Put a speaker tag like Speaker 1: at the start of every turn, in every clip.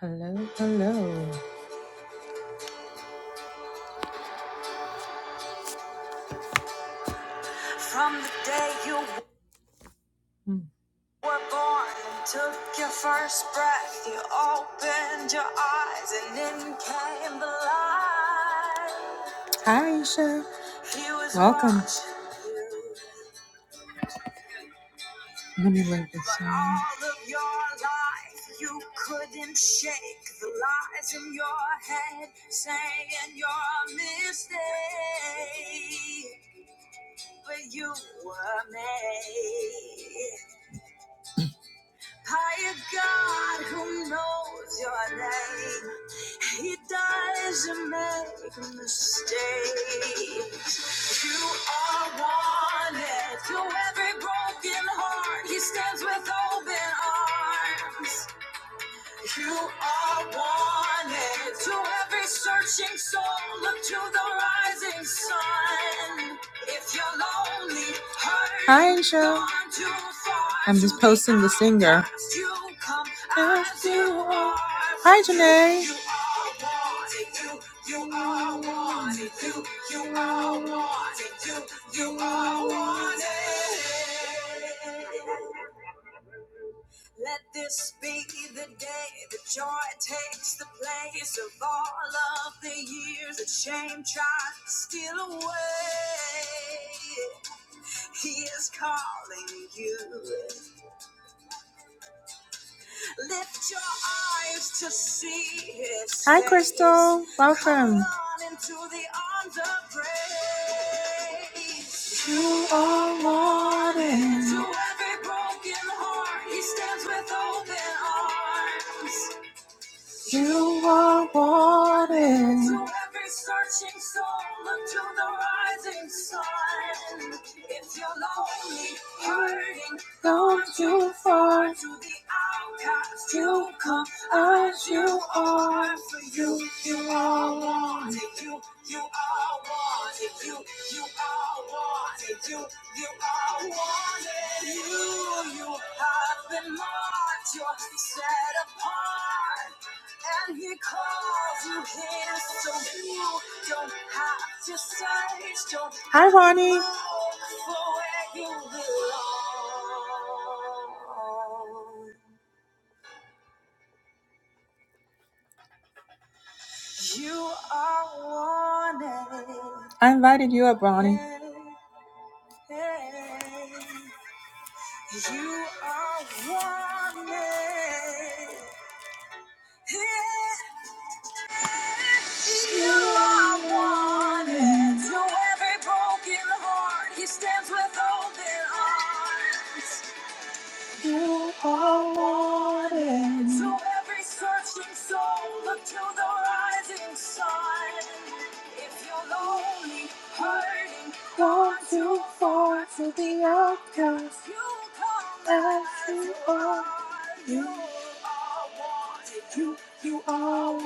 Speaker 1: Hello, hello. From the day you Hmm. were born and took your first breath, you opened your eyes and then came the light. Hi, Aisha. Welcome. Let me load this song. All of your life, you couldn't shake the lies in your head, saying you're a mistake, but you were made. By a God who knows your name, He doesn't make mistakes. You are wanted to every broken heart. He stands with open arms. You are wanted to every searching soul. Look to the rising sun. If you're lonely, hurt, Hi, Angel. I'm just posting the singer. you come As you are. Hi, Janae. you are wanted. You, you are wanted. You, you are wanted. Let this be the day that joy takes the place of all of the years that shame tries to steal away. He is calling you. Lift your eyes to see his face. Hi, Crystal. Welcome. Hold on into the arms of grace. You are wanted. To every broken heart, he stands with open arms. You are wanted. To every searching soul, look to the rising sun. If you're lonely, hurting, don't you fall to the outcast. You come as you are. For you, you are wanted. You, you are wanted. You, you are wanted. You, you are wanted. You, you have been marked. You're set apart. And he calls you his, so you don't have to search. Don't Hi, Ronnie. look for where you belong. You are wanted. I invited you up, Ronnie. You are wanted. Yeah. You are wanted. To every broken heart, He stands with open arms. To every searching soul, look to the rising sun. If you're lonely, hurting, want to, you come as you are. You are wanted. You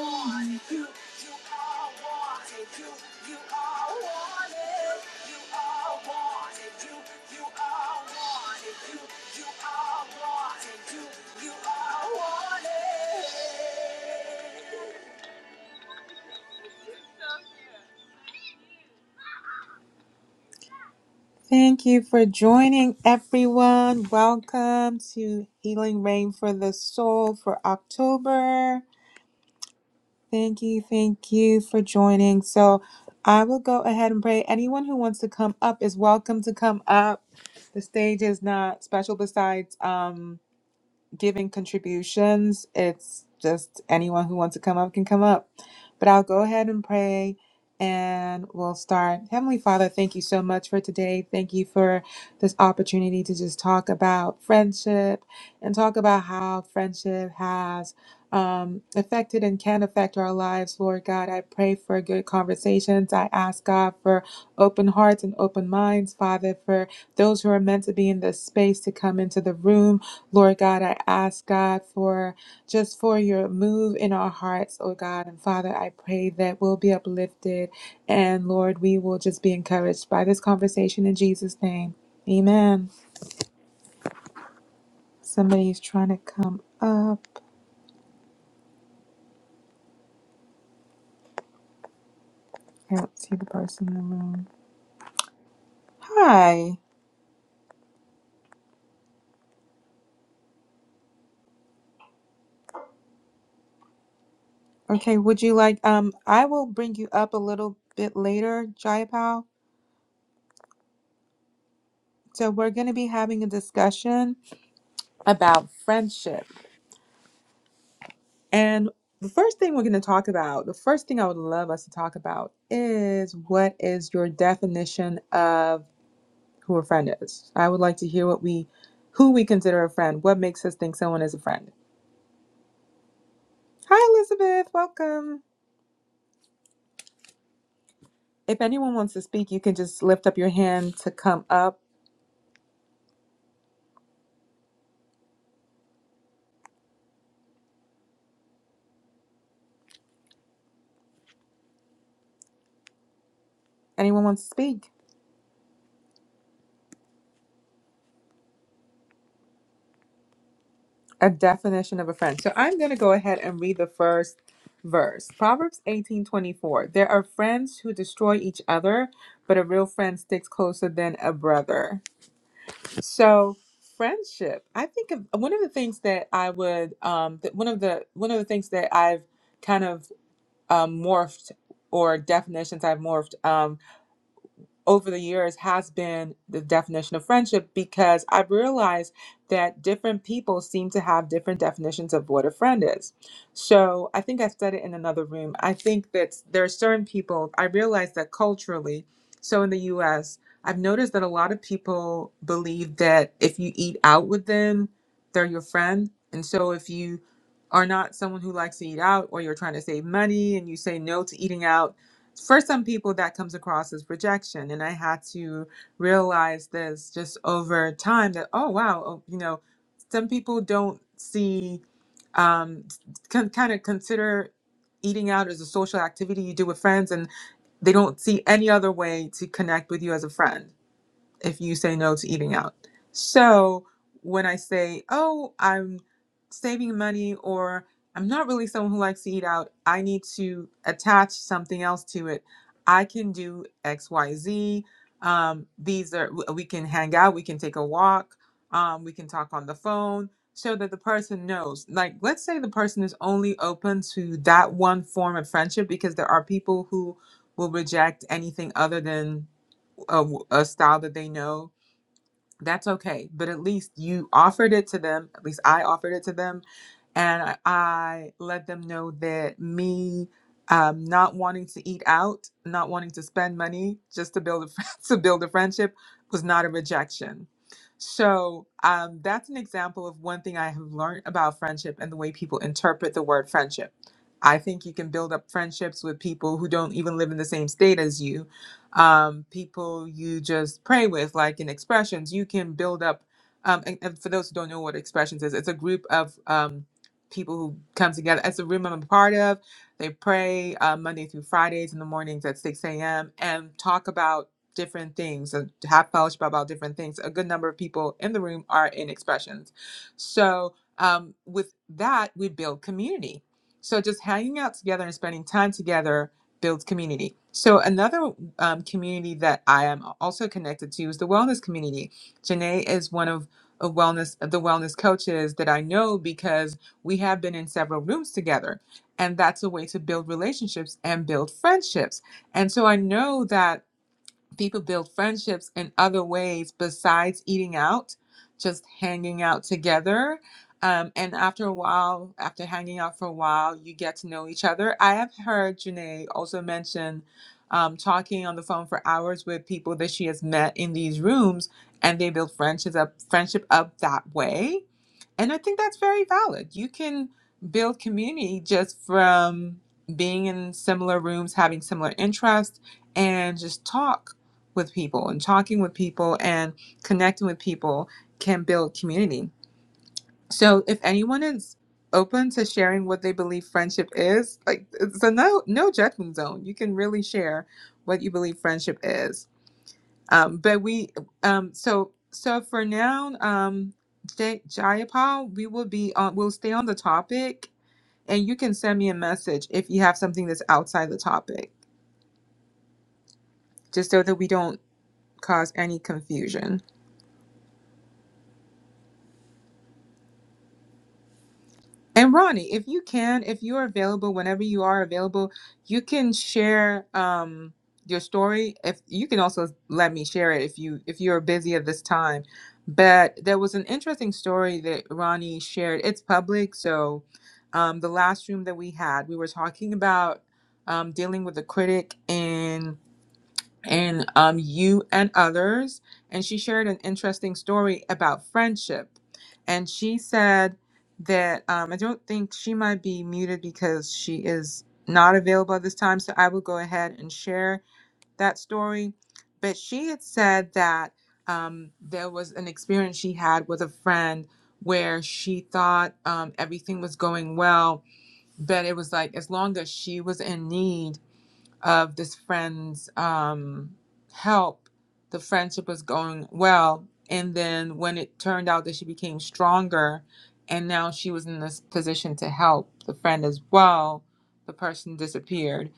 Speaker 1: Wanted. You, you are wanted. You, you are wanted. You are wanted. You, you are wanted. You, you are wanted. You, you are wanted. Thank you for joining, everyone. Welcome to Healing Rain for the Soul for October. Thank you. Thank you for joining. So I will go ahead and pray. Anyone who wants to come up is welcome to come up. The stage is not special besides um giving contributions. It's just anyone who wants to come up can come up. But I'll go ahead and pray and we'll start. Heavenly Father, thank you so much for today. Thank you for this opportunity to just talk about friendship and talk about how friendship has um, affected and can affect our lives, Lord God. I pray for good conversations. I ask God for open hearts and open minds, Father, for those who are meant to be in this space to come into the room. Lord God, I ask God for just for your move in our hearts, oh God. And Father, I pray that we'll be uplifted and Lord, we will just be encouraged by this conversation in Jesus' name. Amen. Somebody's trying to come up. I don't see the person in the room. Hi. Okay, would you like um I will bring you up a little bit later, Jayapal. So we're gonna be having a discussion about friendship. And the first thing we're going to talk about, the first thing I would love us to talk about is what is your definition of who a friend is? I would like to hear what we, who we consider a friend. What makes us think someone is a friend? Hi, Elizabeth. Welcome. If anyone wants to speak, you can just lift up your hand to come up. Anyone wants to speak? A definition of a friend. So I'm going to go ahead and read the first verse. Proverbs 18:24. There are friends who destroy each other, but a real friend sticks closer than a brother. So friendship. I think of one of the things that I would um that one of the one of the things that I've kind of um, morphed or definitions I've morphed um, over the years has been the definition of friendship because I've realized that different people seem to have different definitions of what a friend is. So I think I said it in another room. I think that there are certain people, I realize that culturally, so in the US, I've noticed that a lot of people believe that if you eat out with them, they're your friend. And so if you are not someone who likes to eat out or you're trying to save money and you say no to eating out, for some people that comes across as rejection and i had to realize this just over time that oh wow oh, you know some people don't see um con- kind of consider eating out as a social activity you do with friends and they don't see any other way to connect with you as a friend if you say no to eating out. So when I say, oh, I'm saving money or I'm not really someone who likes to eat out, I need to attach something else to it. I can do XYZ. Um, these are, we can hang out, we can take a walk, um, we can talk on the phone so that the person knows. Like, let's say the person is only open to that one form of friendship because there are people who will reject anything other than a a style that they know, that's okay. But at least you offered it to them. At least I offered it to them and I, I let them know that me um, not wanting to eat out, not wanting to spend money just to build a to build a friendship was not a rejection. So um, that's an example of one thing I have learned about friendship and the way people interpret the word friendship. I think you can build up friendships with people who don't even live in the same state as you, um, people you just pray with, like in expressions. You can build up, um, and, and for those who don't know what expressions is, it's a group of um, people who come together. It's a room I'm a part of. They pray uh, Monday through Fridays in the mornings at 6 a.m. and talk about different things and have fellowship about different things. A good number of people in the room are in expressions. So, um, with that, we build community. So, just hanging out together and spending time together builds community. So, another um, community that I am also connected to is the wellness community. Janae is one of a wellness the wellness coaches that I know because we have been in several rooms together and that's a way to build relationships and build friendships and so i know that people build friendships in other ways besides eating out just hanging out together um, and after a while after hanging out for a while you get to know each other i have heard janae also mention um, talking on the phone for hours with people that she has met in these rooms and they build friendships up friendship up that way and I think that's very valid. You can build community just from being in similar rooms, having similar interests, and just talk with people and talking with people and connecting with people can build community. So if anyone is open to sharing what they believe friendship is, like it's a no no judgment zone. You can really share what you believe friendship is um, but we um, so so for now, um, Jay, Jayapal, we will be on. We'll stay on the topic, and you can send me a message if you have something that's outside the topic, just so that we don't cause any confusion. And Ronnie, if you can, if you're available, whenever you are available, you can share um, your story. If you can also let me share it if you if you're busy at this time. But there was an interesting story that Ronnie shared. It's public, so um, the last room that we had, we were talking about um, dealing with a critic and um, you and others. And she shared an interesting story about friendship. And she said that um, I don't think she might be muted because she is not available at this time. So I will go ahead and share that story. But she had said that um, there was an experience she had with a friend where she thought um, everything was going well, but it was like as long as she was in need of this friend's um, help, the friendship was going well. And then when it turned out that she became stronger and now she was in this position to help the friend as well, the person disappeared.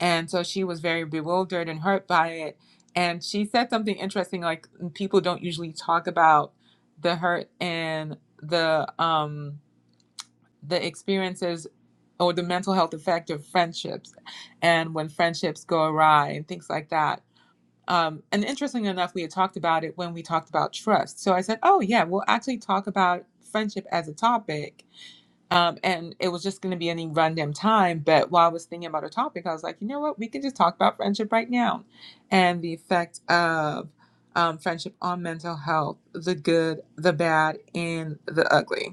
Speaker 1: And so she was very bewildered and hurt by it. And she said something interesting like, people don't usually talk about the hurt and the, um, the experiences or the mental health effect of friendships and when friendships go awry and things like that. Um, and interestingly enough, we had talked about it when we talked about trust. So I said, oh, yeah, we'll actually talk about friendship as a topic. Um, and it was just going to be any random time. But while I was thinking about a topic, I was like, you know what? We can just talk about friendship right now and the effect of um, friendship on mental health, the good, the bad, and the ugly.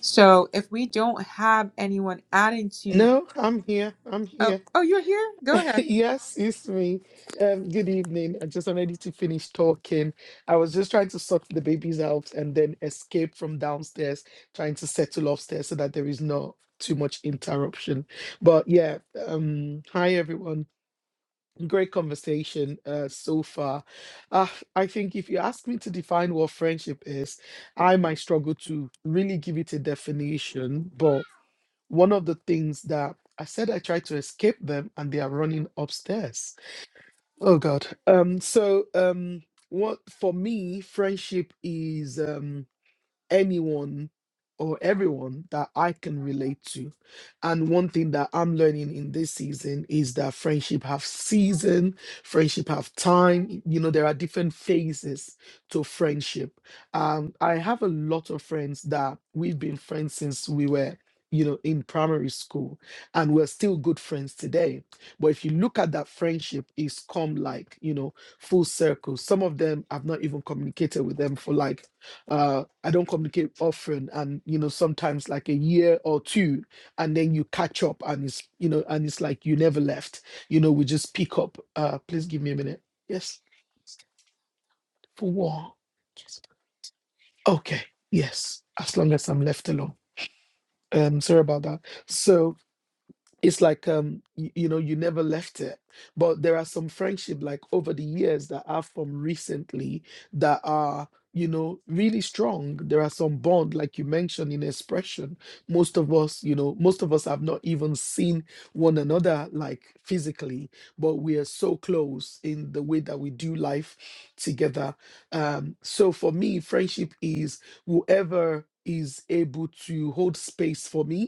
Speaker 1: So if we don't have anyone adding to,
Speaker 2: No, I'm here. I'm
Speaker 1: oh,
Speaker 2: here.
Speaker 1: oh, you're here. Go ahead.
Speaker 2: yes, it's me. Um, good evening. I just wanted you to finish talking. I was just trying to suck the babies out and then escape from downstairs, trying to settle upstairs so that there is not too much interruption. But yeah, um, hi everyone. Great conversation uh, so far. Uh, I think if you ask me to define what friendship is, I might struggle to really give it a definition, but one of the things that I said I tried to escape them and they are running upstairs. Oh God. Um so um what for me friendship is um anyone or everyone that I can relate to. And one thing that I'm learning in this season is that friendship have season, friendship have time. You know, there are different phases to friendship. Um, I have a lot of friends that we've been friends since we were, you know, in primary school, and we're still good friends today. But if you look at that friendship, it's come like, you know, full circle. Some of them I've not even communicated with them for like uh, I don't communicate often, and you know sometimes like a year or two, and then you catch up, and it's you know, and it's like you never left. You know, we just pick up. Uh, please give me a minute. Yes, for what? Okay, yes, as long as I'm left alone. Um, sorry about that. So it's like um you, you know you never left it but there are some friendship like over the years that i've formed recently that are you know really strong there are some bond like you mentioned in expression most of us you know most of us have not even seen one another like physically but we are so close in the way that we do life together um so for me friendship is whoever is able to hold space for me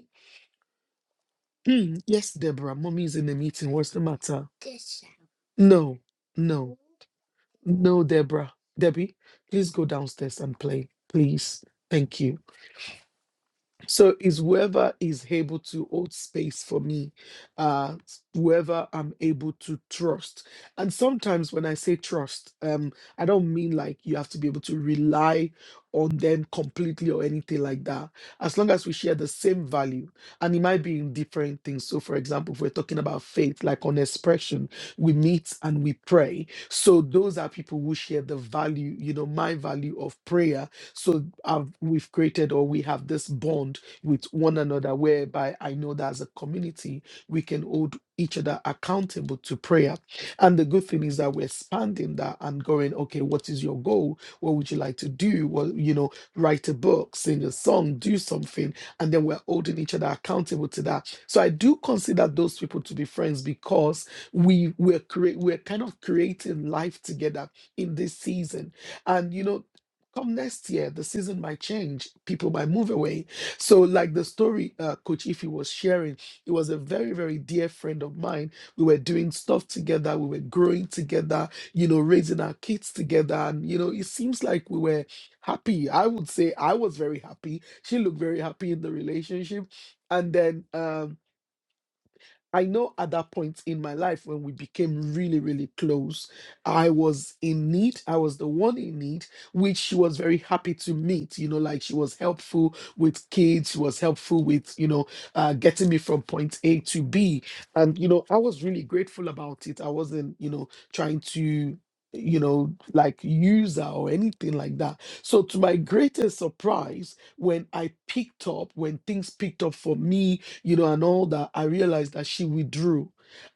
Speaker 2: Hmm, yes, Deborah, mommy's in the meeting. What's the matter? No, no, no, Deborah. Debbie, please go downstairs and play, please. Thank you. So is whoever is able to hold space for me, uh, whoever I'm able to trust. And sometimes when I say trust, um, I don't mean like you have to be able to rely on them completely or anything like that. As long as we share the same value, and it might be in different things. So, for example, if we're talking about faith, like on expression, we meet and we pray. So those are people who share the value, you know, my value of prayer so I've, we've created or we have this bond with one another, whereby I know that as a community, we can hold each other accountable to prayer. And the good thing is that we're expanding that and going, okay, what is your goal? What would you like to do? Well, you know, write a book, sing a song, do something. And then we're holding each other accountable to that. So I do consider those people to be friends because we we're create we're kind of creating life together in this season. And you know, come next year, the season might change, people might move away so, like the story uh, Coach Ify was sharing, it was a very, very dear friend of mine. We were doing stuff together, we were growing together, you know, raising our kids together. And, you know, it seems like we were happy. I would say I was very happy. She looked very happy in the relationship. And then, um, I know at that point in my life when we became really, really close, I was in need. I was the one in need, which she was very happy to meet. You know, like she was helpful with kids, she was helpful with, you know, uh, getting me from point A to B. And, you know, I was really grateful about it. I wasn't, you know, trying to, you know, like use her or anything like that. So, to my greatest surprise, when I picked up, when things picked up for me, you know, and all that, I realized that she withdrew.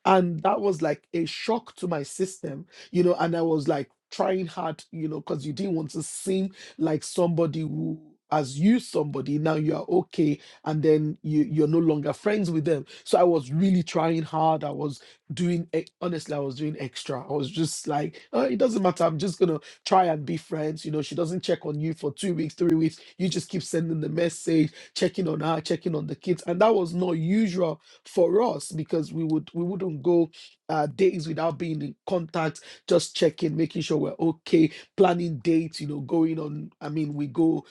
Speaker 2: And that was like a shock to my system, you know, and I was like trying hard, you know, because you didn't want to seem like somebody who has used somebody now you are okay and then you you're no longer friends with them so i was really trying hard i was doing ex- honestly i was doing extra i was just like oh, it doesn't matter i'm just gonna try and be friends you know she doesn't check on you for two weeks three weeks you just keep sending the message checking on her, checking on the kids. And that was not usual for us because we would we wouldn't go uh, days without being in contact, just checking, making sure we're okay, planning dates, you know, going on. I mean, we go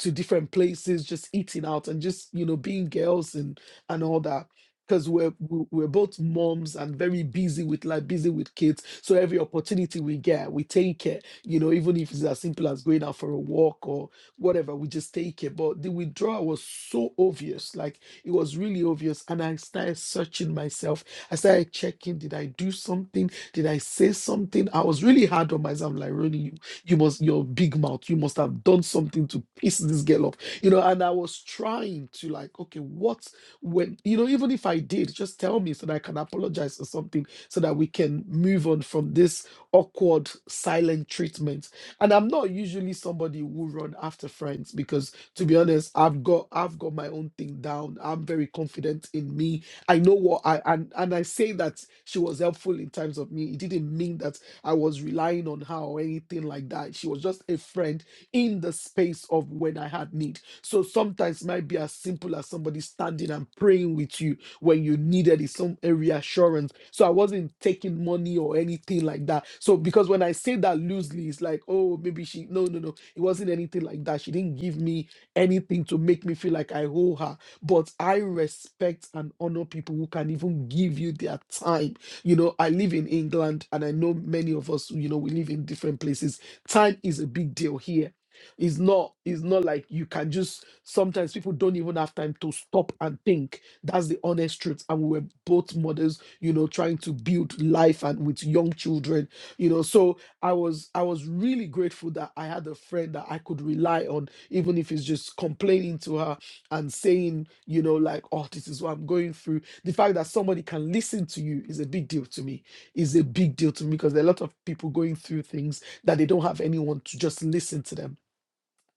Speaker 2: to different places, just eating out and just, you know, being girls and and all that because we're we- we're both moms and very busy with life, busy with kids. So every opportunity we get, we take it. You know, even if it's as simple as going out for a walk whatever, we just take it. But the withdrawal was so obvious, like it was really obvious. And I started searching myself. I started checking, did I do something? Did I say something? I was really hard on myself. I'm Like, really, you, you must, your big mouth, you must have done something to piss this girl off, you know. And I was trying to, like, okay, what when, you know, even if I did, just tell me so that I can apologize or something so that we can move on from this awkward silent treatment and i'm not usually somebody who run after friends because to be honest i've got i've got my own thing down i'm very confident in me i know what i and and i say that she was helpful in times of me it didn't mean that i was relying on her or anything like that she was just a friend in the space of when i had need so sometimes it might be as simple as somebody standing and praying with you when you needed it, some a reassurance. So I wasn't taking money or anything like that. So because when I say that loosely, it's like, oh, maybe she no, no, no. It wasn't anything like that. She didn't give me anything to make me feel like I owe her. But I respect and honor people who can even give you their time. You know, I live in England and I know many of us, you know, we live in different places. Time is a big deal here. It's not, it's not like you can just sometimes people don't even have time to stop and think that's the honest truth. And we were both mothers, you know, trying to build life and with young children, you know. So I was I was really grateful that I had a friend that I could rely on, even if it's just complaining to her and saying, you know, like, oh, this is what I'm going through. The fact that somebody can listen to you is a big deal to me. Is a big deal to me because there are a lot of people going through things that they don't have anyone to just listen to them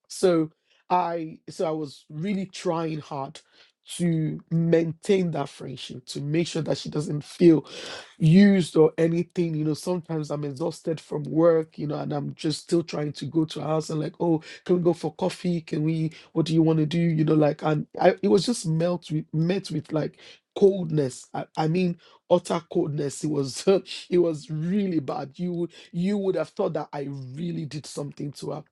Speaker 2: so i so i was really trying hard to maintain that friendship to make sure that she doesn't feel used or anything you know sometimes i'm exhausted from work you know and i'm just still trying to go to her house and like oh can we go for coffee can we what do you want to do you know like and I, it was just melt with met with like coldness I, I mean utter coldness it was it was really bad you would you would have thought that i really did something to her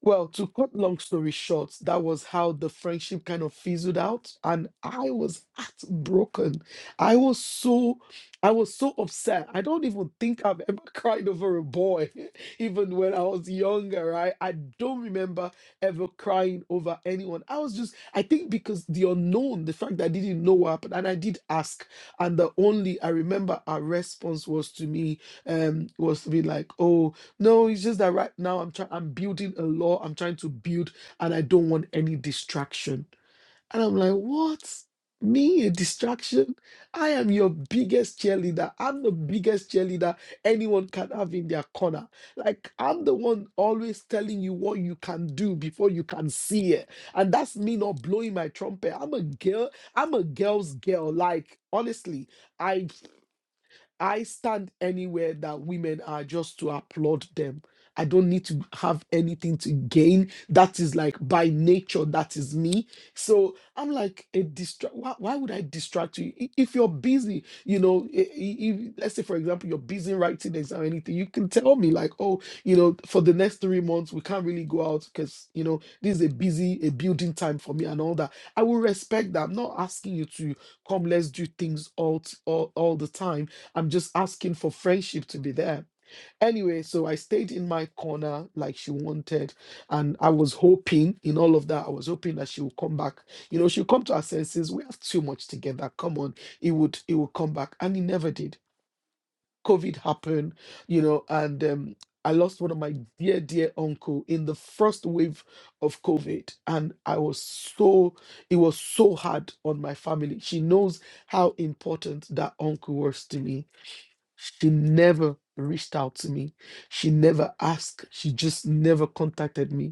Speaker 2: well, to cut long story short, that was how the friendship kind of fizzled out, and I was heartbroken. I was so, I was so upset. I don't even think I've ever cried over a boy, even when I was younger. I I don't remember ever crying over anyone. I was just, I think because the unknown, the fact that I didn't know what happened, and I did ask, and the only I remember our response was to me, um, was to be like, oh. No, it's just that right now I'm trying I'm building a law. I'm trying to build and I don't want any distraction. And I'm like, what? Me a distraction? I am your biggest cheerleader. I'm the biggest cheerleader anyone can have in their corner. Like I'm the one always telling you what you can do before you can see it. And that's me not blowing my trumpet. I'm a girl, I'm a girl's girl. Like honestly, I. I stand anywhere that women are just to applaud them. I don't need to have anything to gain. That is like by nature, that is me. So I'm like a distract. Why, why would I distract you? I- If you're busy, you know, i- i- if, let's say, for example, you're busy writing exam or anything, you can tell me, like, oh, you know, for the next three months, we can't really go out because, you know, this is a busy, a building time for me and all that. I will respect that. I'm not asking you to come, let's do things all, t- all, all the time I'm just asking for friendship to be there. Anyway, so I stayed in my corner like she wanted. And I was hoping in all of that, I was hoping that she would come back. You know, she'll come to her senses. We have too much together. Come on. It would it would come back. And it never did COVID happened, you know, and um, I lost one of my dear, dear uncle in the first wave of COVID. And I was so, it was so hard on my family. She knows how important that uncle was to me. She never reached out to me. She never asked. She just never contacted me.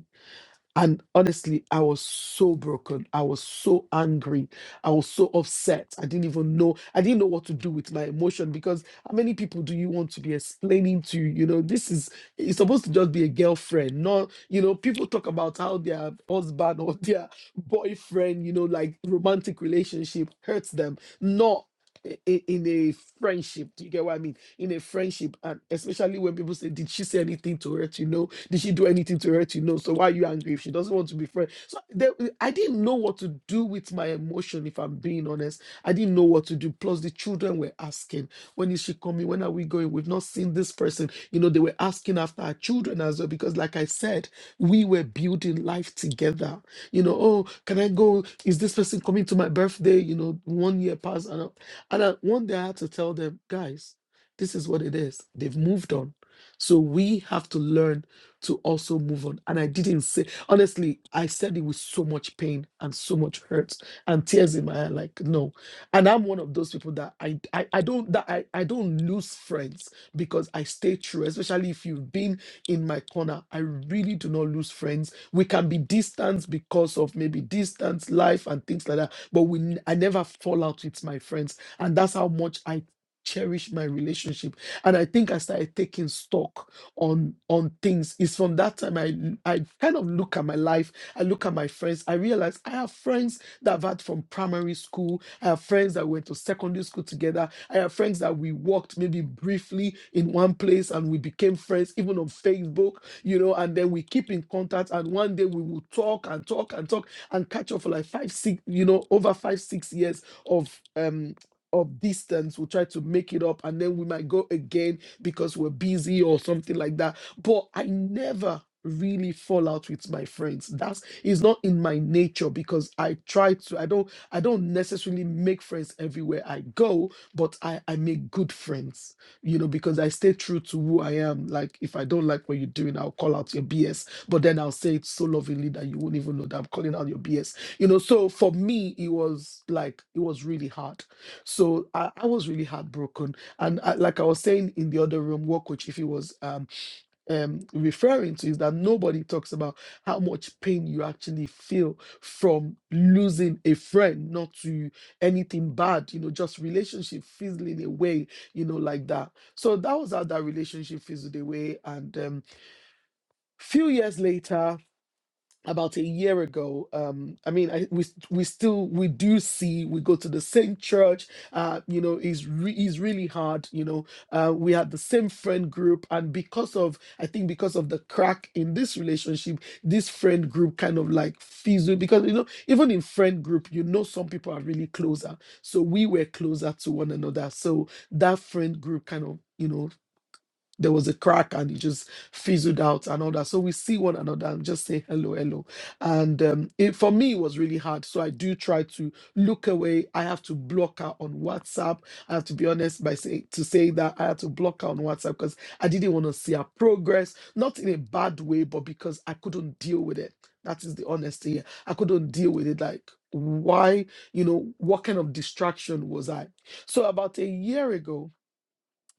Speaker 2: And honestly, I was so broken. I was so angry. I was so upset. I didn't even know. I didn't know what to do with my emotion because how many people do you want to be explaining to? You know, this is it's supposed to just be a girlfriend, not you know. People talk about how their husband or their boyfriend, you know, like romantic relationship hurts them, not. i- i- In a friendship, do you get what I mean? In a friendship, and especially when people say, "Did she say anything to hurt you?" No, did she do anything to hurt you? No. So why are you angry if she doesn't want to be friends? So there, I didn't know what to do with my emotion, if I'm being honest. I didn't know what to do. Plus, the children were asking, when is she coming? When are we going? We've not seen this person. You know, they were asking after our children as well, because like I said, we were building life together. You know, oh, can I go? Is this person coming to my birthday? You know, one year passed. And, I, and I, one day I had to tell them, guys, this is what it is. They've moved on. So we have to learn to also move on. And I didn't say, honestly, I said it with so much pain and so much hurt and tears in my eye, like, no. And I'm one of those people that I I, I don't that I, I don't lose friends because I stay true, especially if you've been in my corner. I really do not lose friends. We can be distant because of maybe distance, life, and things like that. But we n- I never fall out with my friends. And that's how much I cherish my relationship. And I think I started taking stock on on things it's from that time i i kind of look at my life i look at my friends i realize i have friends that i've had from primary school i have friends that went to secondary school together i have friends that we worked maybe briefly in one place and we became friends even on facebook you know and then we keep in contact and one day we will talk and talk and talk and catch up for like five six you know over five six years of um of distance we'll try to make it up and then we might go again because we're busy or something like that. But I never really fall out with my friends that's it's not in my nature because i try to i don't i don't necessarily make friends everywhere i go but i i make good friends you know because i stay true to who i am like if i don't like what you're doing i'll call out your bs but then i'll say it so lovingly that you won't even know that i'm calling out your bs you know so for me it was like it was really hard so i, I was really heartbroken and uh, like I was saying in the other room, what Coach Ife was um, um, referring to is that nobody talks about how much pain you actually feel from losing a friend, not to anything bad, you know, just relationship fizzling away, you know, like that. So that was how that relationship fizzled away. And um, few years later, about a year ago um i mean I, we we still we do see we go to the same church uh you know it's re- it's really hard you know uh we had the same friend group and because of i think because of the crack in this relationship this friend group kind of like fizzled because you know even in friend group you know some people are really closer so we were closer to one another so that friend group kind of you know there was a crack and it just fizzled out and all that. So we see one another and just say hello, hello. And um, it, for me, it was really hard. So I do try to look away. I have to block her on WhatsApp. I have to be honest by say to say that I had to block her on WhatsApp because I didn't want to see her progress, not in a bad way, but because I couldn't deal with it. That is the honesty. here. I couldn't deal with it. Like, why, you know, what kind of distraction was I? So about a year ago,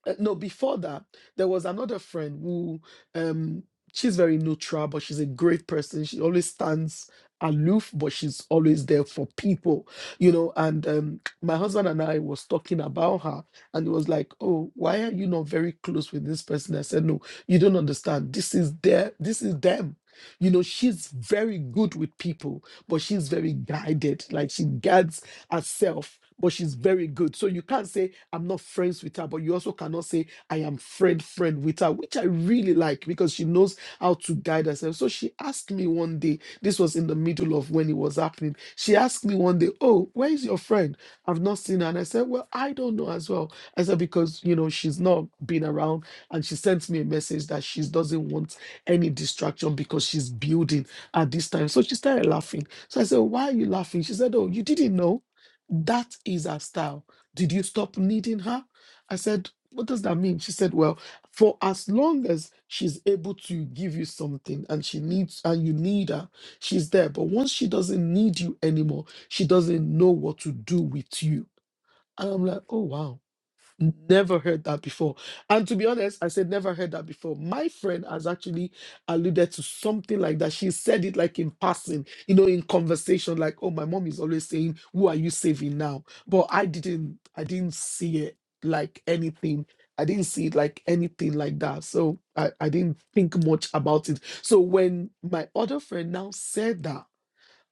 Speaker 2: uh, no before that there was another friend who um she's very neutral but she's a great person she always stands aloof but she's always there for people you know and um my husband and i was talking about her and it was like oh why are you not very close with this person i said no you don't understand this is their this is them you know she's very good with people but she's very guided like she guides herself but she's very good so you can't say I'm not friends with her, but you also cannot say I am friend friend with her, which I really like because she knows how to guide herself. So she asked me one day, this was in the middle of when it was happening. She asked me one day, "Oh, where is your friend? I've not seen her." And I said, "Well, I don't know as well." I said because you know she's not been around, and she sent me a message that she doesn't want any distraction because she's building at this time. So she started laughing. So I said, "Why are you laughing?" She said, "Oh, you didn't know." That is her style did you stop needing her? I said, What does that mean? She said, Well, for as long as she's able to give you something and she needs and you need her, she's there. But once she doesn't need you anymore, she doesn't know what to do with you. And I'm like, Oh wow. Never heard that before. And to be honest, I said never heard that before. My friend has actually alluded to something like that. She said it like in passing, you know, in conversation, like, oh, my mom is always saying, Who are you saving now? But I didn't, I didn't see it like anything. I didn't see it like anything like that. So I, I didn't think much about it. So when my other friend now said that,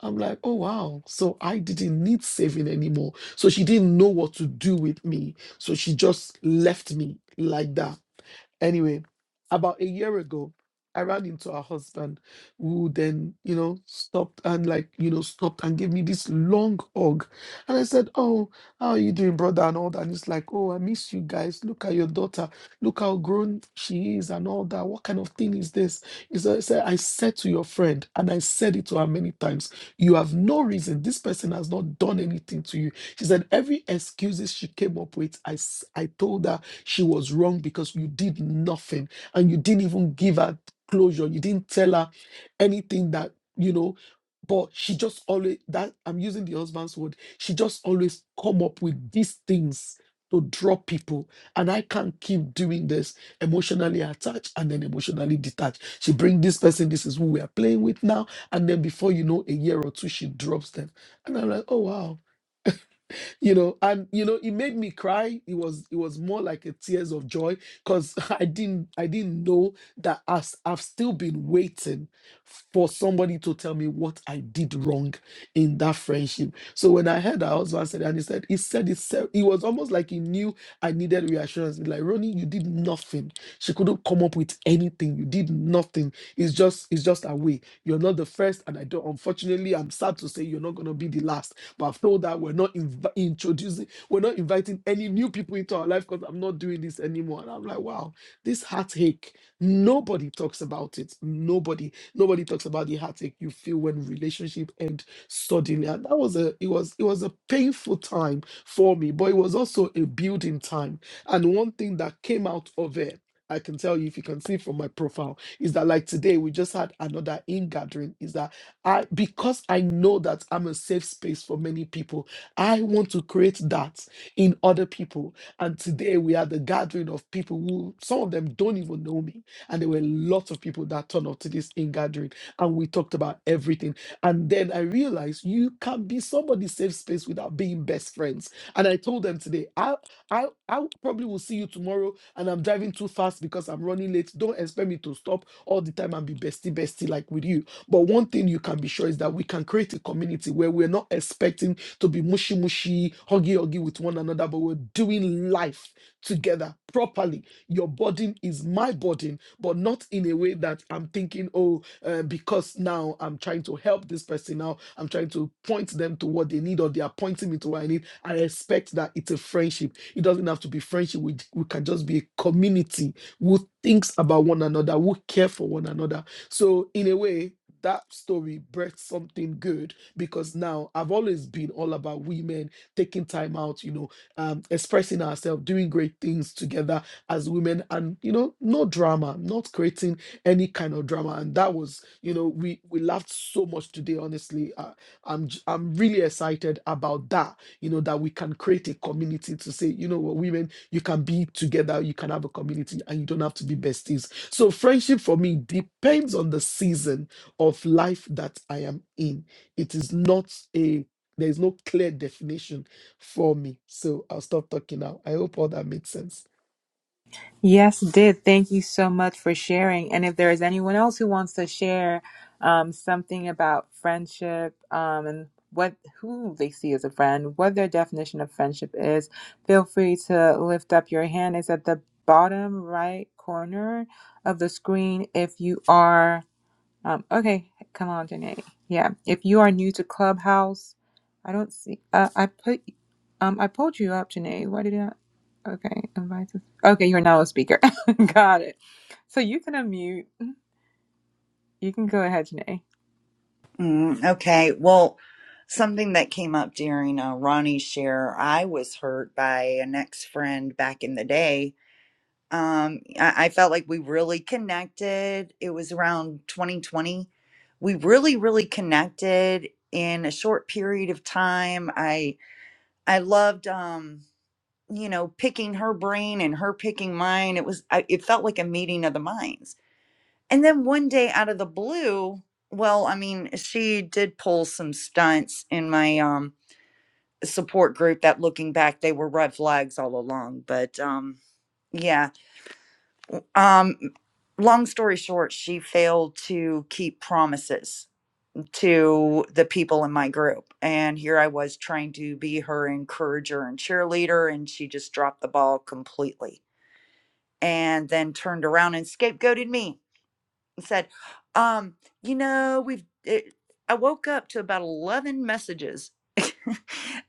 Speaker 2: I'm like, oh wow. So I didn't need saving anymore. So she didn't know what to do with me. So she just left me like that. Anyway, about a year ago, I ran into her husband, who then, you know, stopped and like, you know, stopped and gave me this long hug. And I said, Oh, how are you doing, brother? And all that. And it's like, Oh, I miss you guys. Look at your daughter. Look how grown she is and all that. What kind of thing is this? He said, I said "I said to your friend, and I said it to her many times, you have no reason. This person has not done anything to you. She said, Every excuses she came up with, I, s- I told her she was wrong because you did nothing and you didn't even give her closure. You didn't tell her anything that, you know, but she just always that I'm using the husband's word. She just always come up with these things to draw people. And I can't keep doing this emotionally attached and then emotionally detached. She bring this person, this is who we are playing with now. And then before you know, a year or two, she drops them. And I'm like, oh wow you know and you know it made me cry it was it was more like a tears of joy because i didn't i didn't know that as i've still been waiting for somebody to tell me what i did wrong in that friendship so when i heard her husband said and he said he said it se- it was almost like he knew i needed reassurance like ronnie you did nothing she couldn't come up with anything you did nothing it's just it's just a way you're not the first and i don't unfortunately i'm sad to say you're not going to be the last but I've told that we're not inv- introducing, we're not inviting any new people into our life because I'm not doing this anymore. And I'm like, wow, this heartache, nobody talks about it. Nobody, nobody talks about the heartache you feel when relationship end suddenly. And that was a, it was, it was a painful time for me, but it was also a building time. And one thing that came out of it, I can tell you if you can see from my profile, is that like today we just had another in gathering. Is that I because I know that I'm a safe space for many people. I want to create that in other people. And today we are the gathering of people who some of them don't even know me. And there were lots of people that turned up to this in gathering and we talked about everything. And then I realized you can be somebody's safe space without being best friends. And I told them today, I I I probably will see you tomorrow and I'm driving too fast because I'm running late. Don't expect me to stop all the time and be bestie bestie like with you but one thing you can be sure is that we can create a community where we're not expecting to be mushy mushy, huggy huggy with one another, but we're doing life together properly. Your burden is my burden, but not in a way that I'm thinking, oh, uh, because now I'm trying to help this person now, I'm trying to point them to what they need or they are pointing me to what I need. I expect that it's a friendship. It doesn't have to be friendship. We, we can just be a community who thinks about one another, who care for one another. So in a way, that story birthed something good because now I've always been all about women taking time out, you know, um, expressing ourselves, doing great things together as women, and you know, no drama, not creating any kind of drama. And that was, you know, we we laughed so much today. Honestly, uh, I'm j- I'm really excited about that. You know, that we can create a community to say, you know, what women, you can be together, you can have a community, and you don't have to be besties. So friendship for me depends on the season of life that I am in. It is not a there is no clear definition for me. So I'll stop talking now. I hope all that made sense.
Speaker 1: Yes, did. Thank you so much for sharing. And if there is anyone else who wants to share um, something about friendship um, and what who they see as a friend, what their definition of friendship is, feel free to lift up your hand. It's at the bottom right corner of the screen if you are. Um, okay, come on, Janae. Yeah, if you are new to Clubhouse, I don't see. Uh, I put, um, I pulled you up, Janae. Why did I? Okay, invite. us- Okay, you're now a speaker. Got it. So you can unmute. You can go ahead, Janae.
Speaker 3: Mm, okay. Well, something that came up during uh, Ronnie's share, I was hurt by an ex friend back in the day. Um, I, I felt like we really connected. It was around 2020. We really, really connected in a short period of time. I I loved um, you know, picking her brain and her picking mine. It was I, it felt like a meeting of the minds and then one day out of the blue, well, I mean, she did pull some stunts in my um support group that looking back, they were red flags all along. But um yeah. Um long story short, she failed to keep promises to the people in my group. And here I was trying to be her encourager and cheerleader, and she just dropped the ball completely. And then turned around and scapegoated me said, um, you know, we've, it, I woke up to about 11 messages.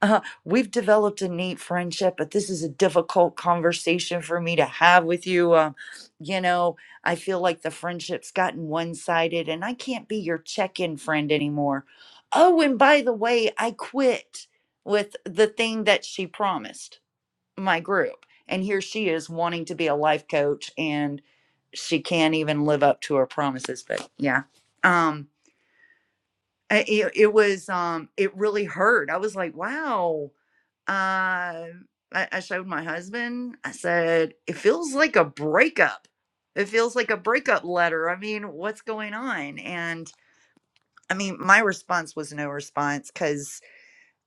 Speaker 3: uh, we've developed a neat friendship, but this is a difficult conversation for me to have with you. Um, you know, I feel like the friendship's gotten one sided and I can't be your check in friend anymore. Oh, and by the way, I quit with the thing that she promised my group. And here she is wanting to be a life coach and she can't even live up to her promises. But yeah. Um it, it was um it really hurt. I was like, wow. Uh I, I showed my husband. I said, it feels like a breakup. It feels like a breakup letter. I mean, what's going on? And I mean, my response was no response because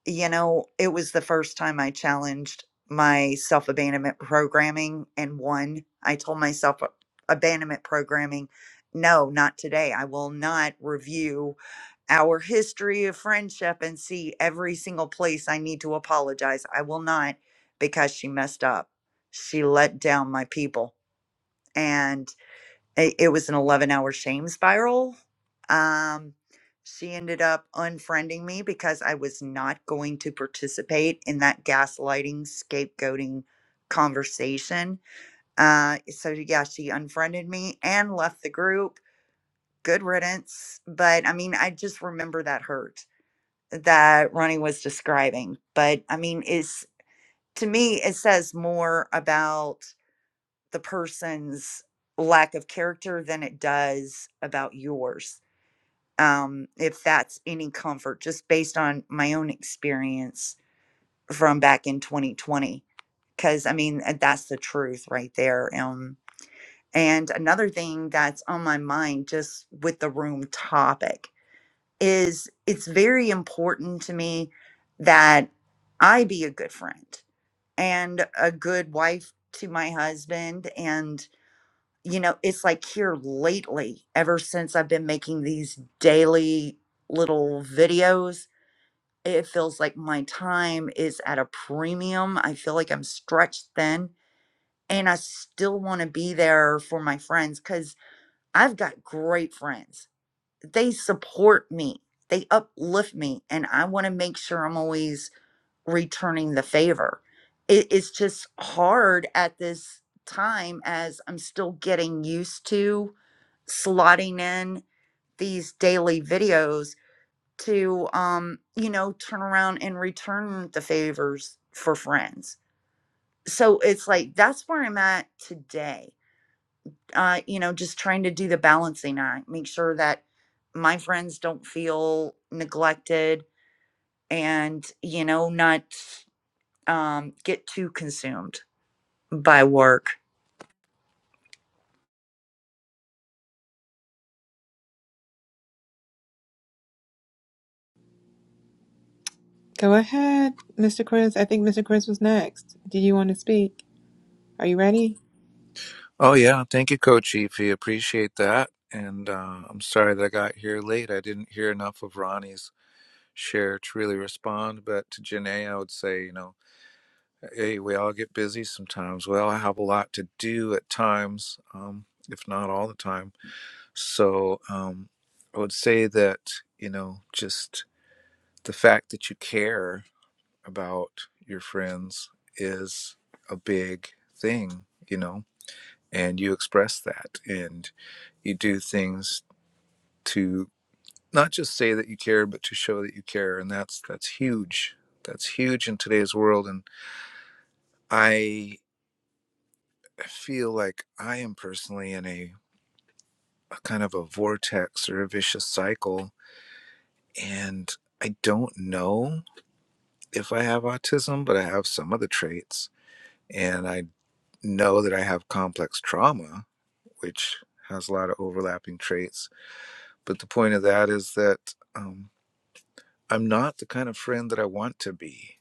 Speaker 3: you know, it was the first time I challenged my self abandonment programming and won. I told myself "A- abandonment programming, no, not today. I will not review our history of friendship and see every single place I need to apologize. I will not because she messed up. She let down my people. and it, it was an 11 hour shame spiral. Um, she ended up unfriending me because I was not going to participate in that gaslighting, scapegoating conversation. Uh, so, yeah, she unfriended me and left the group. Good riddance. But I mean, I just remember that hurt that Ronnie was describing. But I mean, is to me, it says more about the person's lack of character than it does about yours. Um, if that's any comfort, just based on my own experience from back in 2020, because I mean, uh, that's the truth right there. Um, and another thing that's on my mind, just with the room topic, is it's very important to me that I be a good friend and a good wife to my husband and. you know, it's like here lately, ever since I've been making these daily little videos, it feels like my time is at a premium. I feel like I'm stretched thin and I still want to be there for my friends because I've got great friends. They support me, they uplift me, and I want to make sure I'm always returning the favor. It, it's just hard at this time as I'm still getting used to slotting in these daily videos to um you know turn around and return the favors for friends so it's like that's where i'm at today uh you know just trying to do the balancing act make sure that my friends don't feel neglected and you know not um get too consumed by work
Speaker 1: Go ahead, Mr. Chris. I think Mr. Chris was next. Do you want to speak? Are you ready?
Speaker 4: Oh yeah, thank you, Coach Efi. Appreciate that. And uh, I'm sorry that I got here late. I didn't hear enough of Ronnie's share to really respond. But to Janae, I would say, you know, hey, we all get busy sometimes. We all have a lot to do at times, um, if not all the time. So um, I would say that you know, just the fact that you care about your friends is a big thing. You know, and you express that and you do things to not just say that you care but to show that you care and that's that's huge that's huge in today's world and i feel like i am personally in a, a kind of a vortex or a vicious cycle and i don't know if i have autism but i have some of the traits and i know that i have complex trauma which has a lot of overlapping traits but the point of that is that um, I'm not the kind of friend that I want to be.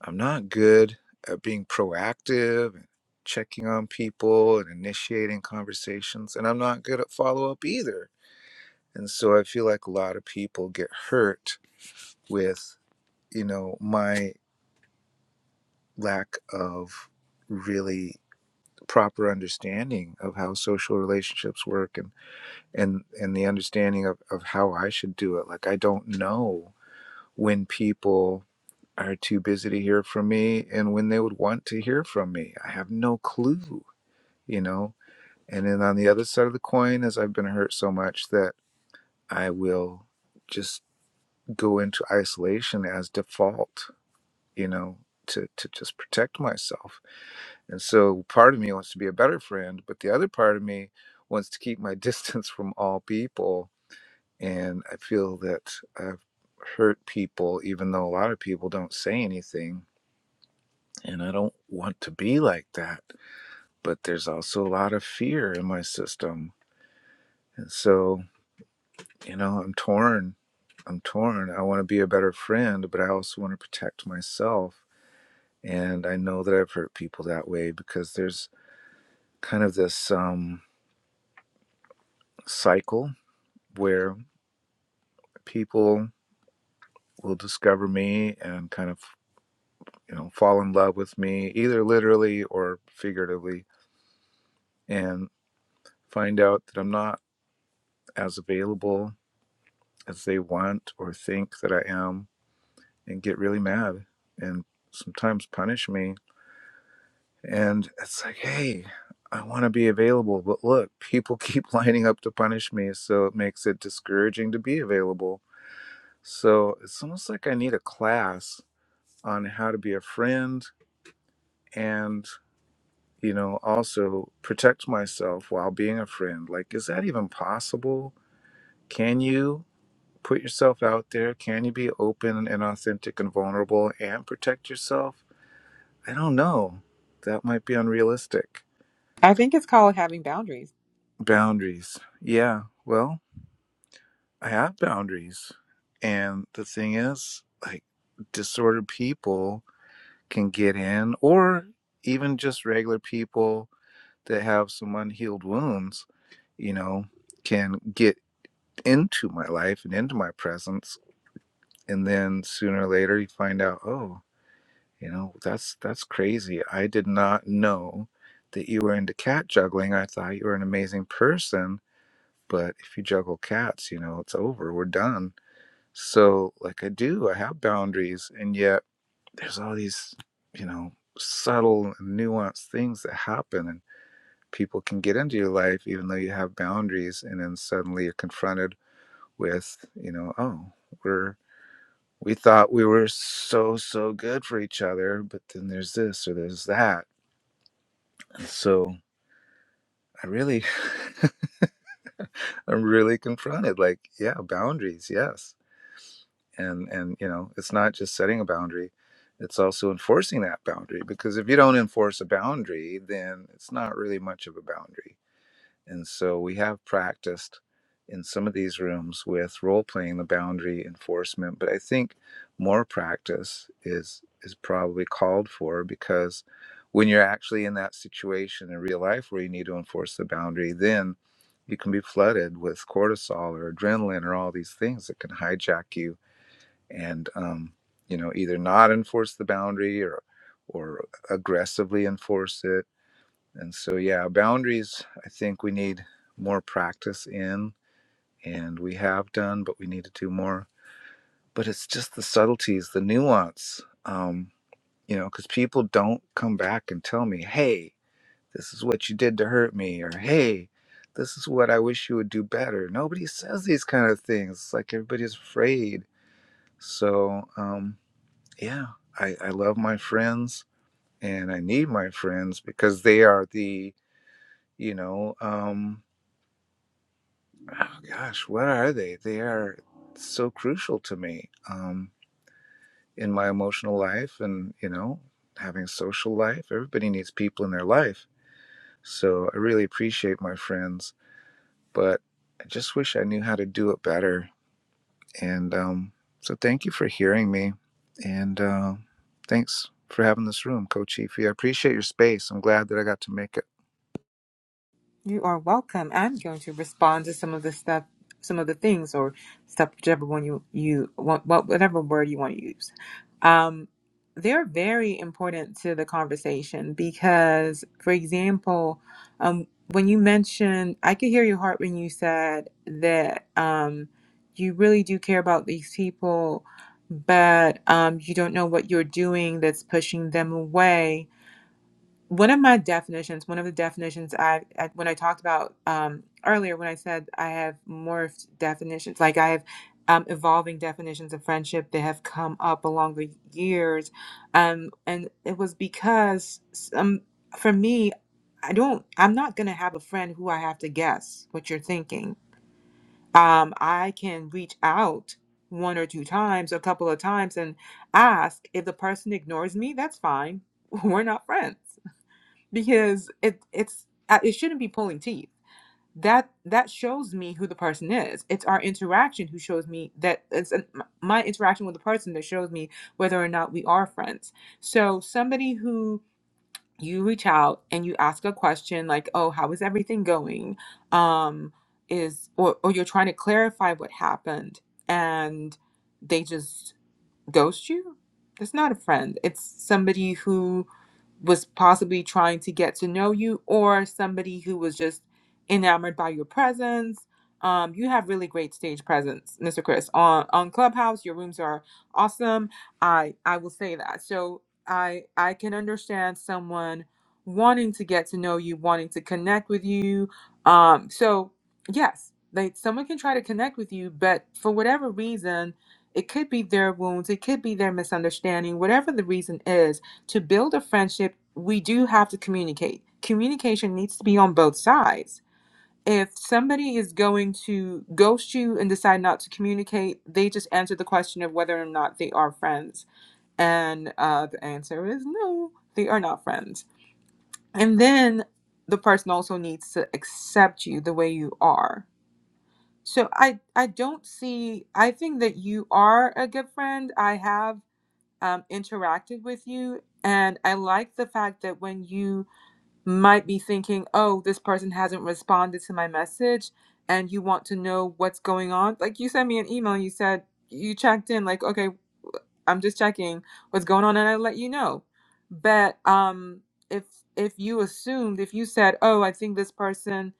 Speaker 4: I'm not good at being proactive and checking on people and initiating conversations, and I'm not good at follow up either. And so I feel like a lot of people get hurt with, you know, my lack of really proper understanding of how social relationships work and and and the understanding of, of how I should do it. Like I don't know when people are too busy to hear from me and when they would want to hear from me. I have no clue, you know? And then on the other side of the coin is I've been hurt so much that I will just go into isolation as default, you know, to, to just protect myself. And so part of me wants to be a better friend, but the other part of me wants to keep my distance from all people. And I feel that I've hurt people, even though a lot of people don't say anything And I don't want to be like that. But there's also a lot of fear in my system. And so, you know, I'm torn. I'm torn. I want to be a better friend, but I also want to protect myself. And I know that I've hurt people that way because there's kind of this um, cycle where people will discover me and kind of, you know, fall in love with me, either literally or figuratively, and find out that I'm not as available as they want or think that I am and get really mad and sometimes punish me. And it's like, hey, I want to be available, but look, people keep lining up to punish me. So it makes it discouraging to be available. So it's almost like I need a class on how to be a friend and, you know, also protect myself while being a friend. Like, is that even possible? Can you? Put yourself out there. Can you be open and authentic and vulnerable and protect yourself? I don't know. That might be unrealistic.
Speaker 1: I think it's called having boundaries.
Speaker 4: Boundaries. Yeah, well, I have boundaries. And the thing is, like, disordered people can get in, or even just regular people that have some unhealed wounds, you know, can get into my life and into my presence. And then sooner or later, you find out, oh, You know, that's that's crazy. I did not know that you were into cat juggling. I thought you were an amazing person, but if you juggle cats, you know, it's over. We're done. So, like I do, I have boundaries, and yet there's all these, you know, subtle and nuanced things that happen and people can get into your life even though you have boundaries and then suddenly you're confronted with, you know, oh, we're we thought we were so so good for each other, but then there's this or there's that So I really, I'm really confronted. Like, yeah, boundaries, yes, and and you know, it's not just setting a boundary; it's also enforcing that boundary. Because if you don't enforce a boundary, then it's not really much of a boundary And so we have practiced in some of these rooms with role playing the boundary enforcement, but I think more practice is is probably called for because when you're actually in that situation in real life where you need to enforce the boundary, then you can be flooded with cortisol or adrenaline or all these things that can hijack you and um, you know either not enforce the boundary or or aggressively enforce it and so, yeah, boundaries, I think we need more practice in, and we have done, but we need to do more. But it's just the subtleties, the nuance, um, you know, because people don't come back and tell me, hey, this is what you did to hurt me, or hey, this is what I wish you would do better. Nobody says these kind of things. It's like everybody's afraid. So, um, yeah, I, I love my friends and I need my friends because they are the, you know, um, oh gosh, what are they? They are so crucial to me um, in my emotional life and, you know, having social life. Everybody needs people in their life. So I really appreciate my friends, but I just wish I knew how to do it better. And um, so thank you for hearing me. And uh, thanks for having this room, Coach Ify. I appreciate your space. I'm glad that I got to make it.
Speaker 1: You are welcome. I'm going to respond to some of the stuff, some of the things or stuff, whichever one you you want, what whatever word you want to use. Um, they're very important to the conversation because, for example, um, when you mentioned, I could hear your heart when you said that um, you really do care about these people, but um, you don't know what you're doing that's pushing them away one of my definitions, one of the definitions I, I when I talked about um, earlier, when I said I have morphed definitions, like I have um, evolving definitions of friendship that have come up along the years, um, and it was because some for me, I don't, I'm not gonna have a friend who I have to guess what you're thinking. Um, I can reach out one or two times, a couple of times, and ask if the person ignores me. That's fine. We're not friends because it it's uh, it shouldn't be pulling teeth that that shows me who the person is it's our interaction who shows me that it's an, my interaction with the person that shows me whether or not we are friends so somebody who you reach out and you ask a question like oh how is everything going um is or, or you're trying to clarify what happened and they just ghost you it's not a friend it's somebody who was possibly trying to get to know you or somebody who was just enamored by your presence. Um, you have really great stage presence, Mr. Chris. On on Clubhouse, your rooms are awesome. I I will say that. So I I can understand someone wanting to get to know you, wanting to connect with you. Um, so yes, like someone can try to connect with you, but for whatever reason, it could be their wounds, it could be their misunderstanding, whatever the reason is to build a friendship, we do have to communicate. Communication needs to be on both sides. If somebody is going to ghost you and decide not to communicate, they just answer the question of whether or not they are friends. And uh, the answer is no, they are not friends. And then the person also needs to accept you the way you are. So I, I don't see, I think that you are a good friend. I have um, interacted with you. And I like the fact that when you might be thinking, oh, this person hasn't responded to my message and you want to know what's going on. Like you sent me an email, and you said you checked in, like, okay, I'm just checking what's going on and I let you know. But um if if you assumed if you said, "Oh, I think this person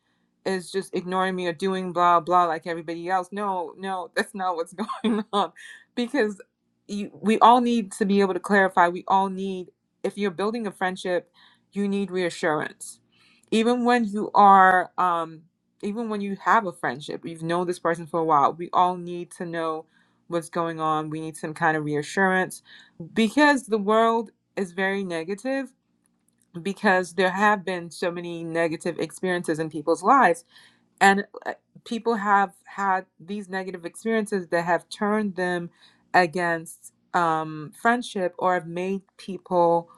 Speaker 1: is just ignoring me or doing blah blah like everybody else." No, no, that's not what's going on because you, we all need to be able to clarify. We all need if you're building a friendship, you need reassurance. Even when you are um even when you have a friendship, you've known this person for a while, we all need to know what's going on. We need some kind of reassurance because the world is very negative because there have been so many negative experiences in people's lives and uh, people have had these negative experiences that have turned them against um, friendship or have made people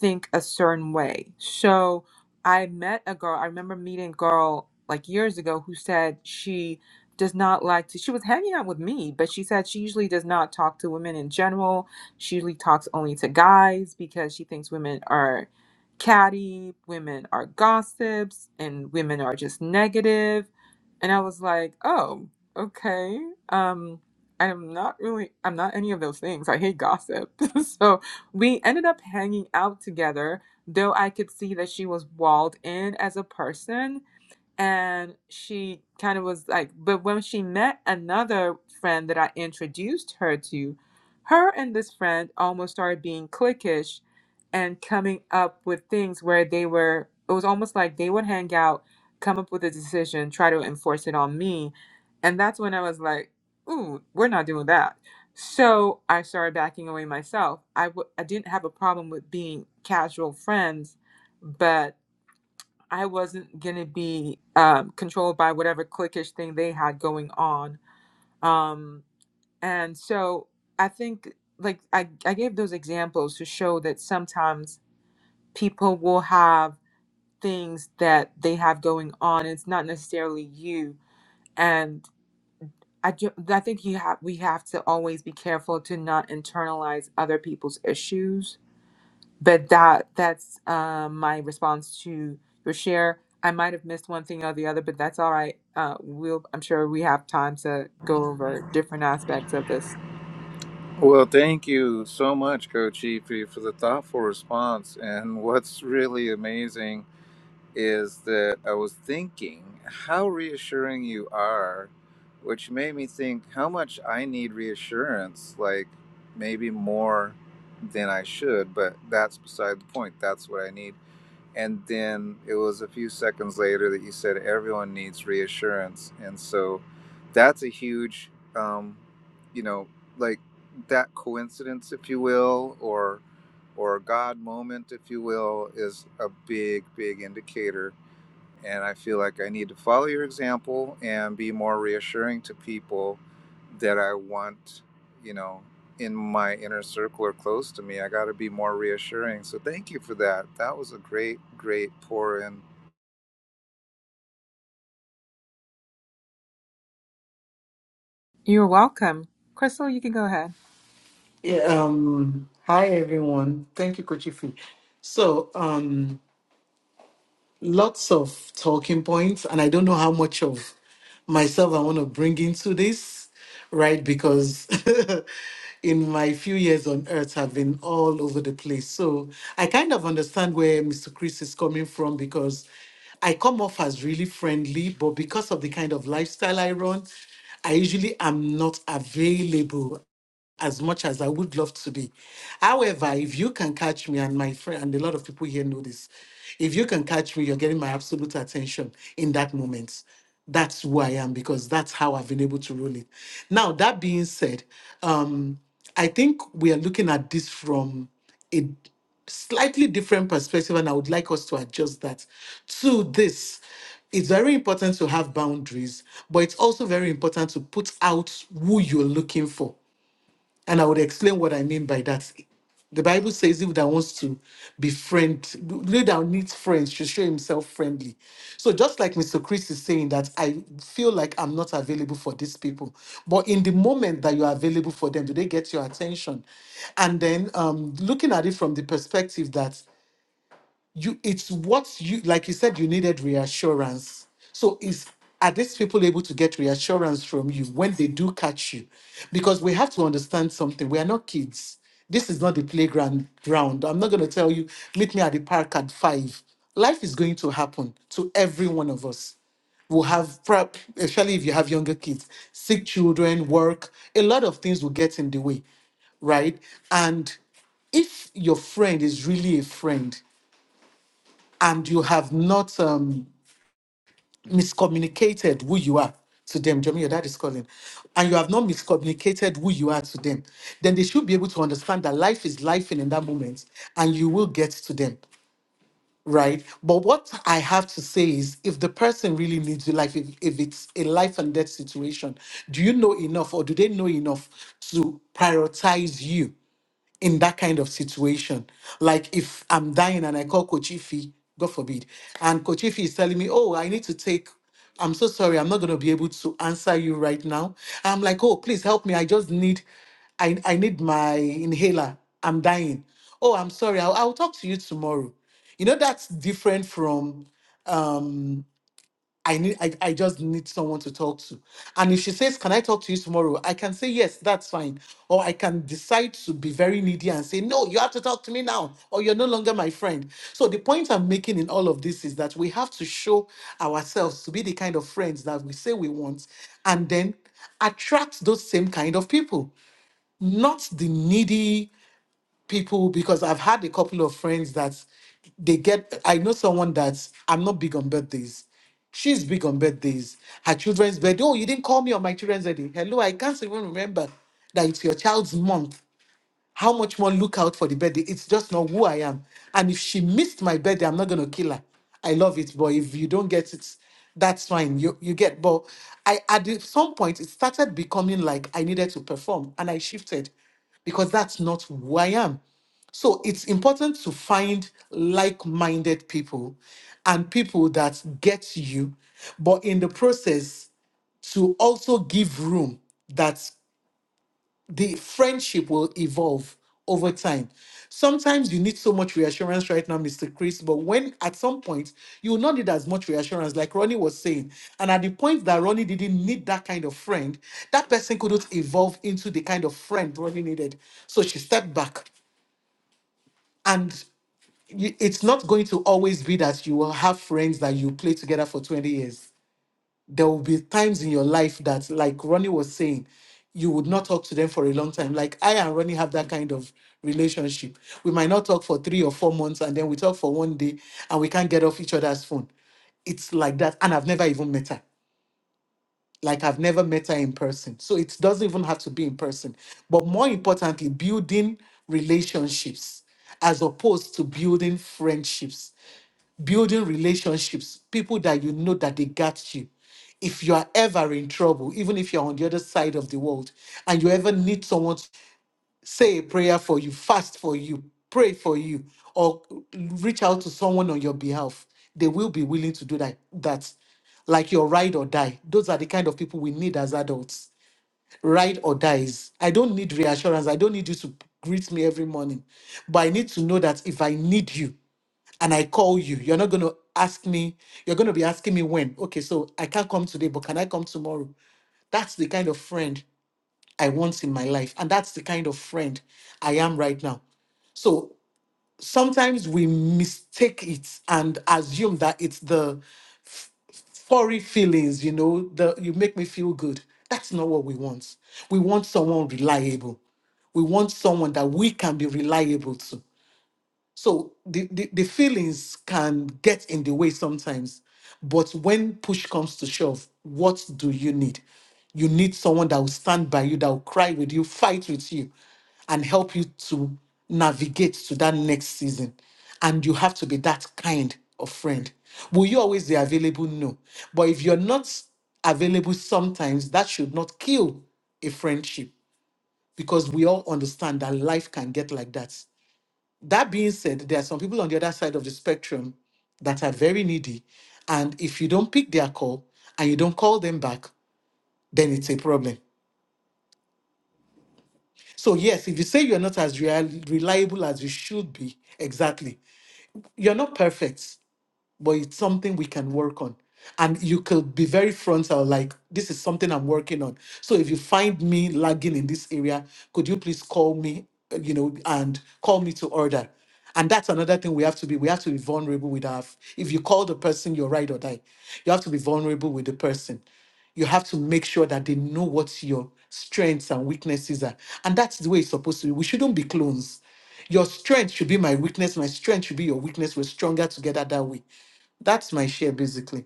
Speaker 1: think a certain way. So I met a girl, I remember meeting a girl like years ago who said she does not like to, she was hanging out with me, but she said she usually does not talk to women in general. She usually talks only to guys because she thinks women are catty, women are gossips, and women are just negative. And I was like, oh, okay. Um, I'm not really, I'm not any of those things. I hate gossip. so we ended up hanging out together, though I could see that she was walled in as a person and she kind of was like but when she met another friend that i introduced her to her and this friend almost started being cliquish and coming up with things where they were it was almost like they would hang out come up with a decision try to enforce it on me and that's when i was like ooh we're not doing that so i started backing away myself I w- I didn't have a problem with being casual friends but I wasn't gonna be um, controlled by whatever cliquish thing they had going on. Um, and so I think, like, I, I gave those examples to show that sometimes people will have things that they have going on. It's not necessarily you. And I, ju- I think you have we have to always be careful to not internalize other people's issues but that that's uh, my response to your share. I might have missed one thing or the other, but that's all right. Uh, we'll I'm sure we have time to go over different aspects of this.
Speaker 4: Well, thank you so much, Coach Efi, for the thoughtful response. And what's really amazing is that I was thinking how reassuring you are, which made me think how much I need reassurance, like maybe more than I should, but that's beside the point. That's what I need. And then it was a few seconds later that you said everyone needs reassurance. And so that's a huge, um, you know, like that coincidence, if you will, or or God moment, if you will, is a big, big indicator and I feel like I need to follow your example and be more reassuring to people that I want, you know, in my inner circle or close to me. I got to be more reassuring. So thank you for that. That was a great, great pour in.
Speaker 1: You're welcome, Crystal. You can go ahead.
Speaker 5: Yeah, um, hi everyone. Thank you, Kochifi. So, um, lots of talking points, and I don't know how much of myself I want to bring into this, right? Because in my few years on earth, I've been all over the place. So, I kind of understand where Mr. Chris is coming from because I come off as really friendly, but because of the kind of lifestyle I run, I usually am not available as much as I would love to be. However, if you can catch me, and my friend, and a lot of people here know this, if you can catch me, you're getting my absolute attention in that moment. That's who I am because that's how I've been able to roll it. Now, that being said, um, I think we are looking at this from a slightly different perspective, and I would like us to adjust that to this. It's very important to have boundaries, but it's also very important to put out who you're looking for and I would explain what I mean by that. The Bible says, if that wants to be friend, he that needs friends should show himself friendly. So just like Mr. Chris is saying that I feel like I'm not available for these people. But in the moment that you are available for them, do they get your attention? And then um, looking at it from the perspective that you it's what you like you said you needed reassurance so is are these people able to get reassurance from you when they do catch you because we have to understand something we are not kids this is not the playground ground i'm not going to tell you meet me at the park at five life is going to happen to every one of us will have prep, especially if you have younger kids, sick children, work, a lot of things will get in the way, right? And if your friend is really a friend, and you have not um, miscommunicated who you are to them, Jeremy, your dad is calling, and you have not miscommunicated who you are to them, then they should be able to understand that life is life in that moment and you will get to them, right? But what I have to say is if the person really needs you, like if, if it's a life and death situation, do you know enough or do they know enough to prioritize you? in that kind of situation. Like if I'm dying and I call Kochifi, God forbid, and Kochifi is telling me, oh, I need to take, I'm so sorry, I'm not going to be able to answer you right now. I'm like, oh, please help me. I just need, I, I need my inhaler. I'm dying. Oh, I'm sorry. I'll, I'll talk to you tomorrow. You know, that's different from, um, I need I, I just need someone to talk to. And if she says, Can I talk to you tomorrow? I can say yes, that's fine. Or I can decide to be very needy and say, No, you have to talk to me now, or you're no longer my friend. So the point I'm making in all of this is that we have to show ourselves to be the kind of friends that we say we want and then attract those same kind of people, not the needy people because I've had a couple of friends that they get. I know someone that I'm not big on birthdays. She's big on birthdays. Her children's birthday. Oh, you didn't call me on my children's birthday. Hello, I can't even remember that it's your child's month how much one look out for the birthday. It's just not who I am. And if she missed my birthday, I'm not gonna kill her. I love it, but if you don't get it, that's fine. You you get but I at the- some point it started becoming like I needed to perform and I shifted because that's not who I am. So it's important to find like-minded people and people that get you, but in the process to also give room that the friendship will evolve over time. Sometimes you need so much reassurance right now, Mr. Chris, but when at some point you will not need as much reassurance, like Ronnie was saying. And at the point that Ronnie didn't need that kind of friend, that person couldn't evolve into the kind of friend Ronnie needed. So she stepped back. And you- it's not going to always be that you will have friends that you play together for 20 years there will be times in your life that, like Ronnie was saying, you would not talk to them for a long time. Like I and Ronnie have that kind of relationship. We might not talk for three or four months and then we talk for one day and we can't get off each other's phone. It's like that. And I've never even met her. Like I've never met her in person. So it doesn't even have to be in person. But more importantly, building relationships as opposed to building friendships building relationships, people that you know that they got you. If you are ever in trouble, even if you're on the other side of the world, and you ever need someone to say a prayer for you, fast for you, pray for you, or reach out to someone on your behalf, they will be willing to do that. that. Like your ride or die. Those are the kind of people we need as adults. Ride or dies. I don't need reassurance. I don't need you to greet me every morning. But I need to know that if I need you, and I call you, you're not going to ask me, you're going to be asking me when. Okay, so I can't come today, but can I come tomorrow? That's the kind of friend I want in my life. And that's the kind of friend I am right now. So sometimes we mistake it and assume that it's the f- furry feelings, you know, the you make me feel good. That's not what we want. We want someone reliable. We want someone that we can be reliable to. So the, the, the feelings can get in the way sometimes. But when push comes to shove, what do you need? You need someone that will stand by you, that will cry with you, fight with you, and help you to navigate to that next season. And you have to be that kind of friend. Will you always be available? No. But if you're not available sometimes, that should not kill a friendship because we all understand that life can get like that. That being said, there are some people on the other side of the spectrum that are very needy. And if you don't pick their call and you don't call them back, then it's a problem. So, yes, if you say you're not as real, reliable as you should be, exactly, you're not perfect. but it's something we can work on. And you could be very frontal, like, this is something I'm working on. So if you find me lagging in this area, could you please call me, uh, you know, and call me to order? And that's another thing we have to be. We have to be vulnerable with our. f- If you call the person, you're right or die. You have to be vulnerable with the person. You have to make sure that they know what your strengths and weaknesses are. And that's the way it's supposed to be. We shouldn't be clones. Your strength should be my weakness. My strength should be your weakness. We're stronger together that way. That's my share basically.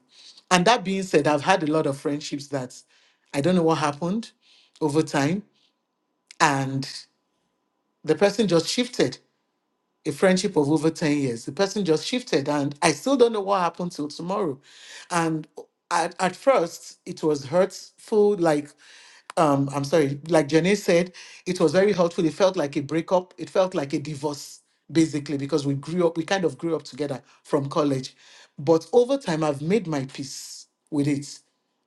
Speaker 5: And that being said, I've had a lot of friendships that I don't know what happened over time. And the person just shifted a friendship of over 10 years. The person just shifted, and I still don't know what happened till tomorrow. And at, at first, it was hurtful, like um, I'm sorry, like Janae said, it was very helpful. It felt like a breakup. It felt like a divorce, basically, because we grew up, we kind of grew up together from college. But over time, I've made my peace with it.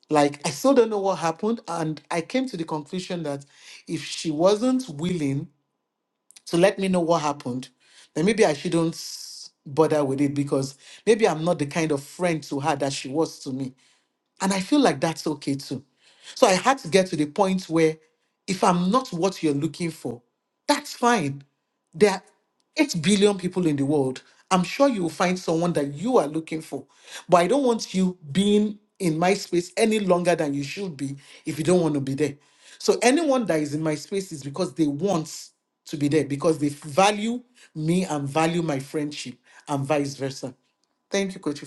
Speaker 5: Like, I still don't know what happened. And I came to the conclusion that if she wasn't willing to let me know what happened, then maybe I shouldn't bother with it because maybe I'm not the kind of friend to her that she was to me and I feel like that's okay too. So I had to get to the point where if I'm not what you're looking for, that's fine. There are 8 billion people in the world. I'm sure you will find someone that you are looking for. But I don't want you being in my space any longer than you should be if you don't want to be there. So anyone that is in my space is because they want to be there, because they value me and value my friendship and vice versa. Thank you, Coach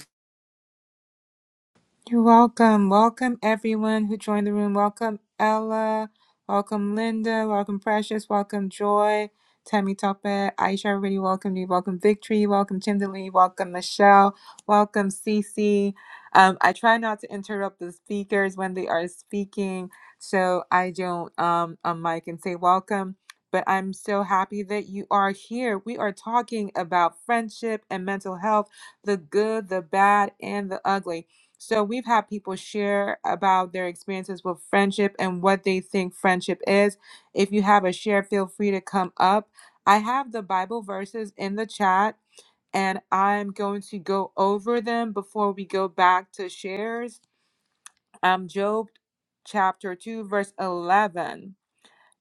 Speaker 1: You're welcome. Welcome everyone who joined the room. Welcome Ella. Welcome Linda. Welcome Precious. Welcome Joy. Tammy Topa. Aisha already welcomed you. Welcome Victory. Welcome Chindalee. Welcome Michelle. Welcome Cece. Um, I try not to interrupt the speakers when they are speaking, so I don't um on mic and say welcome. But I'm so happy that you are here. We are talking about friendship and mental health, the good, the bad, and the ugly. So we've had people share about their experiences with friendship and what they think friendship is. If you have a share, feel free to come up. I have the Bible verses in the chat and I'm going to go over them before we go back to shares. Um Job chapter 2 verse 11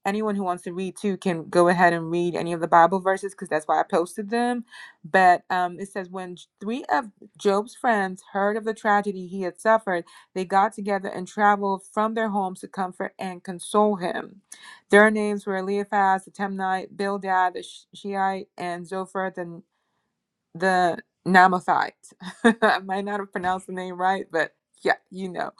Speaker 1: anyone who wants to read too can go ahead and read any of the Bible verses because that's why I posted them. But um, it says, When three of Job's friends heard of the tragedy he had suffered, they got together and traveled from their homes to comfort and console him. Their names were Eliphaz the Temanite; Bildad the Sh- and Zophar the the Namathite. I might not have pronounced the name right, but yeah, you know.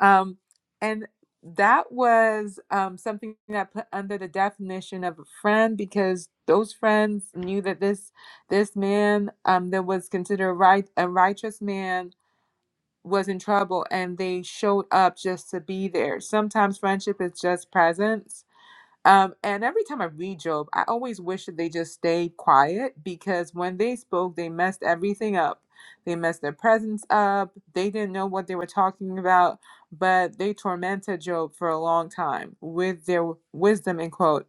Speaker 1: Um, and that was um, something that I put under the definition of a friend because those friends knew that this this man um, that was considered a right a righteous man was in trouble, and they showed up just to be there. Sometimes friendship is just presence um, and every time I read Job, I always wish that they just stayed quiet because when they spoke, they messed everything up. They messed their presence up. They didn't know what they were talking about, but they tormented Job for a long time with their wisdom and quote.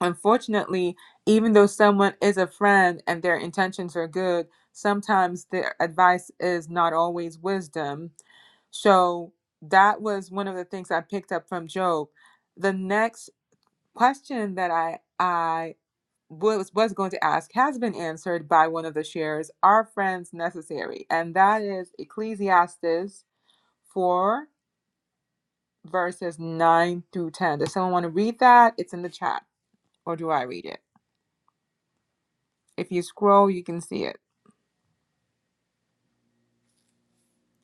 Speaker 1: Unfortunately, even though someone is a friend and their intentions are good, sometimes their advice is not always wisdom. So that was one of the things I picked up from Job the next question that I I was was going to ask has been answered by one of the shares. Are friends necessary? And that is Ecclesiastes four verses nine through ten. Does someone want to read that? It's in the chat, or do I read it? If you scroll, you can see it.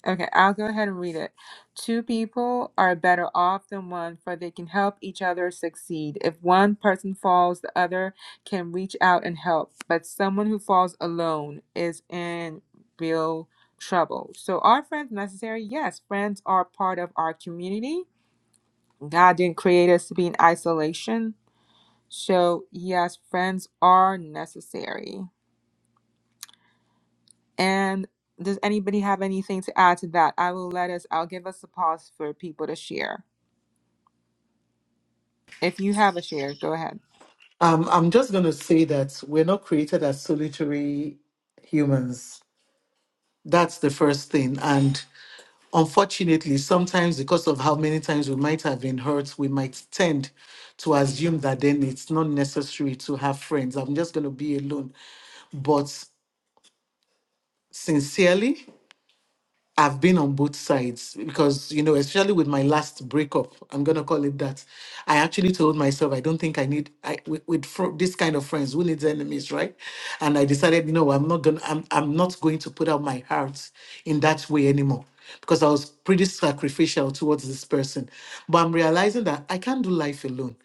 Speaker 1: Okay, I'll go ahead and read it. Two people are better off than one, for they can help each other succeed. If one person falls, the other can reach out and help. But someone who falls alone is in real trouble. So, are friends necessary? Yes, friends are part of our community. God didn't create us to be in isolation. So, yes, friends are necessary. And does anybody have anything to add to that? I will let us, I'll give us a pause for people to share. If you have a share, go ahead.
Speaker 5: Um, I'm just going to say that we're not created as solitary humans. That's the first thing. And unfortunately, sometimes because of how many times we might have been hurt, we might tend to assume that then it's not necessary to have friends. I'm just going to be alone. But sincerely, I've been on both sides because, you know, especially with my last breakup, I'm going to call it that. I actually told myself, I don't think I need, I, with, with fr- this kind of friends, who needs enemies, right? And I decided, you know, I'm not going to, I'm, I'm not going to put out my heart in that way anymore because I was pretty sacrificial towards this person. But I'm realizing that I can't do life alone.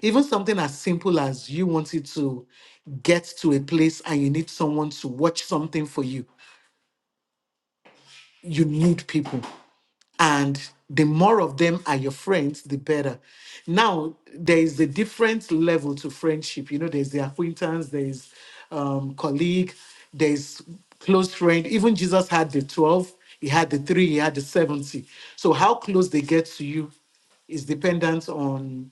Speaker 5: Even something as simple as you wanted to get to a place and you need someone to watch something for you, you need people and the more of them are your friends, the better. Now, there is a different level to friendship. You know, there's the acquaintance, there's um, colleague, there's close friend. Even Jesus had the 12, he had the three, he had the 70. So, how close they get to you is dependent on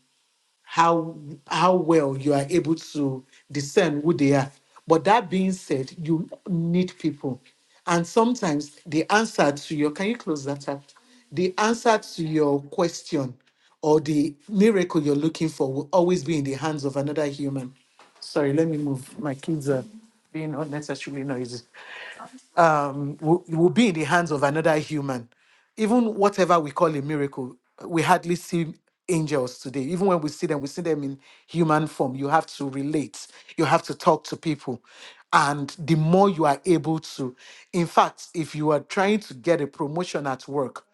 Speaker 5: how how well you are able to discern who they are. But that being said, you need people. And sometimes the answer to your can you close that up? The answer to your question or the miracle you're looking for will always be in the hands of another human. Sorry, let me move. My kids are being unnecessarily noisy um, will, will be in the hands of another human. Even whatever we call a miracle, we hardly see angels today. Even when we see them, we see them in human form. You have to relate, you have to talk to people. And the more you are able to, in fact, if you are trying to get a promotion at work,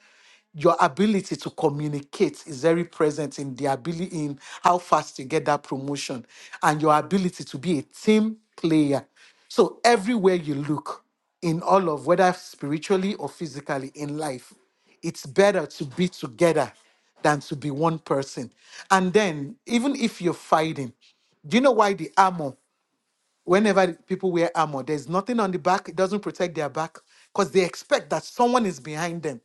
Speaker 5: your ability to communicate is very present in the ability in how fast you get that promotion and your ability to be a team player. So everywhere you look in all of whether spiritually or physically in life, it's better to be together than to be one person. And then even if you're fighting, do you know why the armor, whenever people wear armor, there's nothing on the back, it doesn't protect their back because they expect that someone is behind them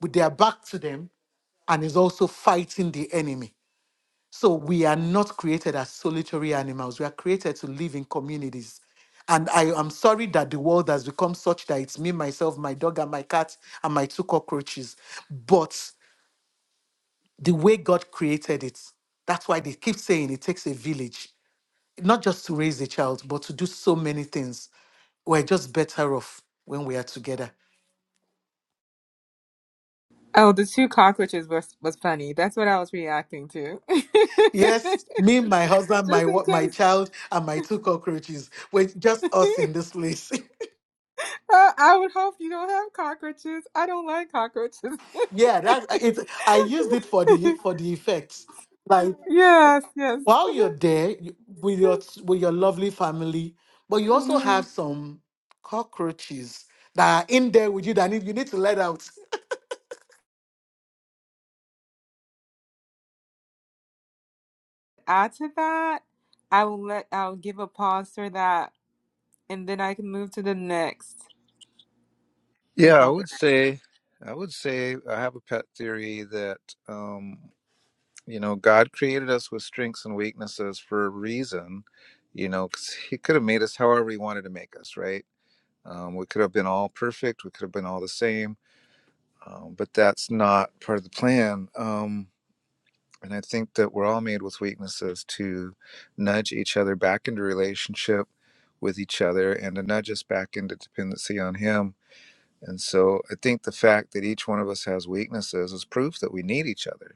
Speaker 5: with their back to them and is also fighting the enemy. So we are not created as solitary animals. We are created to live in communities. And I am sorry that the world has become such that it's me, myself, my dog, and my cat, and my two cockroaches. But the way God created it, that's why they keep saying it takes a village, not just to raise a child, but to do so many things. We're just better off when we are together.
Speaker 1: Oh, the two cockroaches was, was funny. That's what I was reacting to.
Speaker 5: Yes, me, my husband, my
Speaker 1: Just in
Speaker 5: wa- my
Speaker 1: case.
Speaker 5: child, and my two cockroaches. We're just us in this place.
Speaker 1: Uh, I would hope you don't have cockroaches. I don't like cockroaches.
Speaker 5: yeah, that it. I used it for the for the effects. Like
Speaker 1: yes, yes.
Speaker 5: while you're there you- with your t- with your lovely family, but you also Mhm.
Speaker 1: Mm.
Speaker 5: have some cockroaches that are in there with you that need, you need to let out.
Speaker 1: Add to that, I will let, I'll give a pause for that, and then I can move to the next
Speaker 4: Yeah, I
Speaker 1: topic.
Speaker 4: would say, I would say I have a pet theory that, um, you know, God created us with strengths and weaknesses for a reason, you know, 'cause He could have made us however He wanted to make us, right? Um, we could have been all perfect. We could have been all the same um, but that's not part of the plan. Um, and I think that we're all made with weaknesses to nudge each other back into relationship with each other and to nudge us back into dependency on Him. And so I think the fact that each one of us has weaknesses is proof that we need each other.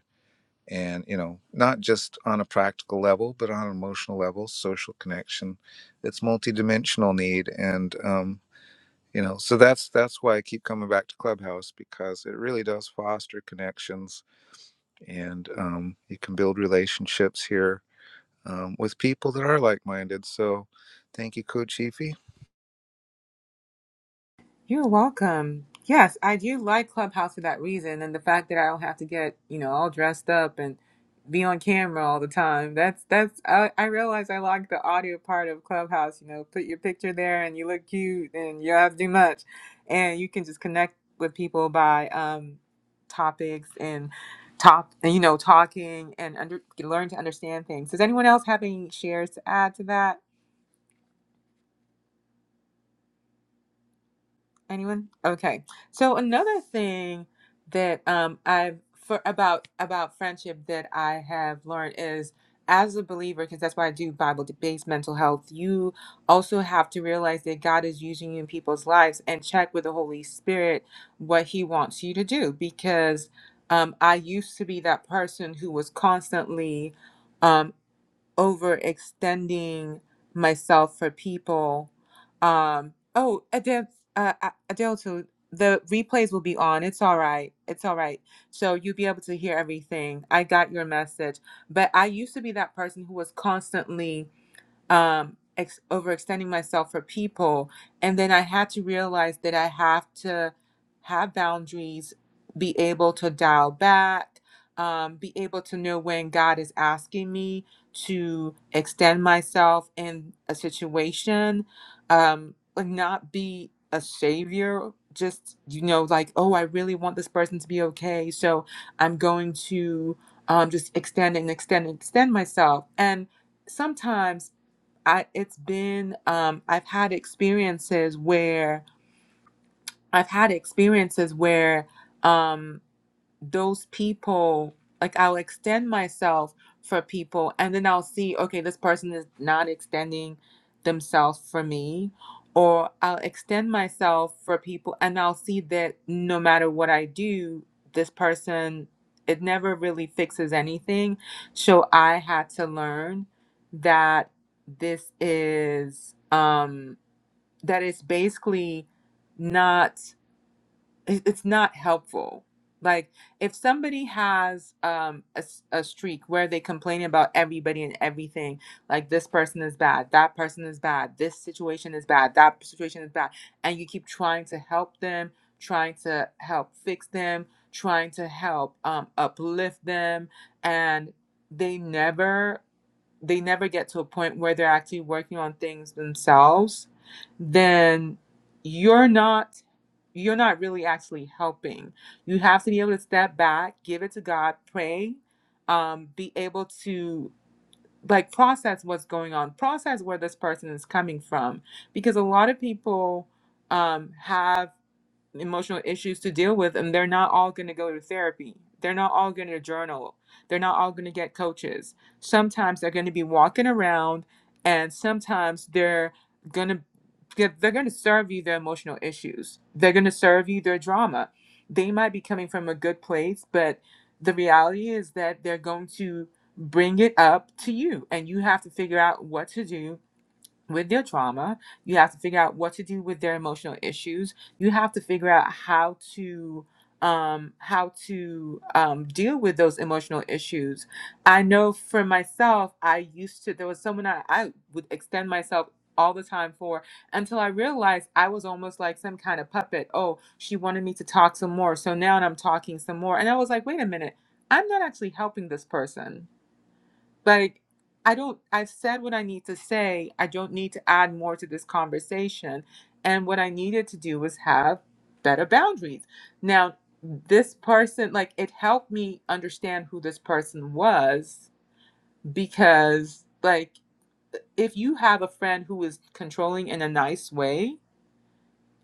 Speaker 4: And, you know, not just on a practical level, but on an emotional level, social connection. It's multidimensional need. And, um, you know so that's that's why i keep coming back to clubhouse because it really does foster connections and um, you can build relationships here um, with people that are like-minded so thank you coach Efi.
Speaker 1: You're welcome. Yes, I do like Clubhouse for that reason, and the fact that I don't have to get you know all dressed up and be on camera all the time. That's that's I, I realize I like the audio part of Clubhouse. You know, put your picture there and you look cute, and you don't have to do much, and you can just connect with people by um, topics and top and you know talking and under learn to understand things. Does anyone else have any shares to add to that? Anyone? Okay. So another thing that um I've for about about friendship that I have learned is as a believer, because that's why I do Bible based mental health, you also have to realize that God is using you in people's lives and check with the Holy Spirit what He wants you to do. Because um, I used to be that person who was constantly um, overextending myself for people. Um, oh, Adele, uh, uh, Adele, too. The replays will be on. It's all right. It's all right. So you'll be able to hear everything. I got your message. But I used to be that person who was constantly um, ex- overextending myself for people. And then I had to realize that I have to have boundaries, be able to dial back, um, be able to know when God is asking me to extend myself in a situation, um, like not be a savior. Just, you know, like, oh, I really want this person to be okay. So I'm going to um, just extend and extend and extend myself. And sometimes I it's been um I've had experiences where I've had experiences where um those people like i'll extend myself for people and then i'll see okay this person is not extending themselves for me or i'll extend myself for people and i'll see that no matter what i do this person it never really fixes anything so i had to learn that this is um that it's basically not it- it's not helpful. Like if somebody has um a, s- a streak where they complain about everybody and everything, like this person is bad, that person is bad, this situation is bad, that situation is bad, and you keep trying to help them, trying to help fix them, trying to help um uplift them, and they never they never get to a point where they're actually working on things themselves, then you're not you're not really actually helping. You have to be able to step back, give it to God, pray, um, be able to like process what's going on, process where this person is coming from, because a lot of people um, have emotional issues to deal with and they're not all going to go to therapy they're not all going to journal they're not all going to get coaches sometimes they're going to be walking around and sometimes they're going to they're going to serve you their emotional issues they're going to serve you their drama they might be coming from a good place but the reality is that they're going to bring it up to you and you have to figure out what to do with their trauma. You have to figure out what to do with their emotional issues. You have to figure out how to um how to um deal with those emotional issues. I know for myself, I used to there was someone I, I would extend myself all the time for until I realized I was almost like some kind of puppet. Oh, she wanted me to talk some more. So now I'm talking some more. And I was like, wait a minute, I'm not actually helping this person like i don't i've said what i need to say i don't need to add more to this conversation and what i needed to do was have better boundaries now this person like it helped me understand who this person was because like if you have a friend who is controlling in a nice way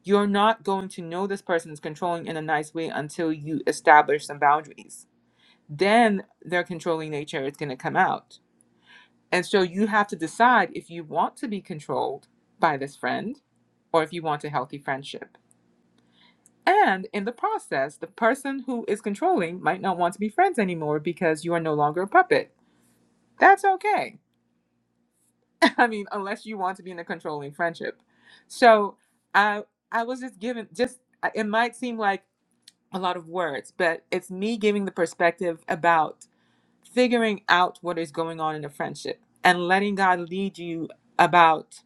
Speaker 1: you're not going to know this person is controlling in a nice way until you establish some boundaries then their controlling nature is going to come out and so you have to decide if you want to be controlled by this friend or if you want a healthy friendship. And in the process, the person who is controlling might not want to be friends anymore because you are no longer a puppet. That's okay. I mean, unless you want to be in a controlling friendship. So I I was just given just it might seem like a lot of words, but it's me giving the perspective about figuring out what is going on in the friendship and letting God lead you about,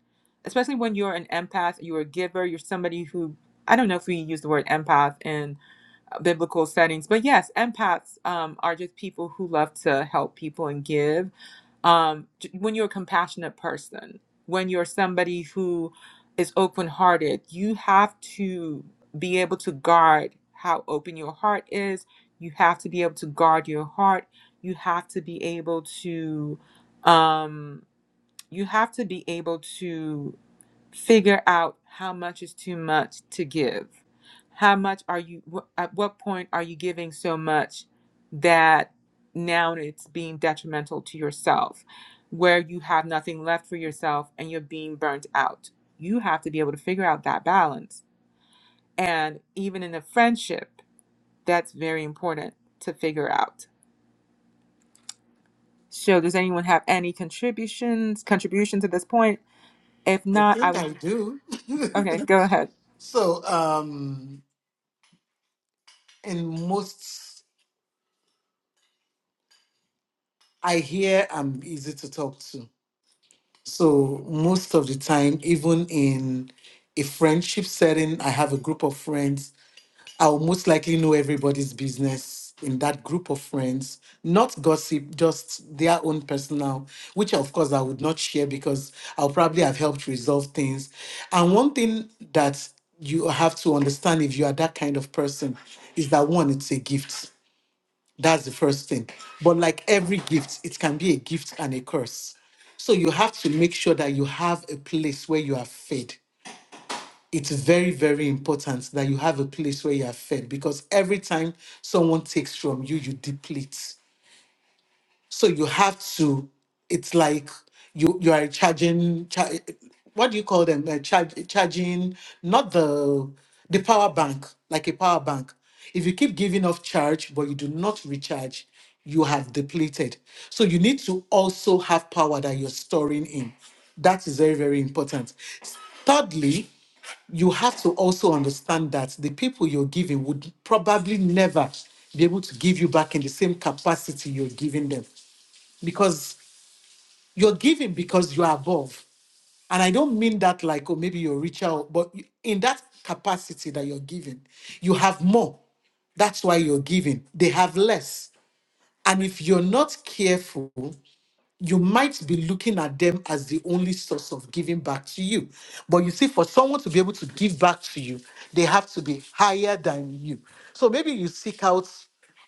Speaker 1: especially when you're an empath, you're a giver, you're somebody who, I don't know if we use the word empath in biblical settings, but yes, empaths um, are just people who love to help people and give um, when you're a compassionate person, when you're somebody who is open hearted, you have to be able to guard how open your heart is. You have to be able to guard your heart. You have to be able to, um, you have to be able to figure out how much is too much to give. How much are you, at what point are you giving so much that now it's being detrimental to yourself, where you have nothing left for yourself and you're being burnt out? You have to be able to figure out that balance. And even in a friendship, that's very important to figure out. So, does anyone have any contributions contributions at this point? If
Speaker 5: I
Speaker 1: not, I
Speaker 5: think
Speaker 1: will.
Speaker 5: I do.
Speaker 1: Okay, go ahead.
Speaker 5: so um, in most, I hear I'm easy to talk to. So most of the time, even in a friendship setting, I have a group of friends. I will most likely know everybody's business in that group of friends, not gossip, just their own personal, which of course I would not share because I'll probably have helped resolve things. And one thing that you have to understand if you are that kind of person is that one, it's a gift that's the first thing. But like every gift, it can be a gift and a curse. So you have to make sure that you have a place where you are fed. It's very, very important that you have a place where you are fed because every time someone takes from you, you deplete. So you have to. It's like you you are charging. Char, what do you call them? Uh, charge, charging not the the power bank like a power bank. If you keep giving off charge but you do not recharge, you have depleted. So you need to also have power that you're storing in. That is very very important. Thirdly, you have to also understand that the people you're giving would probably never be able to give you back in the same capacity you're giving them because you're giving because you are above. And I don't mean that like, oh, maybe you're richer, or- but you- in that capacity that you're giving, you have more. That's why you're giving. They have less. And if you're not careful, you might be looking at them as the only source of giving back to you. But you see, for someone to be able to give back to you, they have to be higher than you. So maybe you seek out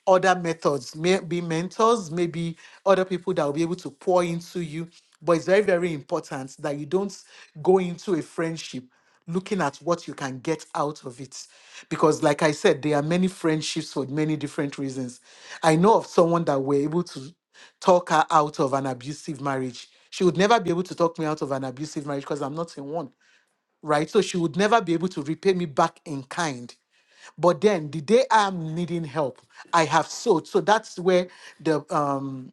Speaker 5: other methods, maybe mentors, maybe other people that will be able to pour into you. But it's very, very important that you don't go into a friendship looking at what you can get out of it. Because, like I said, there are many friendships for many different reasons. I know of someone that were able to talk her out of an abusive marriage. She would never be able to talk me out of an abusive marriage because I'm not in one, right? So she would never be able to repay me back in kind. But then the day I'm needing help, I have sowed. So that's where the um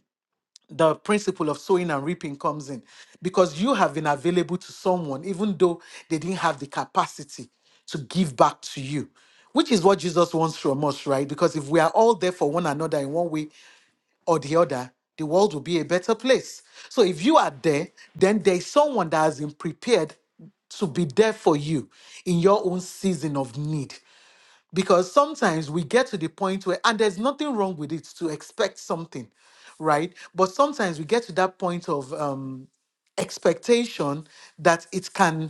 Speaker 5: the principle of sowing and reaping comes in. Because you have been available to someone, even though they didn't have the capacity to give back to you, which is what Jesus wants from us, right? Because if we are all there for one another in one way or the other, the world will be a better place. So if you are there, then there is someone that has been prepared to be there for you in your own season of need. Because sometimes we get to the point where, and there's nothing wrong with it to expect something, right? But sometimes we get to that point of um, expectation that it can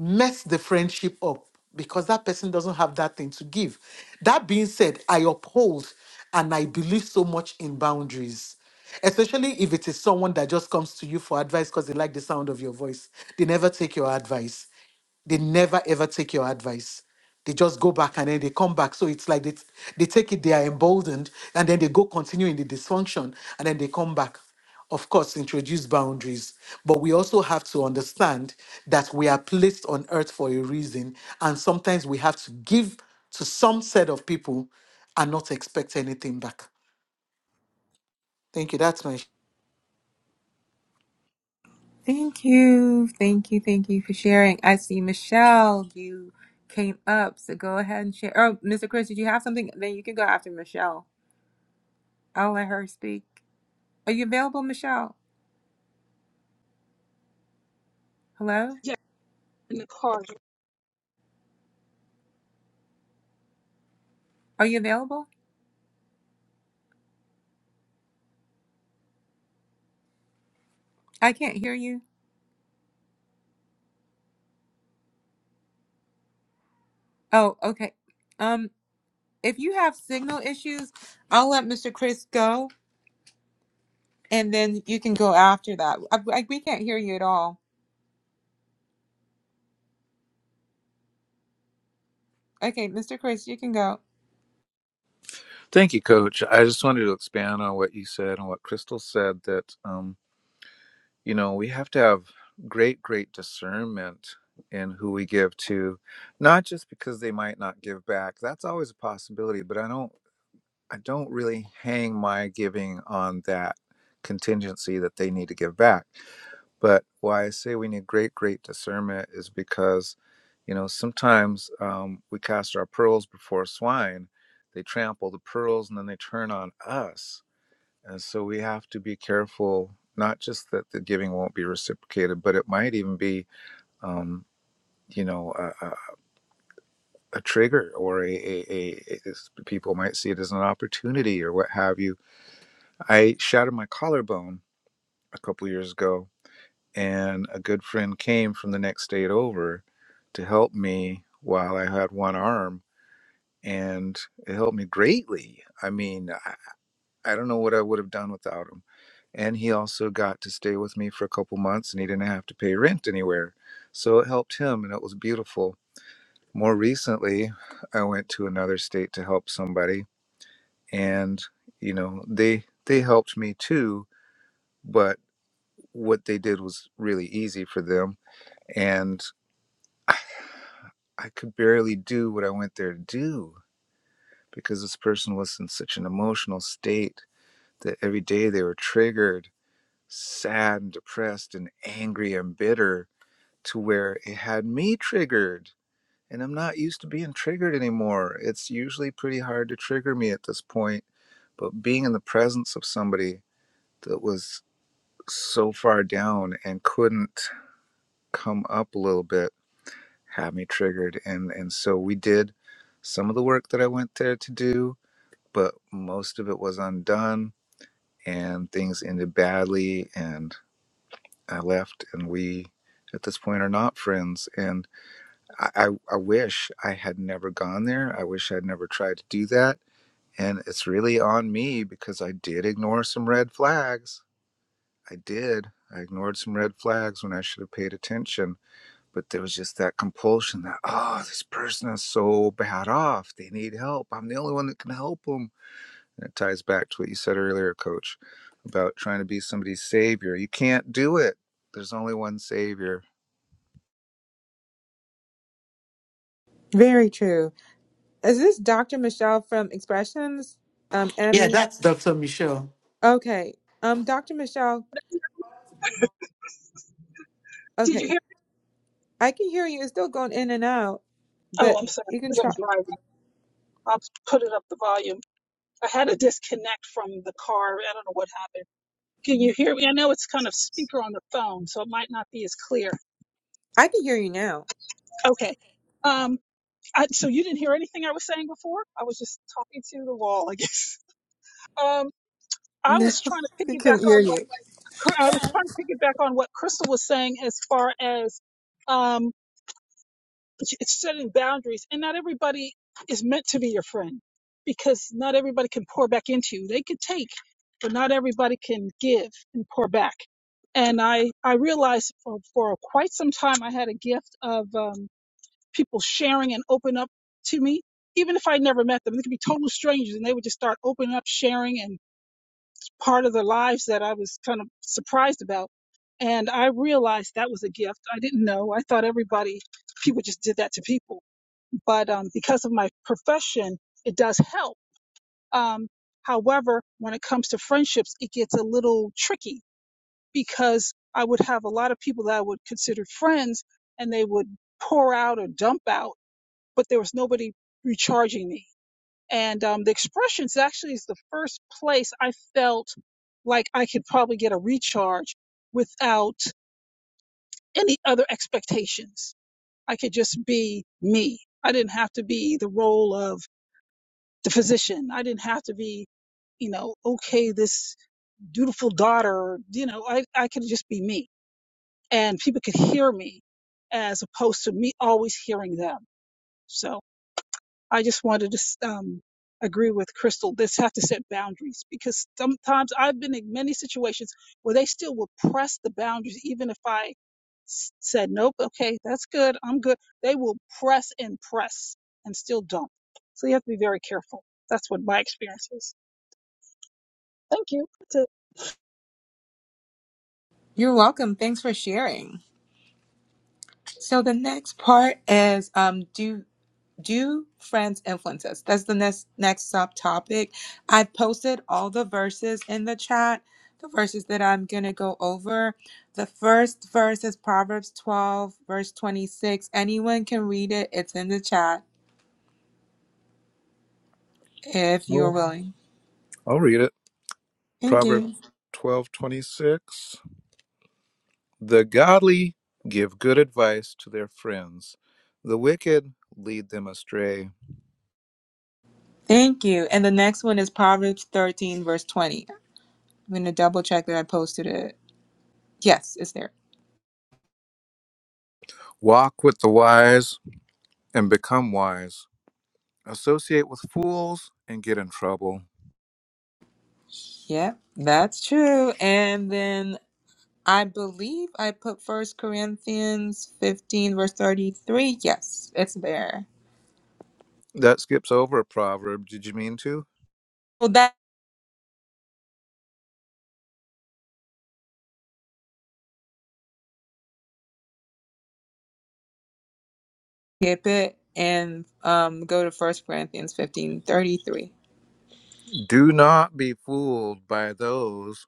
Speaker 5: mess the friendship up because that person doesn't have that thing to give. That being said, I uphold and I believe so much in boundaries, especially if it is someone that just comes to you for advice because they like the sound of your voice. They never take your advice they never ever take your advice. They just go back and then they come back. So it's like they, they take it, they are emboldened, and then they go continue in the dysfunction and then they come back. Of course, introduce boundaries. But we also have to understand that we are placed on earth for a reason. And sometimes we have to give to some set of people and not expect anything back. Thank you. That's my. sh-
Speaker 1: Thank you. Thank you. Thank you for sharing. I see Michelle, you came up, so go ahead and share. Oh, Mr. Chris, did you have something? Then you can go after Michelle. I'll let her speak. Are you available, Michelle? Hello?
Speaker 6: Yeah, in the car.
Speaker 1: Are you available? I can't hear you. Oh, okay. Um, if you have signal issues, I'll let Mr. Chris go, and then you can go after that. I, I, we can't hear you at all. Okay, Mr. Chris, you can go.
Speaker 4: thank you coach i just wanted to expand on what you said and what crystal said that um, you know we have to have great great discernment in who we give to not just because they might not give back that's always a possibility but i don't I don't really hang my giving on that contingency that they need to give back. But why I say we need great, great discernment is because, you know, sometimes um, we cast our pearls before swine. They trample the pearls and then they turn on us. And so we have to be careful, not just that the giving won't be reciprocated, but it might even be, um, you know, a, a, a trigger or a, a, a, a, people might see it as an opportunity or what have you I shattered my collarbone a couple years ago, and a good friend came from the next state over to help me while I had one arm, and it helped me greatly. I mean, I, I don't know what I would have done without him. And he also got to stay with me for a couple months, and he didn't have to pay rent anywhere. So it helped him, and it was beautiful. More recently, I went to another state to help somebody, and you know, they they helped me too but. what they did was really easy for them. And I I could barely do what I went there to do because this person was in such an emotional state that every day they were triggered, sad, and depressed, and angry and bitter to where it had me triggered. And I'm not used to being triggered anymore. It's usually pretty hard to trigger me at this point. But being in the presence of somebody that was so far down and couldn't come up a little bit had me triggered and and so we did some of the work that I went there to do but most of it was undone and things ended badly and I left and we at this point are not friends and I, I, I wish I had never gone there I wish I'd never tried to do that and it's really on me because I did ignore some red flags I did I ignored some red flags when I should have paid attention but there was just that compulsion that oh this person is so bad off they need help i'm the only one that can help them and it ties back to what you said earlier coach about trying to be somebody's savior you can't do it there's only one savior
Speaker 1: Very true. Is this Dr. Michelle from Expressions? Um,
Speaker 5: Yeah,
Speaker 1: Emmy?
Speaker 5: that's Dr. Michelle.
Speaker 1: Okay. Um, Dr. Michelle,
Speaker 6: Did you
Speaker 1: okay.
Speaker 6: hear?
Speaker 1: I can hear you. It's still going in and out, but
Speaker 6: Oh, I'm sorry,
Speaker 1: you can
Speaker 6: because I'm
Speaker 1: try.
Speaker 6: driving. I'll put it up the volume. I had a disconnect from the car. I don't know what happened. Can you hear me? I know it's kind of speaker on the phone, so it might not be as clear.
Speaker 1: I can hear you now.
Speaker 6: Okay. Um, I, so you didn't hear anything I was saying before? I was just talking to the wall, I guess. Um, I
Speaker 1: No,
Speaker 6: was trying to
Speaker 1: I
Speaker 6: piggyback
Speaker 1: couldn't hear
Speaker 6: on
Speaker 1: you.
Speaker 6: what Cr- I was trying to piggyback on what Crystal was saying as far as um. but it's setting boundaries and not everybody is meant to be your friend because not everybody can pour back into you they could take but not everybody can give and pour back and i i realized for, for quite some time i had a gift of um, people sharing and open up to me even if i never met them they could be total strangers and they would just start opening up sharing and part of their lives that i was kind of surprised about and i realized that was a gift i didn't know i thought everybody people just did that to people but um, because of my profession, it does help. Um, however, when it comes to friendships, it gets a little tricky because I would have a lot of people that I would consider friends and they would pour out or dump out, but there was nobody recharging me. And um, the expressions actually is the first place I felt like I could probably get a recharge without any other expectations. I could just be me. I didn't have to be the role of the physician. I didn't have to be, you know, okay, this dutiful daughter, you know, I, I could just be me and people could hear me as opposed to me always hearing them. So I just wanted to um, agree with Crystal. This have to set boundaries because sometimes I've been in many situations where they still will press the boundaries, even if I s- said, nope, okay, that's good, I'm good. They will press and press and still don't. So you have to be very careful. That's what my experience is. Thank you. That's it. I
Speaker 1: You're welcome. Thanks for sharing. So the next part is um do do friends influence us? That's the next next subtopic. I've posted all the verses in the chat, the verses that I'm gonna go over. The first verse is Proverbs 12, verse 26. Anyone can read it, it's in the chat. if you are
Speaker 4: Well,
Speaker 1: willing.
Speaker 4: I'll read it.
Speaker 1: Thank you.
Speaker 4: Proverbs twelve twenty six. The godly give good advice to their friends, the wicked lead them astray.
Speaker 1: Thank you. And the next one is Proverbs 13, verse 20. I'm going to double check that I posted it. Yes, it's there.
Speaker 4: Walk with the wise and become wise, associate with fools and get in trouble.
Speaker 1: Yep, that's true. And then I believe I put First Corinthians 15, verse 33. Yes, it's there.
Speaker 4: That skips over a proverb. Did you mean to?
Speaker 1: Well, that skip it and um, go to First Corinthians 15:33.
Speaker 4: Do not be fooled by those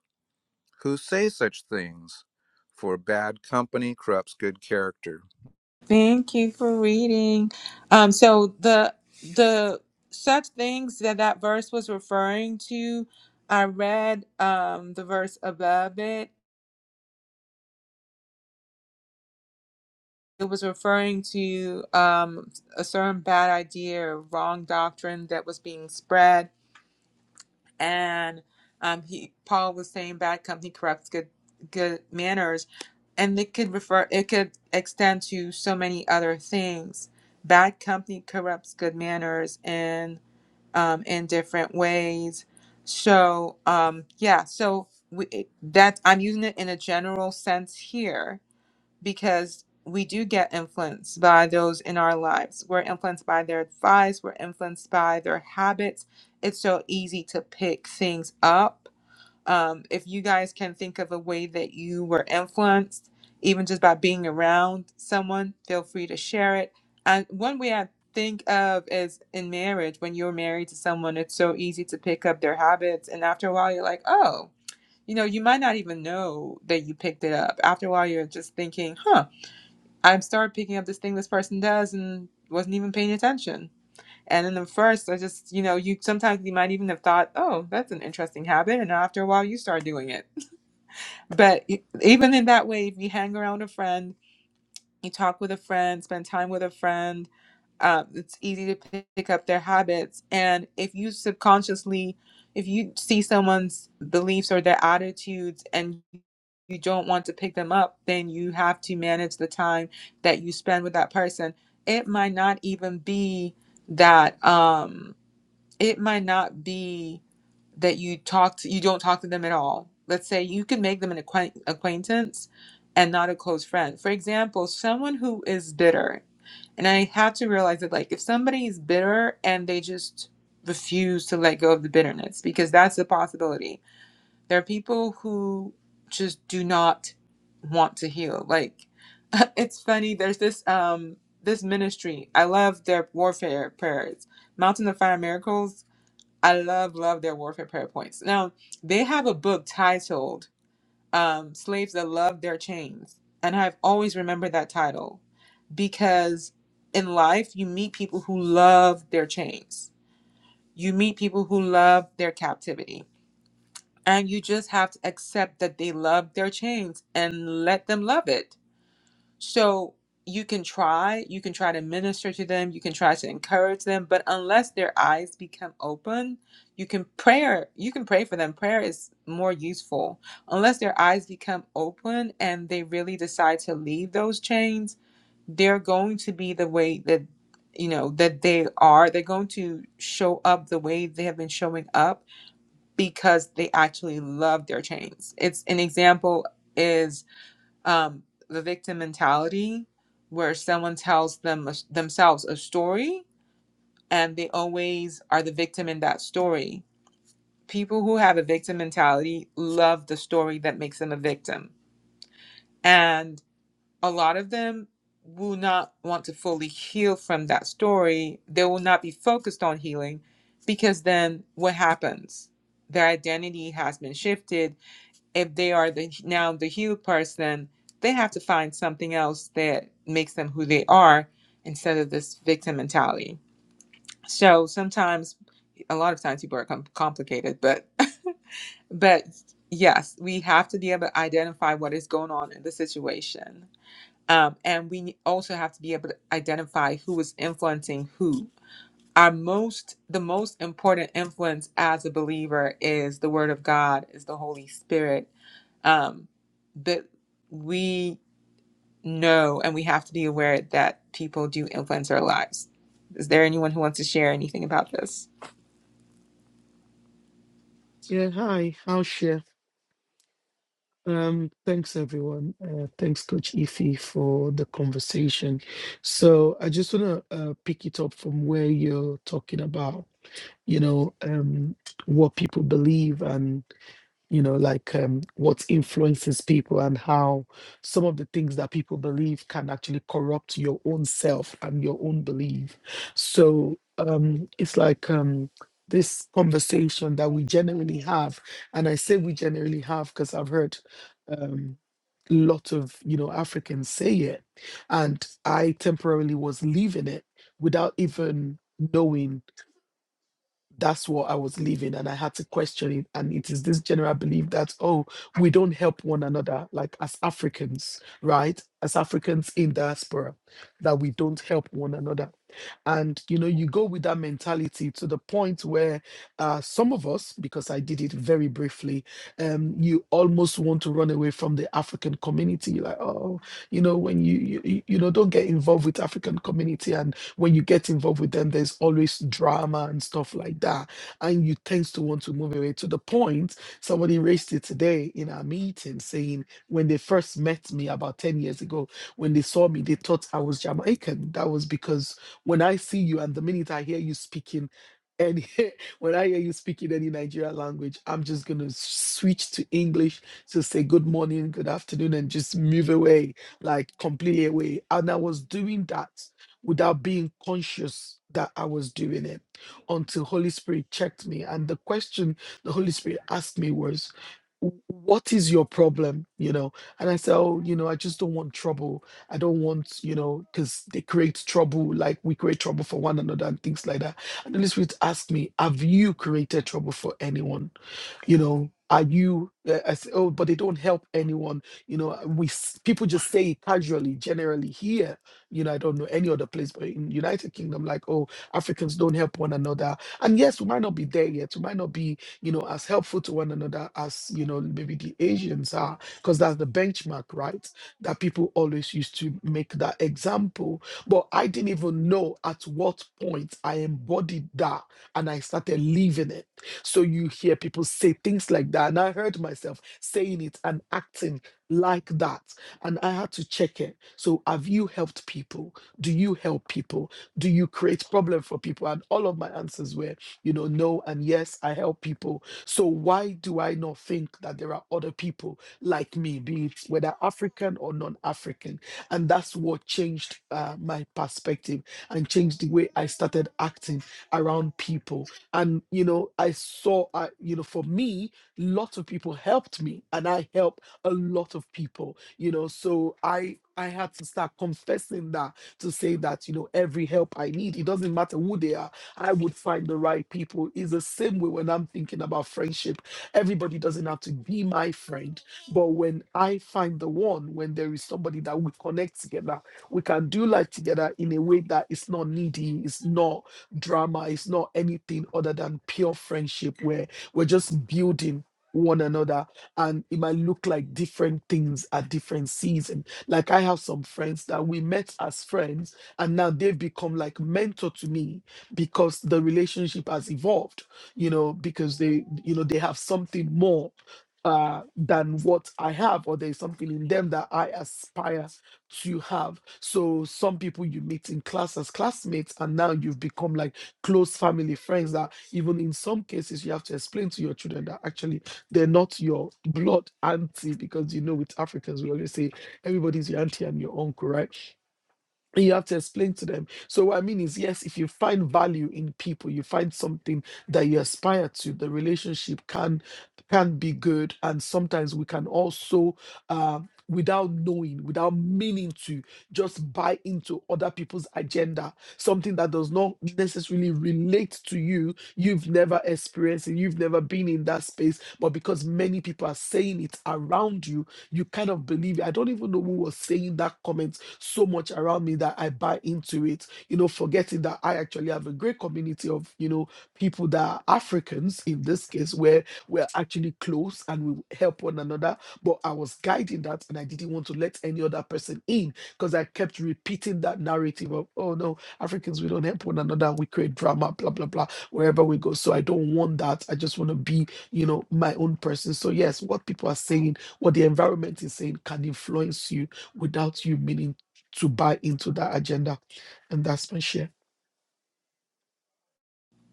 Speaker 4: who say such things, for bad company corrupts good character.
Speaker 1: Thank you for reading. Um, so the the such things that that verse was referring to, I read um, the verse above it. It was referring to um, a certain bad idea or wrong doctrine that was being spread, and um, he Paul was saying bad company corrupts good good manners, and it could refer it could extend to so many other things. Bad company corrupts good manners, and um, in different ways. So um, yeah, so we, that I'm using it in a general sense here because we do get influenced by those in our lives. We're influenced by their advice. We're influenced by their habits. It's so easy to pick things up um, if you guys can think of a way that you were influenced, even just by being around someone, feel free to share it. And one way I think of is in marriage, when you're married to someone, it's so easy to pick up their habits. And after a while, you're like, oh, you know, you might not even know that you picked it up. After a while, you're just thinking, huh, I started picking up this thing this person does and wasn't even paying attention. And in the first, I just, you know, you sometimes you might even have thought, oh, that's an interesting habit. And after a while, you start doing it but e- even in that way, if you hang around a friend, you talk with a friend, spend time with a friend, um, it's easy to pick pick up their habits. And if you subconsciously, if you see someone's beliefs or their attitudes and you don't want to pick them up, then you have to manage the time that you spend with that person. It might not even be that, um, it might not be that you talk to, you don't talk to them at all. Let's say you can make them an acquaint- acquaintance and not a close friend. For example, someone who is bitter, and I have to realize that like if somebody is bitter and they just refuse to let go of the bitterness because that's a possibility. There are people who just do not want to heal. Like it's funny there's this um this ministry. I love their warfare prayers. Mountain of Fire Miracles I love, love their warfare prayer points. Now, they have a book titled um, Slaves That Love Their Chains. And I've always remembered that title because in life, you meet people who love their chains, you meet people who love their captivity. And you just have to accept that they love their chains and let them love it so you can try, you can try to minister to them, you can try to encourage them, but unless their eyes become open, you can prayer, you can pray for them. Prayer is more useful. Unless their eyes become open and they really decide to leave those chains, they're going to be the way that you know that they are. They're going to show up the way they have been showing up because they actually love their chains. It's an example is um, the victim mentality where someone tells them themselves a story and they always are the victim in that story people who have a victim mentality love the story that makes them a victim and a lot of them will not want to fully heal from that story they will not be focused on healing because then what happens their identity has been shifted if they are the now the healed person, they have to find something else that makes them who they are instead of this victim mentality. So sometimes, a lot of times, people are com- complicated, but but yes, we have to be able to identify what is going on in the situation, um, and we also have to be able to identify who is influencing who. Our most, the most important influence as a believer is the Word of God, is the Holy Spirit um, but we know and we have to be aware that people do influence our lives. Is there anyone who wants to share anything about this?
Speaker 2: Yeah, hi, I'll share. Um, thanks everyone. Uh, thanks, Coach Ify, for the conversation. So I just wanna uh, pick it up from where you're talking about, you know, um, what people believe and. you know, like um, what influences people and how some of the things that people believe can actually corrupt your own self and your own belief. So um, it's like um, this conversation that we generally have, and I say we generally have because I've heard um, lot of you know Africans say it, and I temporarily was leaving it without even knowing that's what I was living, and I had to question it. And it is this general belief that, oh, we don't help one another, like as Africans, right? As Africans in diaspora, that we don't help one another and you know you go with that mentality to the point where uh, some of us because i did it very briefly um, you almost want to run away from the african community You're like oh you know when you, you you you know don't get involved with african community and when you get involved with them there's always drama and stuff like that and you tend to want to move away to the point somebody raised it today in our meeting saying when they first met me about 10 years ago when they saw me they thought i was jamaican that was because when I see you and the minute I hear you speaking any when I hear you speaking any Nigerian language, I'm just gonna switch to English to say good morning, good afternoon, and just move away, like completely away. And I was doing that without being conscious that I was doing it until Holy Spirit checked me. And the question the Holy Spirit asked me was, "W- What is your problem? You know, and I said, Oh, you know, I just don't want trouble. I don't want, you know, because they create trouble, like we create trouble for one another and things like that. And the Holy Spirit asked me, Have you created trouble for anyone? You know, are you, uh, I say, Oh, but they don't help anyone. You know, we s- people just say it casually, generally here, you know, I don't know any other place, but in United Kingdom, like, oh, Africans don't help one another. And yes, we might not be there yet. We might not be, you know, as helpful to one another as, you know, maybe the Asians are, because that's the benchmark, right? that people always used to make that example. But I didn't even know at what point I embodied that and I started living it. So you hear people say things like that. And I heard myself saying it and acting like that. And I had to check it. So have you helped people? Do you help people? Do you create problem for people? And all of my answers were, you know, no and yes, I help people. So why do I not think that there are other people like me, be it whether African or non African. And that's what changed uh, my perspective and changed the way I started acting around people. And, you know, I saw, uh, you know, for me, lots of people helped me and I helped a lot of people, you know, so I. I had to start confessing that to say that, you know, every help I need, it doesn't matter who they are, I would find the right people. It's the same way when I'm thinking about friendship. Everybody doesn't have to be my friend. But when I find the one, when there is somebody that we connect together, we can do life together in a way that it's not needy, it's not drama, it's not anything other than pure friendship where we're just building one another and it might look like different things at different seasons. like i have some friends that we met as friends and now they've become like mentor to me because the relationship has evolved you know because they you know they have something more uh, than what I have, or there's something in them that I aspire to have. So some people you meet in class as classmates, and now you've become like close family friends that even in some cases you have to explain to your children that actually they're not your blood auntie, because you know with Africans we always say everybody's your auntie and your uncle, right? you have to explain to them. So what I mean is, yes, if you find value in people, you find something that you aspire to, the relationship can can be good, and sometimes we can also. Uh, without knowing without meaning to just buy into other people's agenda something that does not necessarily relate to you you've never experienced it you've never been in that space but because many people are saying it around you you kind of believe it. i don't even know who was saying that comment so much around me that I buy into it, you know, forgetting that I actually have a great community of, you know, people that are Africans in this case, where we're actually close and we help one another. But I was guiding that and I didn't want to let any other person in because I kept repeating that narrative of, oh no, Africans, we don't help one another, we create drama, blah, blah, blah, wherever we go. So I don't want that. I just want to be, you know, my own person. So, yes, what people are saying, what the environment is saying can influence you without you meaning to buy into that agenda. And that's my share.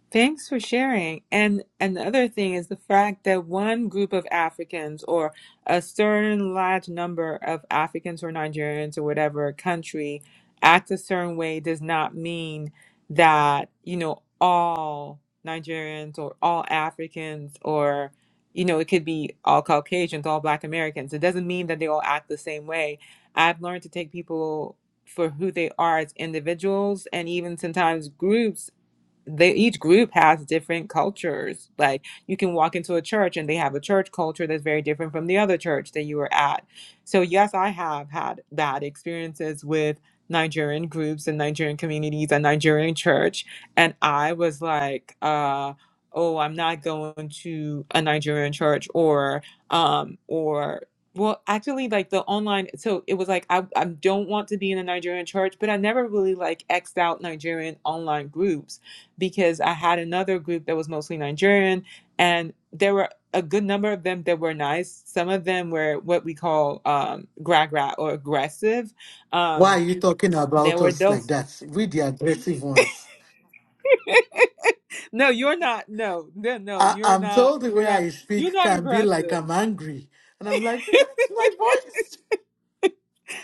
Speaker 1: Thanks for sharing. And another thing is the fact that one group of Africans or a certain large number of Africans or Nigerians or whatever country act a certain way does not mean that, you know, all Nigerians or all Africans or, you know, it could be all Caucasians, all Black Americans. It doesn't mean that they all act the same way. I've learned to take people for who they are as individuals and even sometimes groups they each group has different cultures. Like you can walk into a church and they have a church culture that's very different from the other church that you were at. So yes, I have had bad experiences with Nigerian groups and Nigerian communities and Nigerian church. And I was like, uh, oh, I'm not going to a Nigerian church or um or well actually like the online so it was like I, I don't want to be in a Nigerian church, but I never really like X'd out Nigerian online groups because I had another group that was mostly Nigerian, and there were a good number of them that were nice. Some of them were what we call um, gra gra or aggressive.
Speaker 5: Why
Speaker 1: Um,
Speaker 5: are you talking
Speaker 1: there
Speaker 5: about
Speaker 1: were
Speaker 5: us like
Speaker 1: those.
Speaker 5: that? We, the aggressive ones.
Speaker 1: no, you're not. No, no, no,
Speaker 5: I,
Speaker 1: you're
Speaker 5: I'm
Speaker 1: not.
Speaker 5: told the
Speaker 1: You're
Speaker 5: way
Speaker 1: not.
Speaker 5: I
Speaker 1: You're
Speaker 5: speak
Speaker 1: not
Speaker 5: can be like
Speaker 1: aggressive.
Speaker 5: I'm angry. And I'm like, that's my voice.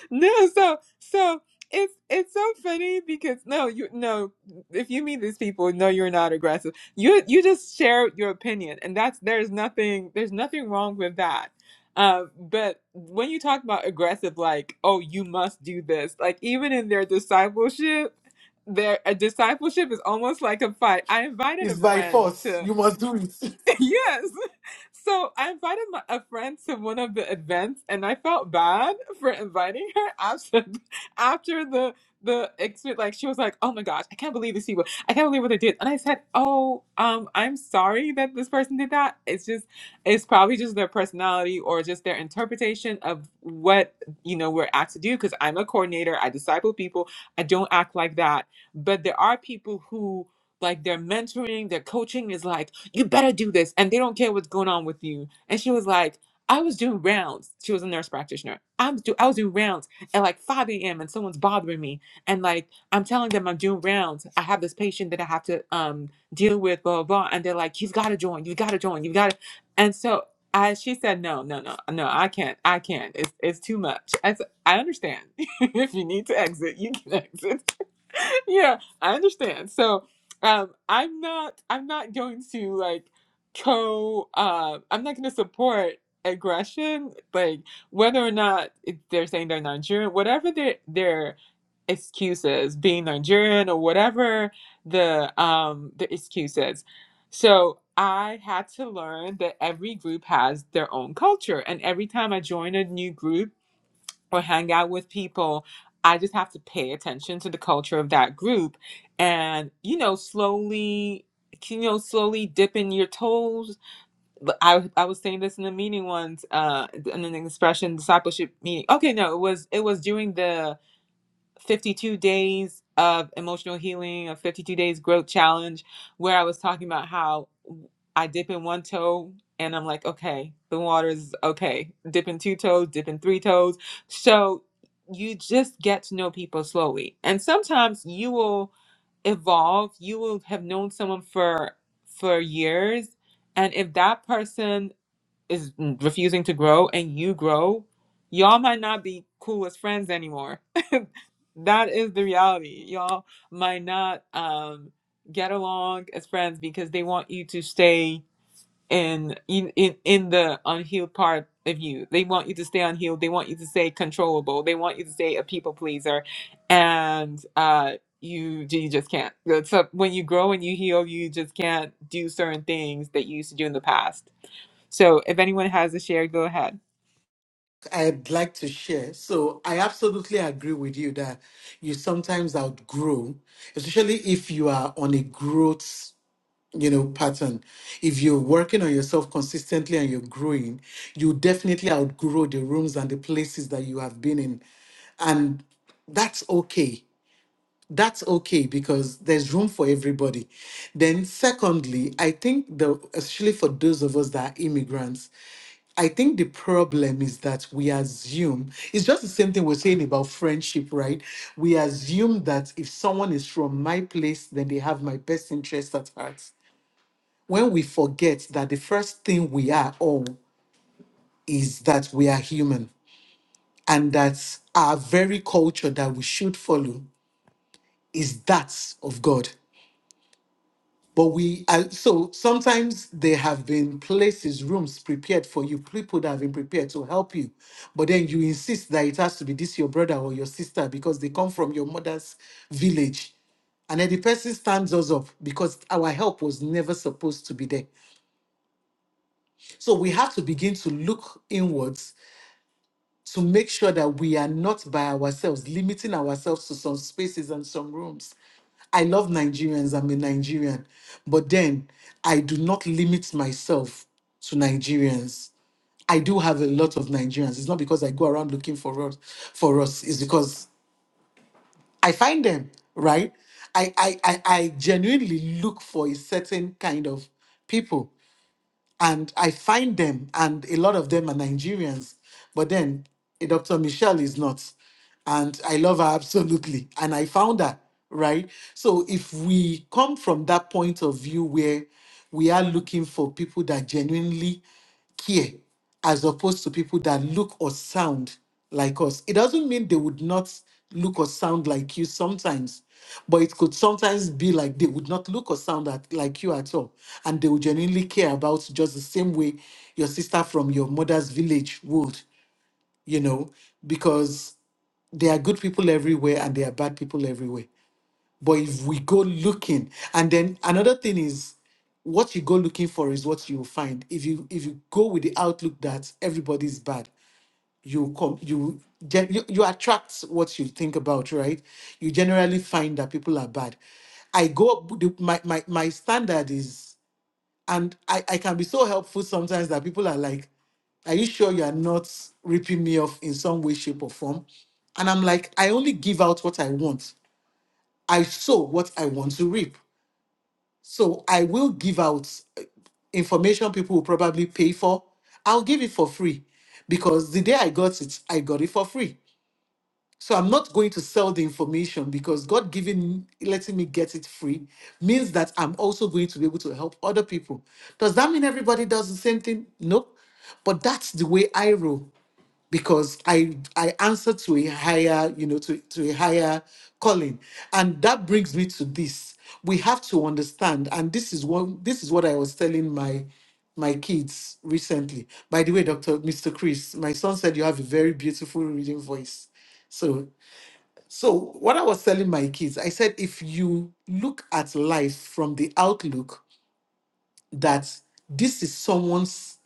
Speaker 1: No, so so it's it's so funny because no, you no, if you meet these people, no, you're not aggressive. You you just share your opinion, and that's there's nothing there's nothing wrong with that. Um, but when you talk about aggressive, like oh, you must do this, like even in their discipleship, their a discipleship is almost like a fight. I invited
Speaker 5: It's
Speaker 1: a
Speaker 5: by
Speaker 1: friend
Speaker 5: force.
Speaker 1: to.
Speaker 5: You must do it.
Speaker 1: Yes. So I invited my, a friend to one of the events, and I felt bad for inviting her after after the the experience. Like she was like, "Oh my gosh, I can't believe these people. I can't believe what they did." And I said, "Oh, um, I'm sorry that this person did that. It's just, it's probably just their personality or just their interpretation of what you know we're asked to do. Because I'm a coordinator, I disciple people. I don't act like that, but there are people who." like their mentoring, their coaching is like, you better do this. And they don't care what's going on with you. And she was like, I was doing rounds. She was a nurse practitioner. I was, do- I was doing rounds at like 5 a.m. and someone's bothering me. And like, I'm telling them I'm doing rounds. I have this patient that I have to um, deal with, blah, blah, blah. And they're like, you've got to join. You've got to join. You've got to. And so I, she said, no, no, no, no, I can't. I can't. It's, it's too much. I, said, I understand. if you need to exit, you can exit yeah, I understand. So, um, I'm not, I'm not going to like co, uh, I'm not going to support aggression, like whether or not it, they're saying they're Nigerian, whatever their their excuses, being Nigerian or whatever the um the excuses. So I had to learn that every group has their own culture, and every time I join a new group or hang out with people, I just have to pay attention to the culture of that group and, you know, slowly you know slowly dipping your toes But i i was saying this in the meeting once uh in an expression discipleship meeting okay no it was it was during the 52 days of emotional healing, a 52 days growth challenge, where I was talking about how I dip in one toe and I'm like, okay, the water is okay. Dip in two toes, dip in three toes. So you just get to know people slowly. And sometimes you will evolve. You will have known someone for for years. And if that person is mm, refusing to grow and you grow, y'all might not be cool as friends anymore that is the reality. Y'all might not um get along as friends because they want you to stay in in in, in the unhealed part of you. They want you to stay unhealed. They want you to stay controllable. They want you to stay a people pleaser, and uh, you you just can't. So so when you grow and you heal, you just can't do certain things that you used to do in the past. So if anyone has a share, go ahead.
Speaker 5: I'd like to share. So I absolutely agree with you that you sometimes outgrow, especially if you are on a growth, you know, pattern. If you're working on yourself consistently and you're growing, you definitely outgrow the rooms and the places that you have been in. And that's okay that's okay because there's room for everybody. Then, secondly, I think the especially for those of us that are immigrants, I think the problem is that we assume it's just the same thing we're saying about friendship, right? We assume that if someone is from my place, then they have my best interest at heart. When we forget that the first thing we are all is that we are human and that our very culture that we should follow is that of God But we are so sometimes there have been places, rooms prepared for you, people that have been prepared to help you. But then you insist that it has to be this your brother or your sister because they come from your mother's village. And then the person stands us up because our help was never supposed to be there. So we have to begin to look inwards to make sure that we are not by ourselves, limiting ourselves to some spaces and some rooms. I love Nigerians, I'm a Nigerian, but then I do not limit myself to Nigerians. I do have a lot of Nigerians. It's not because I go around looking for us, for us. It's because I find them, right? I, I, I, I genuinely look for a certain kind of people and I find them, and a lot of them are Nigerians. But then eh, Dr. Michelle is not, and I love her absolutely, and I found her right. So if we come from that point of view where we are looking for people that genuinely care as opposed to people that look or sound like us. It doesn't mean they would not look or sound like you sometimes, but it could sometimes be like they would not look or sound at, like you at all. And they would genuinely care about you just the same way your sister from your mother's village would, you know, because there are good people everywhere and there are bad people everywhere. But if we go looking, and then another thing is what you go looking for is what you find. If you if you go with the outlook that everybody's bad, you come you gen- you, you attract what you think about, right? You generally find that people are bad. I go up with the, my, my my standard is and I, I can be so helpful sometimes that people are like, Are you sure you are not ripping me off in some way, shape, or form? And I'm like, I only give out what I want. I sow what I want to reap. So I will give out uh, information people will probably pay for. I'll give it for free because the day I got it, I got it for free. So I'm not going to sell the information because God giving letting me get it free means that I'm also going to be able to help other people. Does that mean everybody does the same thing? No. But that's the way I roll because I I answer to a higher, you know, to, to a higher calling. And that brings me to this. We have to understand, and this is one this is what I was telling my my kids recently. By the way, Dr. Mr. Chris, my son said you have a very beautiful reading voice. So so what I was telling my kids, I said if you look at life from the outlook that this is someone's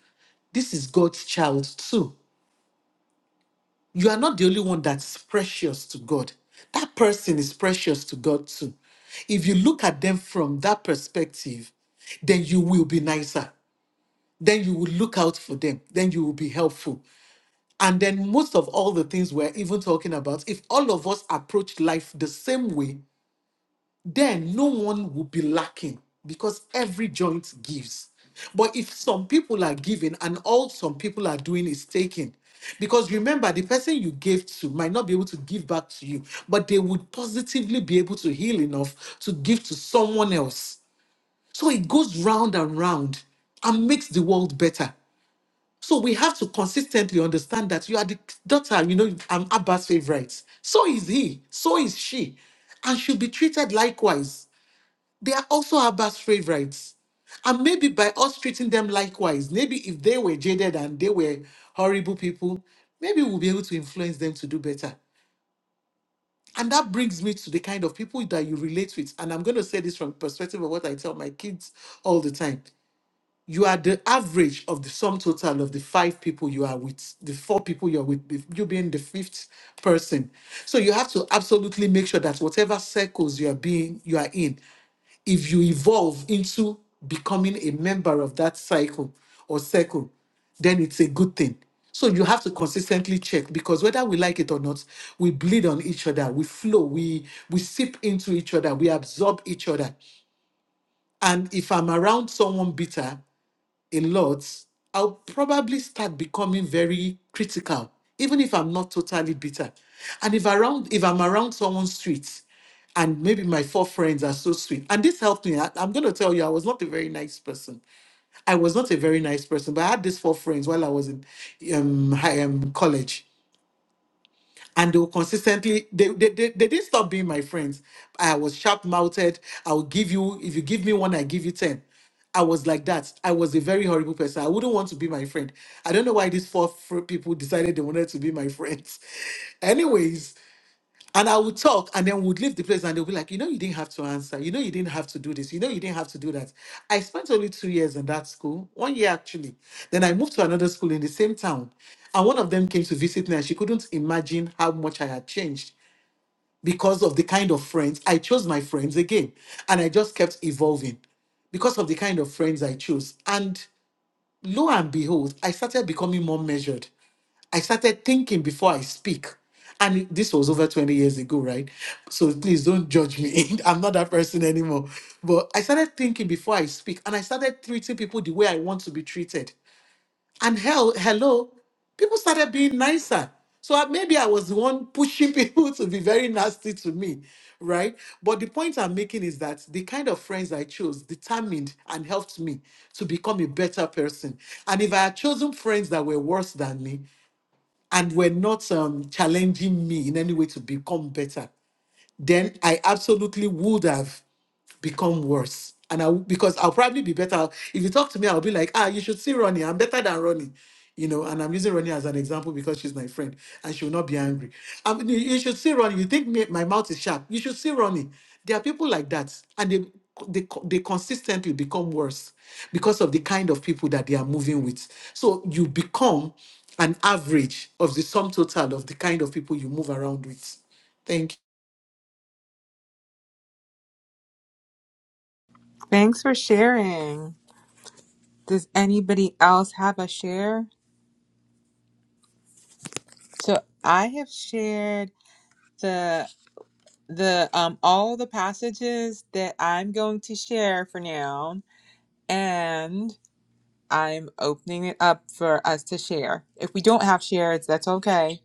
Speaker 5: this is God's child too You are not the only one that's precious to God. That person is precious to God too. If you look at them from that perspective, then you will be nicer. Then you will look out for them. Then you will be helpful. And then most of all the things we're even talking about, if all of us approach life the same way, then no one will be lacking because every joint gives. But if some people are giving and all some people are doing is taking, because remember, the person you gave to might not be able to give back to you, but they would positively be able to heal enough to give to someone else. So it goes round and round and makes the world better. So we have to consistently understand that you are the daughter, you know, I'm Abba's favorite. So is he, so is she, and should be treated likewise they are also Abba's favorites. And maybe by us treating them likewise, maybe if they were jaded and they were horrible people, maybe we'll be able to influence them to do better. And that brings me to the kind of people that you relate with. And I'm going to say this from the perspective of what I tell my kids all the time you are the average of the sum total of the five people you are with, the four people you're with, the- you being the fifth person. So you have to absolutely make sure that whatever circles you are being, you are in, if you evolve into becoming a member of that cycle or circle, then it's a good thing. So you have to consistently check because whether we like it or not, we bleed on each other, we flow, we we sip into each other, we absorb each other. And if I'm around someone bitter, a lot, I'll probably start becoming very critical, even if I'm not totally bitter. And if around if I'm around someone's street, and maybe my four friends are so sweet, and this helped me. I, am gonna tell you, I was not a very nice person. I was not a very nice person, but I had these four friends while I was in um, high, um college, and they will consistently they, they, they, they didn't stop being my friends i was sharp mouthed i will give you if you give me one i give you 10 i was like that i was a very horrible person i wouldn't want to be my friend i don't know why these four fr- people decided they wanted to be my friends anyways and I would talk, and then we'd leave the place, and they'll be like, you know, you didn't have to answer. You know, you didn't have to do this. You know, you didn't have to do that. I spent only two years in that school, one year actually. Then I moved to another school in the same town. And one of them came to visit me, and she couldn't imagine how much I had changed because of the kind of friends. I chose my friends again, and I just kept evolving because of the kind of friends I chose. And lo and behold, I started becoming more measured. I started thinking before I speak. And it- this was over 20 years ago, right? So please don't judge me. I'm not that person anymore. But I started thinking before I speak and I started treating people the way I want to be treated. And hell, hello, people started being nicer. So I- maybe I was the one pushing people to be very nasty to me, right? But the point I'm making is that the kind of friends I chose determined and helped me to become a better person. And if I had chosen friends that were worse than me, and were not um, challenging me in any way to become better, then I absolutely would have become worse. And I w- because I'll probably be better if you talk to me, I'll be like, ah, you should see Ronnie. I'm better than Ronnie. You know, and I'm using Ronnie as an example because she's my friend and she will not be angry. I mean, you you should see Ronnie. You think me, my mouth is sharp. You should see Ronnie. There are people like that, and they they, co- they consistently become worse because of the kind of people that they are moving with. So you become an average of the sum total of the kind of people you move around with. Thank you.
Speaker 1: Thanks for sharing. Does anybody else have a share? So I have shared the the um all the passages that I'm going to share for now, and I'm opening it up for us to share. If we don't have shares, that's okay.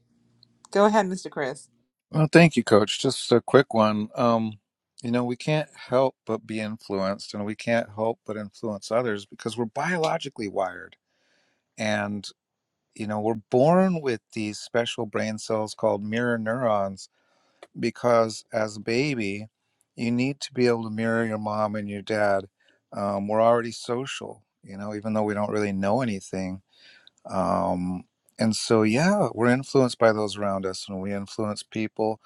Speaker 1: Go ahead, Mr. Chris.
Speaker 4: Well, thank you, Coach. Just a quick one. Um, you know, we can't help but be influenced, and we can't help but influence others because we're biologically wired. And, you know, we're born with these special brain cells called mirror neurons because as a baby, you need to be able to mirror your mom and your dad. Um, we're already social, you know, even though we don't really know anything. Um, and so, yeah, we're influenced by those around us, and we influence people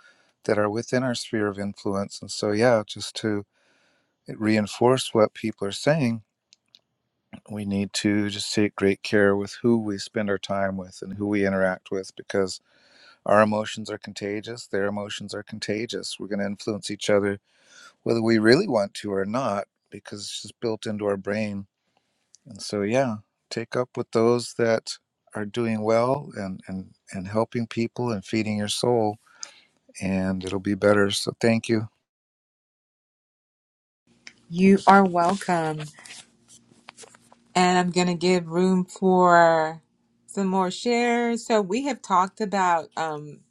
Speaker 4: that are within our sphere of influence. And so, yeah, just to reinforce what people are saying, we need to just take great care with who we spend our time with and who we interact with because our emotions are contagious, their emotions are contagious. We're going to influence each other whether we really want to or not, because it's just built into our brain. And so, yeah, take up with those that are doing well and and and helping people and feeding your soul, and it'll be better. So, thank you.
Speaker 1: You are welcome. And I'm gonna give room for some more shares. So we have talked about um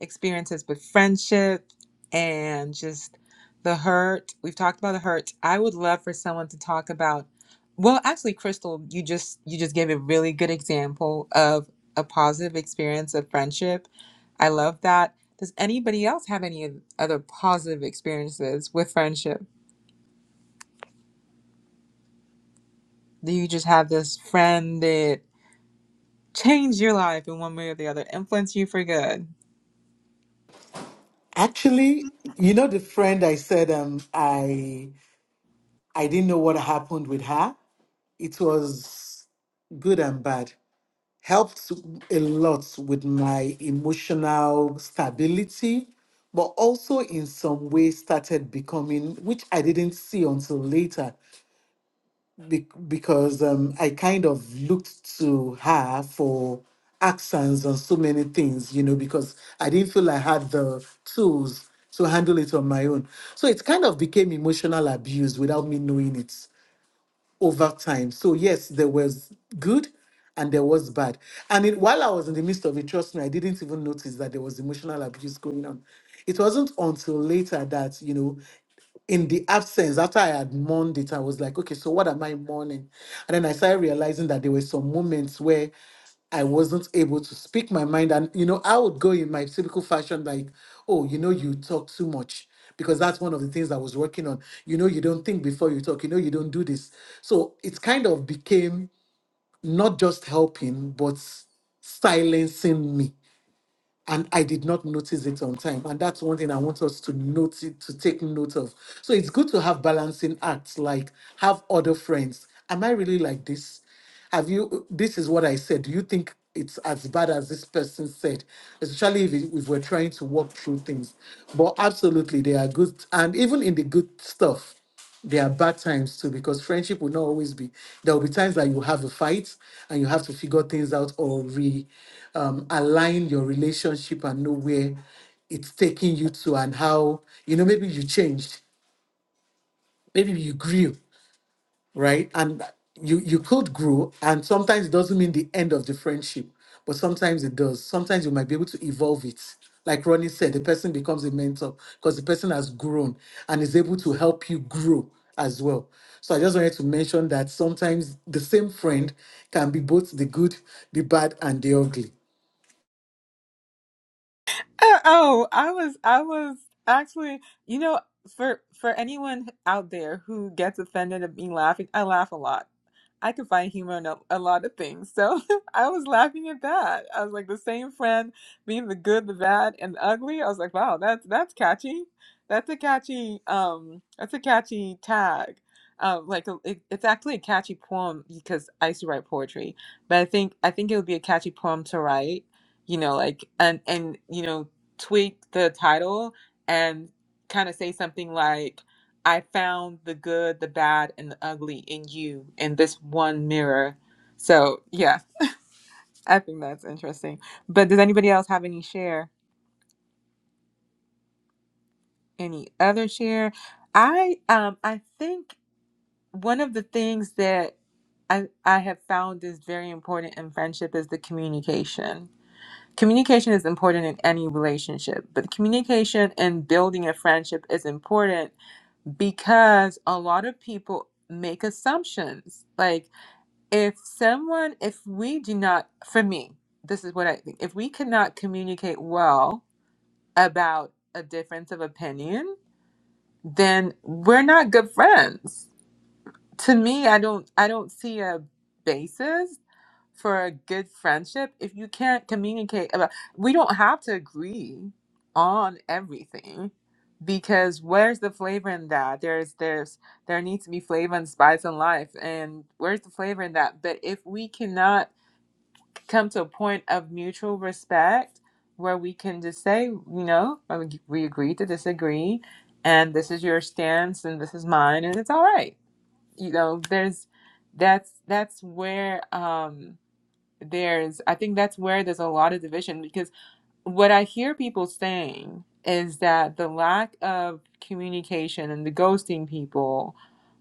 Speaker 1: experiences with friendship and just the hurt. We've talked about the hurt. I would love for someone to talk about well, actually Crystal, you just you just gave a really good example of a positive experience of friendship. I love that. Does anybody else have any other positive experiences with friendship? Do you just have this friend that changed your life in one way or the other, influenced you for good?
Speaker 5: Actually, you know the friend I said um I I didn't know what happened with her. It was good and bad. Helped a lot with my emotional stability, but also in some way started becoming, which I didn't see until later be- because um, I kind of looked to her for accents on so many things, you know, because I didn't feel I had the tools to handle it on my own. So it kind of became emotional abuse without me knowing it over time. So, yes, there was good and there was bad. And it, while I was in the midst of it, trust me, I didn't even notice that there was emotional abuse going on. It wasn't until later that, you know, in the absence, after I had mourned it, I was like, okay, so what am I mourning? And then I started realizing that there were some moments where I wasn't able to speak my mind. And, you know, I would go in my typical fashion, like, oh, you know, you talk too much. Because that's one of the things I was working on. You know, you don't think before you talk. You know, you don't do this. So it kind of became not just helping, but silencing me and I did not notice it on time. And that's one thing I want us to note it, to take note of. So it's good to have balancing acts, like have other friends. Am I really like this? Have you? This is what I said. Do you think it's as bad as this person said? Especially if, it- if we're trying to work through things. But absolutely, they are good, and even in the good stuff. There are bad times too because friendship will not always be. There will be times that you have a fight and you have to figure things out or re um, align your relationship and know where it's taking you to and how you know maybe you changed, maybe you grew right? And you you could grow, and sometimes it doesn't mean the end of the friendship, but sometimes it does. Sometimes you might be able to evolve it. Like Ronnie said, the person becomes a mentor because the person has grown and is able to help you grow as well. So I just wanted to mention that sometimes the same friend can be both the good, the bad, and the ugly.
Speaker 1: Uh, Oh, I was I was actually, you know, for for anyone out there who gets offended at me laughing, I laugh a lot. I could find humor in a, a lot of things. So I was laughing at that. I was like the same friend being the good, the bad, and the ugly. I was like, wow, that's that's catchy. That's a catchy um that's a catchy tag. Um, like a- it, it's actually a catchy poem because I used to write poetry, but I think I think it would be a catchy poem to write, you know, like and and you know tweak the title and kind of say something like. I found the good, the bad, and the ugly in you in this one mirror. So, yeah, I think that's interesting. But does anybody else have any share? Any other share? I um I think one of the things that I I have found is very important in friendship is the communication. Communication is important in any relationship, but communication and building a friendship is important because a lot of people make assumptions. Like if someone if we do not for me this is what i think if we cannot communicate well about a difference of opinion then we're not good friends to me i don't i don't see a basis for a good friendship if you can't communicate about we don't have to agree on everything because where's the flavor in that there's there's there needs to be flavor and spice in life and where's the flavor in that but if we cannot come to a point of mutual respect where we can just say, you know, I we agree to disagree, and this is your stance, and this is mine, and it's all right. You know, there's that's that's where um, there's I think that's where there's a lot of division because what I hear people saying is that the lack of communication and the ghosting people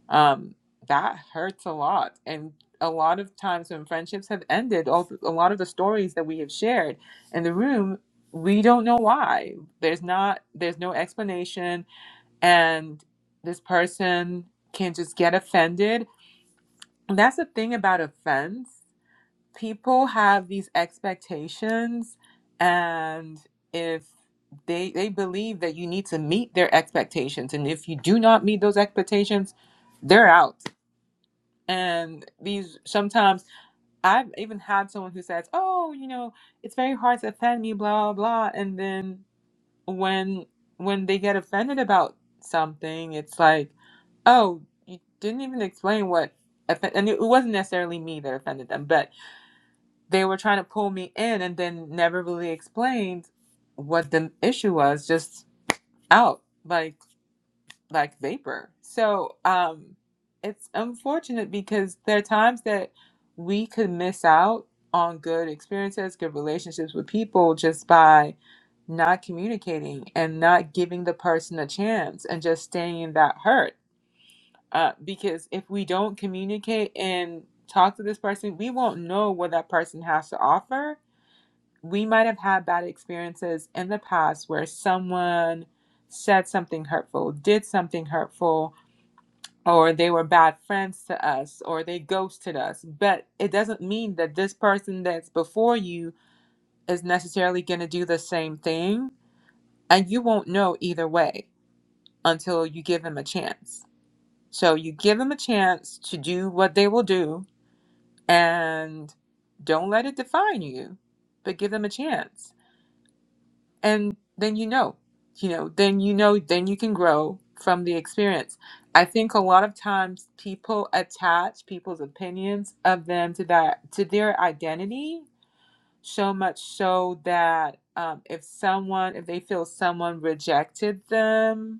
Speaker 1: um, that hurts a lot. And a lot of times when friendships have ended, all, a lot of the stories that we have shared in the room, we don't know why. There's not, there's no explanation, and this person can just get offended. And that's the thing about offense. People have these expectations, and if they they believe that you need to meet their expectations, and if you do not meet those expectations, they're out and these sometimes I've even had someone who says, "Oh, you know, it's very hard to offend me, blah blah." And then when when they get offended about something, it's like, "Oh, you didn't even explain what." Offend-. And it wasn't necessarily me that offended them, but they were trying to pull me in, and then never really explained what the issue was. Just out like like vapor. So um, it's unfortunate because there are times that we could miss out on good experiences, good relationships with people just by not communicating and not giving the person a chance and just staying in that hurt. Uh, because if we don't communicate and talk to this person, we won't know what that person has to offer. We might have had bad experiences in the past where someone said something hurtful, did something hurtful, or they were bad friends to us or they ghosted us but it doesn't mean that this person that's before you is necessarily going to do the same thing and you won't know either way until you give them a chance so you give them a chance to do what they will do and don't let it define you but give them a chance and then you know you know then you know then you can grow from the experience i think a lot of times people attach people's opinions of them to that to their identity so much so that um, if someone if they feel someone rejected them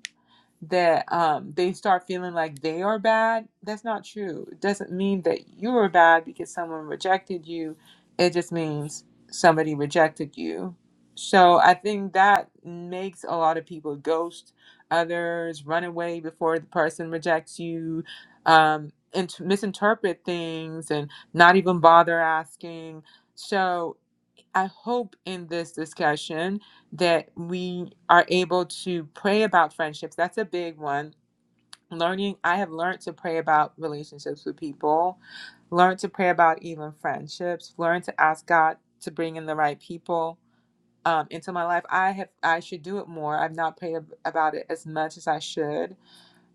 Speaker 1: that um, they start feeling like they are bad. That's not true. It doesn't mean that you are bad because someone rejected you. It just means somebody rejected you. So I think that makes a lot of people ghost others, run away before the person rejects you, um, and misinterpret things and not even bother asking. So I hope in this discussion that we are able to pray about friendships. That's a big one. Learning, I have learned to pray about relationships with people, learned to pray about even friendships, learned to ask God to bring in the right people um, into my life. I have, I should do it more. I've not prayed ab- about it as much as I should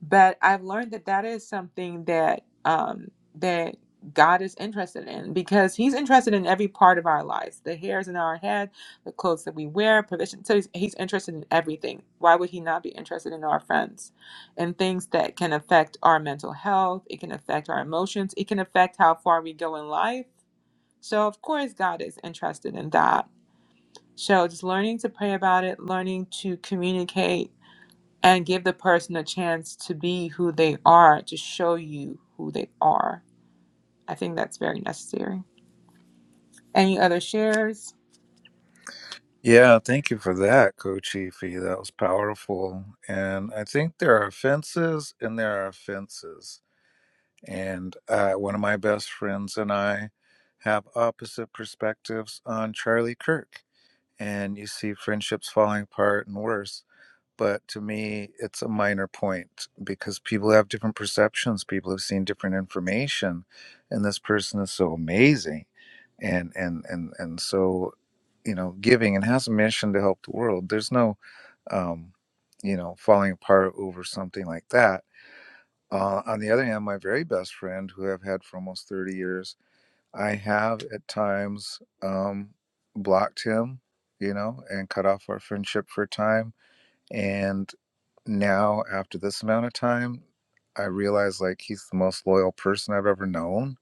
Speaker 1: but I've learned that that is something that um, that God is interested in because He's interested in every part of our lives, the hairs in our head, the clothes that we wear, provision. So he's, he's interested in everything. Why would He not be interested in our friends and things that can affect our mental health? It can affect our emotions. It can affect how far we go in life. So of course, God is interested in that. So just learning to pray about it, learning to communicate and give the person a chance to be who they are, to show you who they are. I think that's very necessary. Any other shares?
Speaker 4: Yeah, thank you for that, Coach Efi. That was powerful. And I think there are offenses and there are offenses. And uh, one of my best friends and I have opposite perspectives on Charlie Kirk. And you see friendships falling apart and worse but to me it's a minor point because people have different perceptions people have seen different information and this person is so amazing and and and and so you know giving and has a mission to help the world there's no um you know falling apart over something like that uh, on the other hand my very best friend who i've had for almost 30 years i have at times um blocked him you know and cut off our friendship for a time and now, after this amount of time, I realize like he's the most loyal person I've ever known.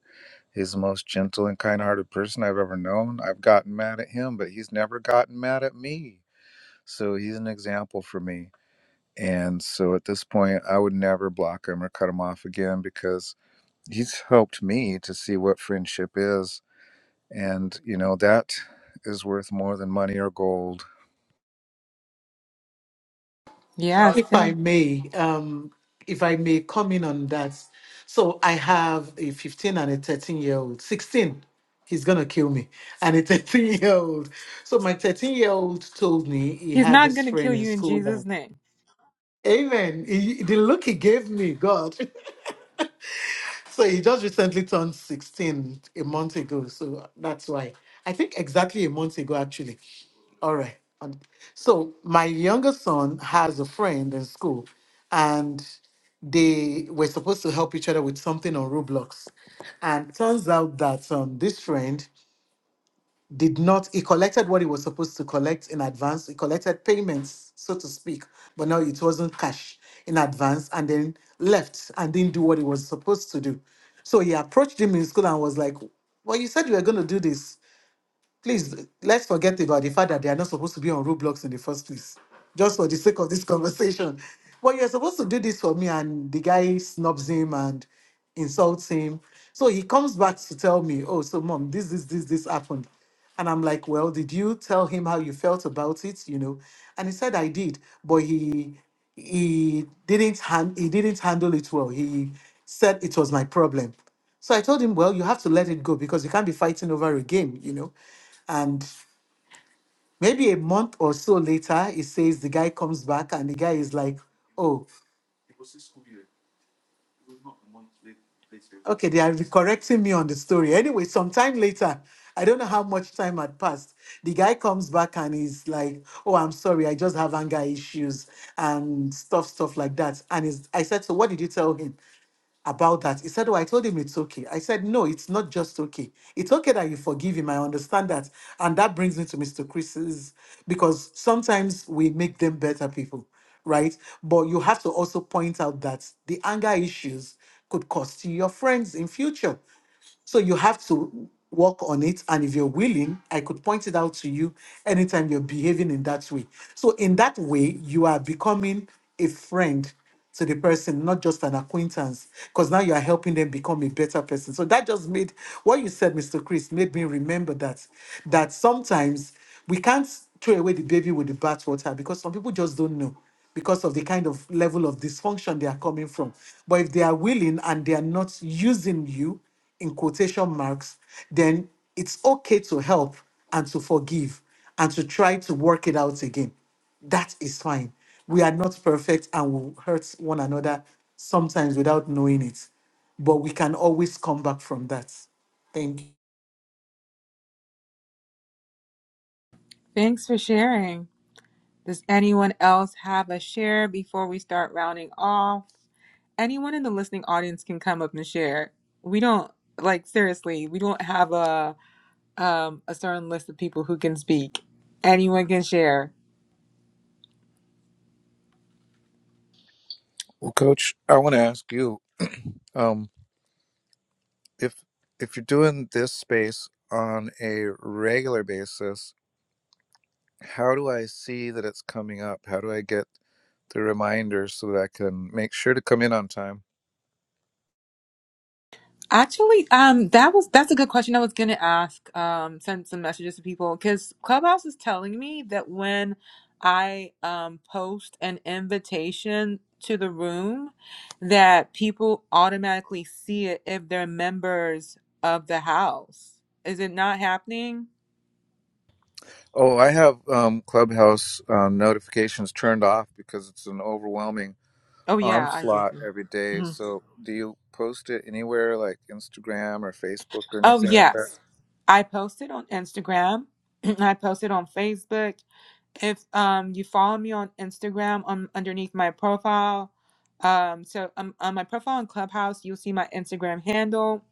Speaker 4: He's the most gentle and kind hearted person I've ever known. I've gotten mad at him, but he's never gotten mad at me. So he's an example for me. And so at this point, I would never block him or cut him off again because he's helped me to see what friendship is. And, you know, that is worth more than money or gold.
Speaker 1: Yes,
Speaker 5: If I
Speaker 1: thank you.
Speaker 5: may, um, if I may come in on that. So I have a 15 and a 13 year old. 16, he's gonna kill me. And a 13 year old. So my 13 year old told me he
Speaker 1: He's
Speaker 5: had
Speaker 1: not
Speaker 5: this
Speaker 1: going to kill
Speaker 5: friend in
Speaker 1: you in
Speaker 5: school that,
Speaker 1: Jesus' name.
Speaker 5: Amen. He, the look he gave me, God. So he just recently turned 16 a month ago. So that's why. I think exactly a month ago, actually. All right. Um, So my younger son has a friend in school, and they were supposed to help each other with something on Roblox. And turns out that um, this friend did not he collected what he was supposed to collect in advance he collected payments so to speak but now it wasn't cash in advance and then left and didn't do what he was supposed to do so he approached him in school and was like well you said you were going to do this Please let's forget about the fact that they are not supposed to be on Roblox in the first place, just for the sake of this conversation. Well, you're supposed to do this for me, and the guy snubs him and insults him. So he comes back to tell me, Oh, so mom, this, this, this, this happened. And I'm like, Well, did you tell him how you felt about it? You know? And he said I did, but he he didn't hand he didn't handle it well. He said it was my problem. So I told him, well, you have to let it go because you can't be fighting over a game, you know. And maybe a month or so later, it says the guy comes back and the guy is like, oh, okay, they are correcting me on the story. Anyway, sometime later, I don't know how much time had passed. The guy comes back and he's like, "Oh, I'm sorry, I just have anger issues and stuff, stuff like that." And he's, I said, "So what did you tell him?" about that. He said, Oh, I told him it's okay. I said, No, it's not just okay. It's okay that you forgive him. I understand that. And that brings me to Mr. Chris's because sometimes we make them better people, right? But you have to also point out that the anger issues could cost you your friends in future so you have to work on it. And if you're willing, I could point it out to you anytime you're behaving in that way. So in that way, you are becoming a friend to the person, not just an acquaintance, because now you are helping them become a better person. So that just made what you said, Mr. Chris, made me remember that that sometimes we can't throw away the baby with the bathwater because some people just don't know because of the kind of level of dysfunction they are coming from. But if they are willing and they are not using you in quotation marks, then it's okay to help and to forgive and to try to work it out again. That is fine. We are not perfect and we'll hurt one another sometimes without knowing it, but we can always come back from that. Thank you.
Speaker 1: Thanks for sharing. Does anyone else have a share before we start rounding off? Anyone in the listening audience can come up and share. We don't like seriously, we don't have a um a certain list of people who can speak. Anyone can share.
Speaker 4: Well, coach, I want to ask you. if if you're doing this space on a regular basis how do i see that it's coming up how do i get the reminder so that i can make sure to come in on time
Speaker 1: Actually, um, that was that's a good question. I was gonna ask, um, send some messages to people because Clubhouse is telling me that when I um post an invitation to the room, that people automatically see it if they're members of the house. Is it not happening?
Speaker 4: oh i have um, clubhouse uh, notifications turned off because it's an overwhelming
Speaker 1: Oh yeah, I do
Speaker 4: onslaught
Speaker 1: too.
Speaker 4: every day
Speaker 1: Mhm.
Speaker 4: so do you post it anywhere like instagram or facebook or
Speaker 1: Oh
Speaker 4: anything like that
Speaker 1: yes, I posted on Instagram. I posted on Facebook if um you follow me on Instagram um underneath my profile um so um, on my profile on Clubhouse you'll see my Instagram handle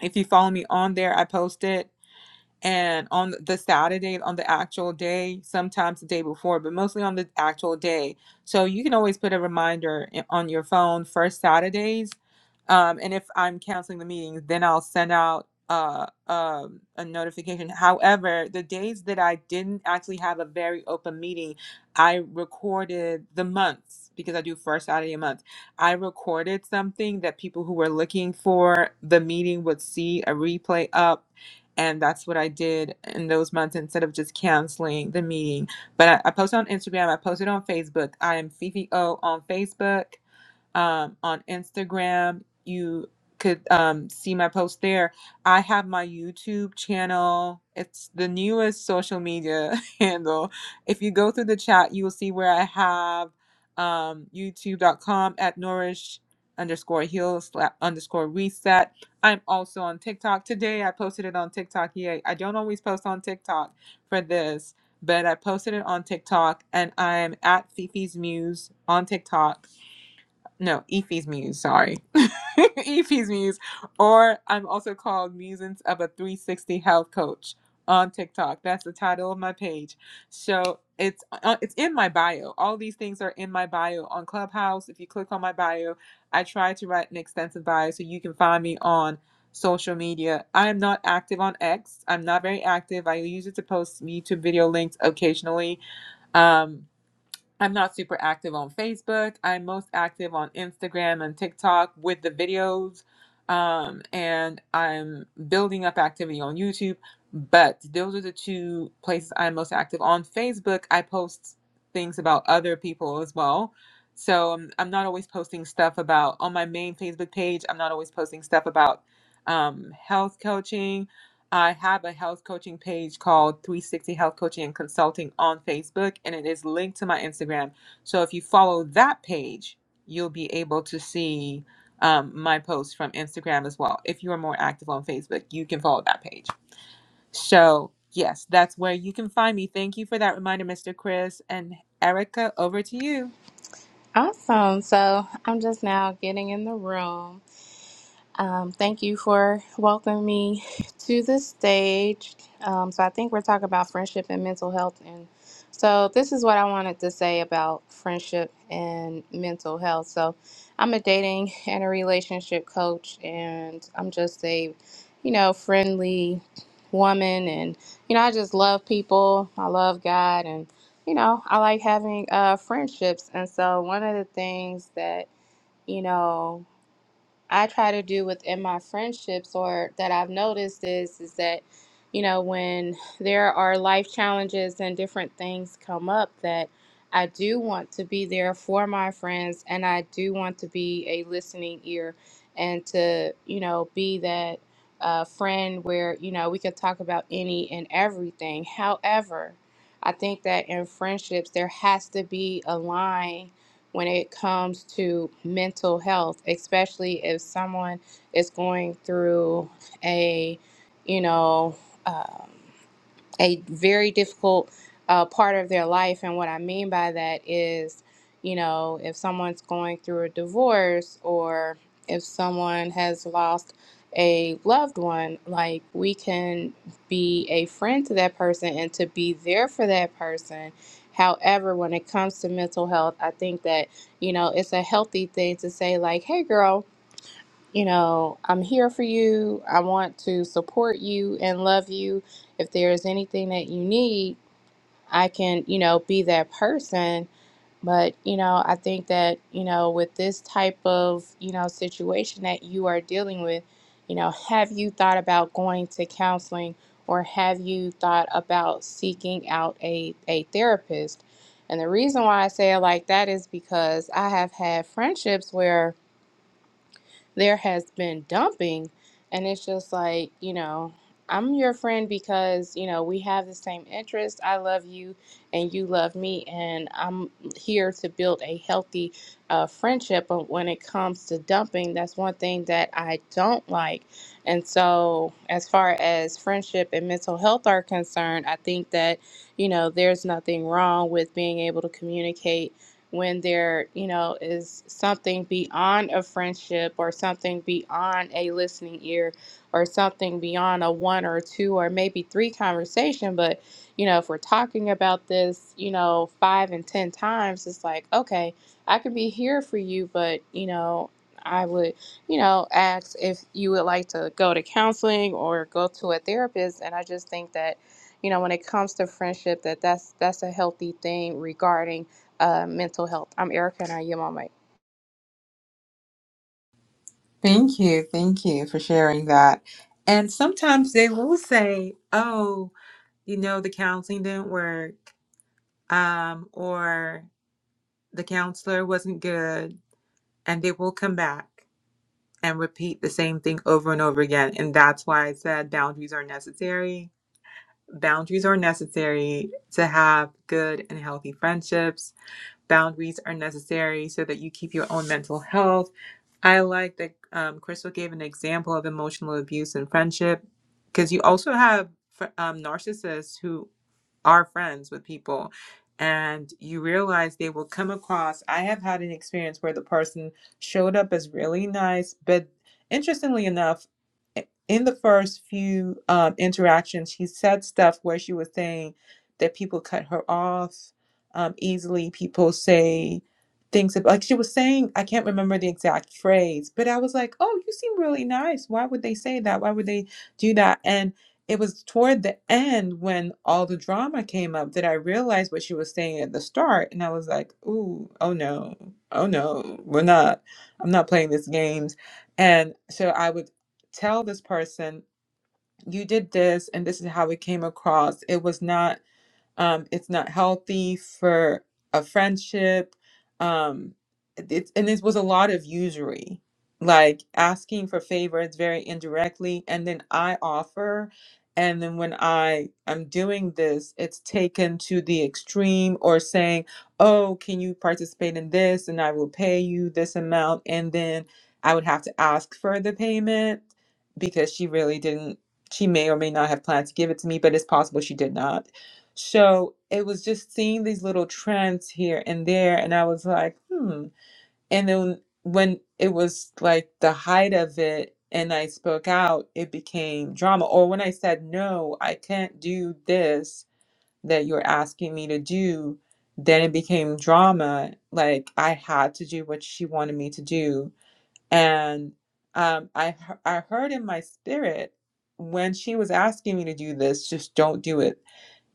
Speaker 1: if you follow me on there I post it and on the Saturday on the actual day sometimes the day before but mostly on the actual day so you can always put a reminder i- on your phone first Saturdays um, and if I'm canceling the meetings, then I'll send out uh, um, a notification. However, the days that I didn't actually have a very open meeting, I recorded the months because I do first Saturday a month. I recorded something that people who were looking for the meeting would see a replay up. And that's what I did in those months instead of just canceling the meeting. But I, I posted on Instagram, I posted on Facebook. I am Fifi O on Facebook um, on Instagram. You could um, see my post there. I have my YouTube channel. It's the newest social media handle. If you go through the chat, you will see where I have um, youtube.com at nourish underscore heal sla- underscore reset. I'm also on TikTok. Today I posted it on TikTok. Yay. I don't always post on TikTok for this, but I posted it on TikTok and I'm at Fifi's Muse on TikTok no, Effie's Muse, sorry. Effie's Muse. Or I'm also called Musings of a 360 Health Coach on TikTok. That's the title of my page. So it's uh, it's in my bio. All these things are in my bio on Clubhouse. If you click on my bio, I try to write an extensive bio so you can find me on social media. I am not active on X. I'm not very active. I use it to post YouTube video links occasionally. Um. I'm not super active on Facebook. I'm most active on Instagram and TikTok with the videos. Um, and I'm building up activity on YouTube. But those are the two places I'm most active. On Facebook, I post things about other people as well. So um, I'm not always posting stuff about on my main Facebook page. I'm not always posting stuff about um, health coaching I have a health coaching page called 360 Health Coaching and Consulting on Facebook, and it is linked to my Instagram. So if you follow that page, you'll be able to see um, my posts from Instagram as well. If you are more active on Facebook, you can follow that page. So, yes, that's where you can find me. Thank you for that reminder, Mr. Chris. And Erica, over to you.
Speaker 7: Awesome. So I'm just now getting in the room. Um, thank you for welcoming me to the stage. Um, so I think we're talking about friendship and mental health, and so this is what I wanted to say about friendship and mental health. So I'm a dating and a relationship coach, and I'm just a, you know, friendly woman, and you know, I just love people. I love God, and you know, I like having uh, friendships, and so one of the things that you know I try to do within my friendships or that I've noticed is is that you know when there are life challenges and different things come up that I do want to be there for my friends and I do want to be a listening ear and to you know be that uh, friend where you know we could talk about any and everything. However, I think that in friendships there has to be a line when it comes to mental health, especially if someone is going through a, you know, um, a very difficult uh, part of their life. And what I mean by that is, you know, if someone's going through a divorce or if someone has lost a loved one, like we can be a friend to that person and to be there for that person. However, when it comes to mental health, I think that, you know, it's a healthy thing to say, like, hey, girl, you know, I'm here for you. I want to support you and love you. If there's anything that you need, I can, you know, be that person. But, you know, I think that, you know, with this type of, you know, situation that you are dealing with, you know, have you thought about going to counseling or have you thought about seeking out a, a therapist? And the reason why I say it like that is because I have had friendships where there has been dumping and it's just like you know i'm your friend because you know we have the same interests. i love you and you love me and i'm here to build a healthy uh, friendship but when it comes to dumping that's one thing that i don't like and so as far as friendship and mental health are concerned i think that you know there's nothing wrong with being able to communicate when there, you know, is something beyond a friendship or something beyond a listening ear or something beyond a one or two or maybe three conversation. But, you know, if we're talking about this, you know, five and 10 times, it's like, okay, I can be here for you, but, you know, I would, you know, ask if you would like to go to counseling or go to a therapist. And I just think that, you know, when it comes to friendship, that that's that's a healthy thing regarding uh, mental health. I'm Erica, and I am on mic.
Speaker 1: Thank you. Thank you for sharing that. And sometimes they will say, oh, you know, the counseling didn't work. um, or the counselor wasn't good, and they will come back and repeat the same thing over and over again. And that's why I said boundaries are necessary. Boundaries are necessary to have good and healthy friendships. Boundaries are necessary so that you keep your own mental health. I like that um, Crystal gave an example of emotional abuse in friendship because you also have fr- um, narcissists who are friends with people and you realize they will come across i have had an experience where the person showed up as really nice but interestingly enough in the first few um, interactions she said stuff where she was saying that people cut her off um, easily people say things ab- like she was saying i can't remember the exact phrase but i was like oh you seem really nice why would they say that why would they do that and it was toward the end when all the drama came up that I realized what she was saying at the start, and I was like, "Ooh, oh no, oh no, we're not. I'm not playing these games." And so I would tell this person, "You did this, and this is how it came across. It was not." Um, it's not healthy for a friendship. Um, it's and this was a lot of usury, like asking for favors very indirectly, and then I offer, and then when I am doing this, it's taken to the extreme or saying, "Oh, can you participate in this, and I will pay you this amount," and then I would have to ask for the payment because she really didn't. She may or may not have planned to give it to me, but it's possible she did not so it was just seeing these little trends here and there, and I was like, hmm. And then when it was like the height of it, and I spoke out, it became drama. Or when I said, no, I can't do this that you're asking me to do, then it became drama. Like I had to do what she wanted me to do. And um, I, he- I heard in my spirit when she was asking me to do this, just don't do it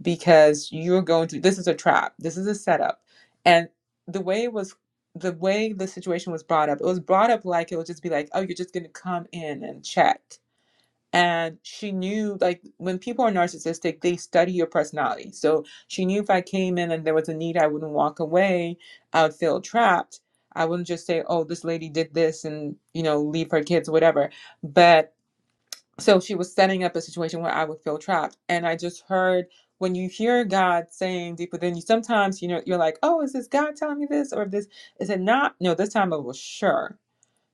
Speaker 1: because you're going to this is a trap this is a setup and the way it was the way the situation was brought up it was brought up like it would just be like oh you're just going to come in and check and she knew like when people are narcissistic they study your personality so she knew if i came in and there was a need i wouldn't walk away i would feel trapped i wouldn't just say oh this lady did this and you know leave her kids or whatever But so she was setting up a situation where I would feel trapped. And I just heard when you hear God saying deeper. Then you, sometimes you know you're like, oh, is this God telling me this or this? Is it not? No, this time it was sure.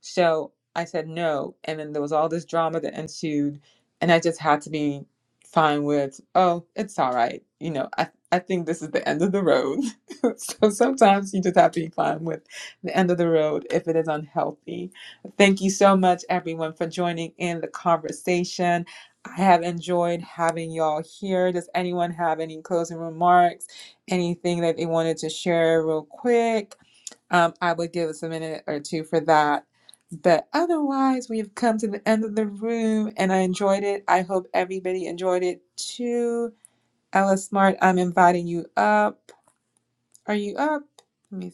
Speaker 1: So I said no. And then there was all this drama that ensued. And I just had to be fine with, oh, it's all right. You know, I, I think this is the end of the road. so sometimes you just have to be fine with the end of the road if it is unhealthy. Thank you so much, everyone, for joining in the conversation. I have enjoyed having y'all here. Does anyone have any closing remarks? Anything that they wanted to share real quick? Um, I would give us a minute or two for that. But otherwise, we have come to the end of the room and I enjoyed it. I hope everybody enjoyed it too. Ella Smart, I'm inviting you up. Are you up? Let me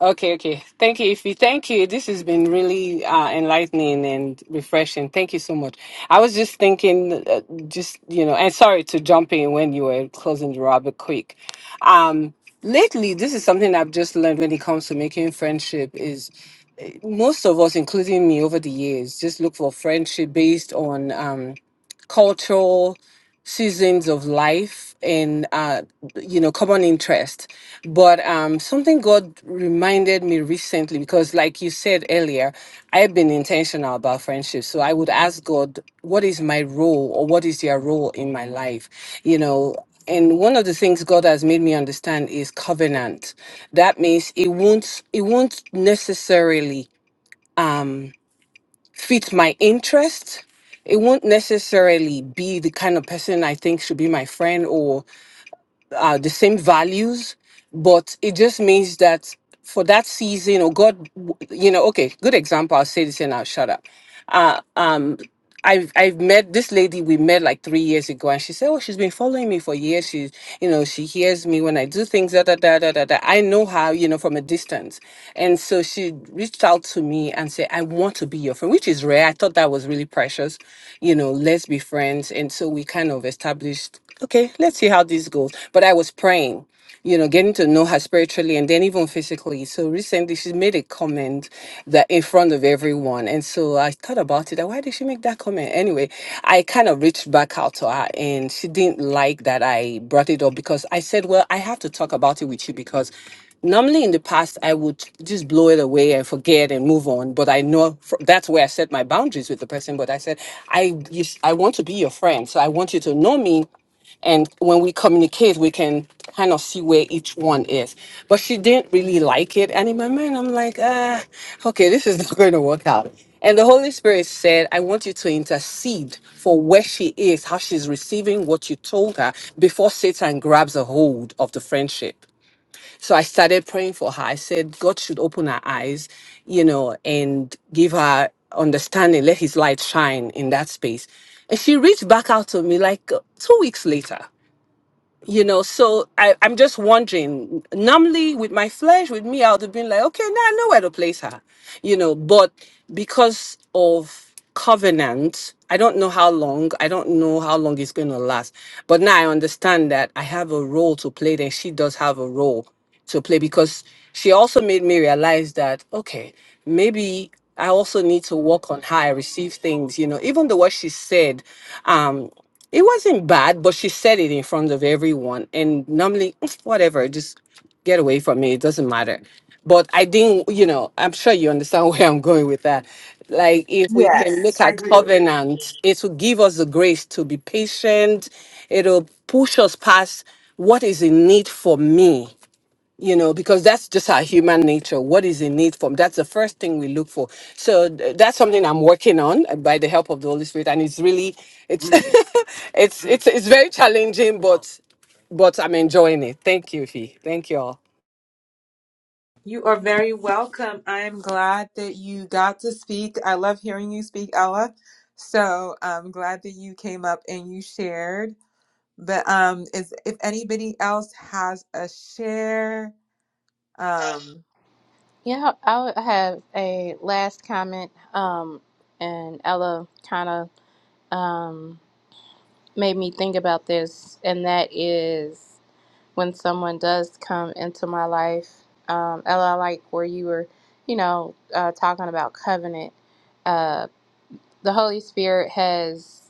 Speaker 8: Okay, okay. Thank you, Ify. Thank you. This has been really uh, enlightening and refreshing. Thank you so much. I was just thinking, uh, just, you know, and sorry to jump in when you were closing the rather quick. Um, lately, this is something I've just learned when it comes to making friendship is eh, most of us, including me over the years, just look for friendship based on um, cultural seasons of life and uh, you know common interest but um, something god reminded me recently because like you said earlier i've been intentional about friendship so i would ask god what is my role or what is your role in my life you know and one of the things god has made me understand is covenant that means it won't it won't necessarily um, fit my interest. It won't necessarily be the kind of person I think should be my friend or uh, the same values, but it just means that for that season, or God, you know, okay, good example. I'll say this and I'll shut up. Uh, um, I've I've met this lady we met like three years ago, and she said, "Oh, she's been following me for years. She's you know she hears me when I do things da da da da da. da. I know her you know from a distance, and so she reached out to me and said, "I want to be your friend," which is rare. I thought that was really precious, you know. Let's be friends, and so we kind of established. Okay, let's see how this goes. But I was praying you know, getting to know her spiritually and then even physically. So recently she made a comment that in front of everyone. And so I thought about it. that Why did she make that comment? Anyway, I kind of reached back out to her and she didn't like that I brought it up because I said, well, I have to talk about it with you because normally in the past I would just blow it away and forget and move on. But I know fr- that's where I set my boundaries with the person. But I said, I, you, s- I want to be your friend. So I want you to know me and when we communicate we can kind of see where each one is but she didn't really like it and in my mind i'm like ah okay this is not going to work out and the holy spirit said i want you to intercede for where she is how she's receiving what you told her before satan grabs a hold of the friendship so I started praying for her. I said, God should open her eyes, you know, and give her understanding, let his light shine in that space. And she reached back out to me like uh, two weeks later you know so I, i'm just wondering normally with my flesh with me i would have been like okay now i know where to place her you know but because of covenant i don't know how long i don't know how long it's going to last but now i understand that i have a role to play there she does have a role to play because she also made me realize that okay maybe i also need to work on how i receive things you know even though what she said um it wasn't bad but she said it in front of everyone and normally whatever just get away from me it doesn't matter but i didn't you know i'm sure you understand where i'm going with that like if we can
Speaker 1: Yes,
Speaker 8: look a
Speaker 1: I do.
Speaker 8: covenant it will give us the grace to be patient it'll push us past what is in need for me you know because that's just our human nature what is in need from that's the first thing we look for so th- that's something i'm working on uh, by the help of the holy spirit and it's really it's it's it's it's very challenging but but i'm enjoying it thank you fee thank you all
Speaker 1: You are very welcome. I am glad that you got to speak. I love hearing you speak, Ella. So I'm glad that you came up and you shared. But um, is if anybody else has a share, um,
Speaker 7: Yeah, I would have a last comment, um, and Ella kind of um, made me think about this, and that is when someone does come into my life. Um, Ella, I like where you were, you know, uh, talking about covenant. Uh, the Holy Spirit has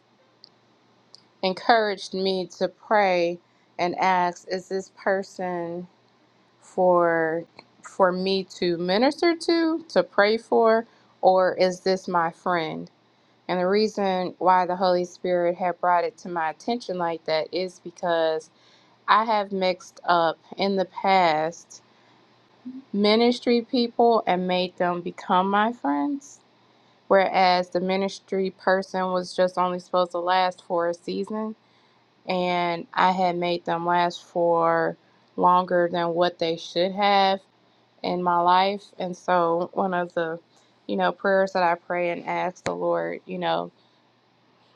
Speaker 7: encouraged me to pray and ask, is this person for for me to minister to, to pray for, or is this my friend? And the reason why the Holy Spirit had brought it to my attention like that is because I have mixed up in the past ministry people and made them become my friends, whereas the ministry person was just only supposed to last for a season, and I had made them last for longer than what they should have in my life. And so one of the, you know, prayers that I pray and ask the Lord, you know,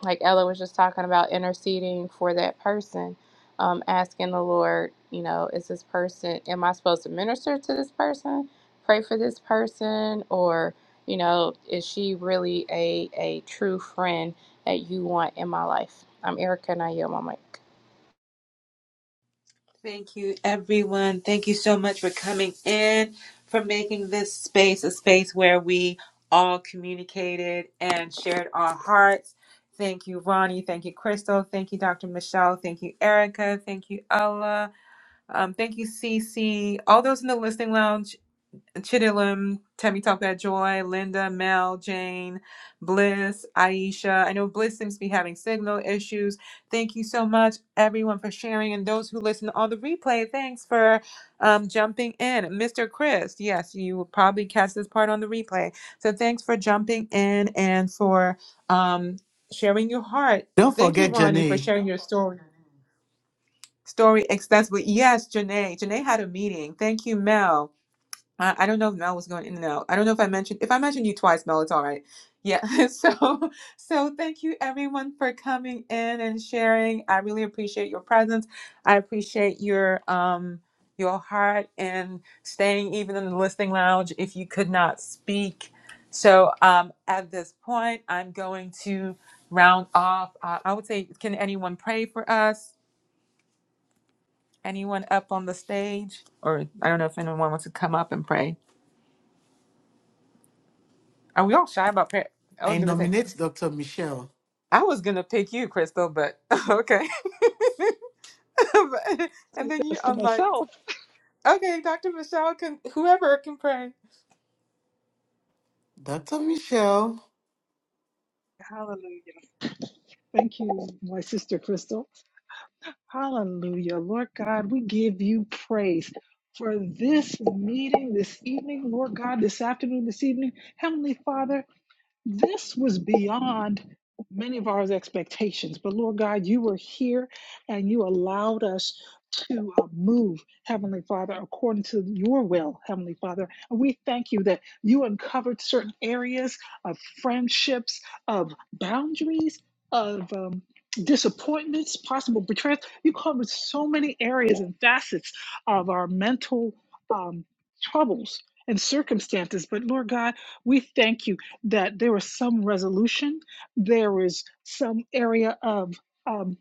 Speaker 7: like Ella was just talking about interceding for that person, um, asking the Lord, you know, is this person, am I supposed to minister to this person, pray for this person, or, you know, is she really a, a true friend that you want in my life? I'm Erica and I yield my mic.
Speaker 1: Thank you, everyone. Thank you so much for coming in, for making this space a space where we all communicated and shared our hearts. Thank you, Ronnie. Thank you, Crystal. Thank you, Dr. Michelle. Thank you, Erica. Thank you, Ella. Um, thank you, Cece. All those in the listening lounge. Chidilum, Temi Talk That Joy, Linda, Mel, Jane, Bliss, Aisha. I know Bliss seems to be having signal issues. Thank you so much, everyone, for sharing. And those who listen on the replay, thanks for um, jumping in. Mr. Chris, yes, you will probably catch this part on the replay. So thanks for jumping in and for um, sharing your heart.
Speaker 5: Don't
Speaker 1: Thank you,
Speaker 5: forget,
Speaker 1: Ronnie, for
Speaker 5: Janae,
Speaker 1: sharing your story. Story extensively. Yes, Janae. Janae had a meeting. Thank you, Mel. I, I don't know if Mel was going in and out. I don't know if I mentioned if I mentioned you twice, Mel, it's all right. Yeah. So so thank you everyone for coming in and sharing. I really appreciate your presence. I appreciate your um your heart and staying even in the listening lounge if you could not speak. So um at this point I'm going to round off. Uh, I would say can anyone pray for us? Anyone up on the stage? Or I don't know if anyone wants to come up and pray. Are we all shy about par I was
Speaker 5: I
Speaker 1: gonna say
Speaker 5: nominate Dr. Michelle.
Speaker 1: I was gonna pick you, Crystal, but okay.
Speaker 6: was
Speaker 1: and
Speaker 6: going to say
Speaker 1: then you,
Speaker 6: this to
Speaker 1: I'm like,
Speaker 6: myself.
Speaker 1: okay, Dr. Michelle can whoever can pray.
Speaker 5: Dr. Michelle.
Speaker 6: Hallelujah. Thank you, my sister Crystal. Hallelujah. Lord God, we give you praise for this meeting this evening, Lord God, this afternoon, this evening. Heavenly Father, this was beyond many of our expectations. But Lord God, you were here and you allowed us to uh, move, Heavenly Father, according to your will, Heavenly Father. And we thank you that you uncovered certain areas of friendships, of boundaries, of um, disappointments, possible betrayals. You covered so many areas and facets of our mental um, troubles and circumstances. But Lord God, we thank you that there was some resolution, there was some area of um,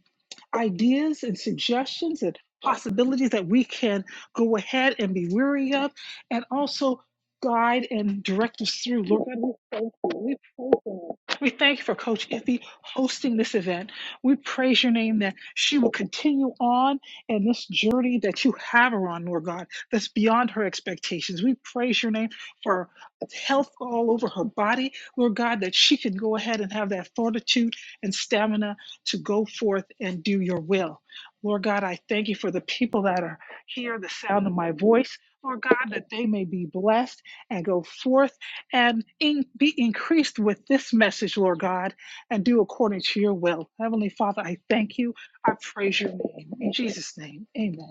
Speaker 6: ideas and suggestions and possibilities that we can go ahead and be weary of and also guide and direct us through. Lord God, we thank you. We praise you. We thank you for Coach Iffy hosting this event. We praise your name that she will continue on in this journey that you have her on, Lord God, that's beyond her expectations. We praise your name for health all over her body, Lord God, that she can go ahead and have that fortitude and stamina to go forth and do your will. Lord God, I thank you for the people that are here, the sound of my voice. Lord God, that they may be blessed and go forth and in, be increased with this message, Lord God, and do according to your will. Heavenly Father, I thank you. I praise your name. In Jesus' name, amen.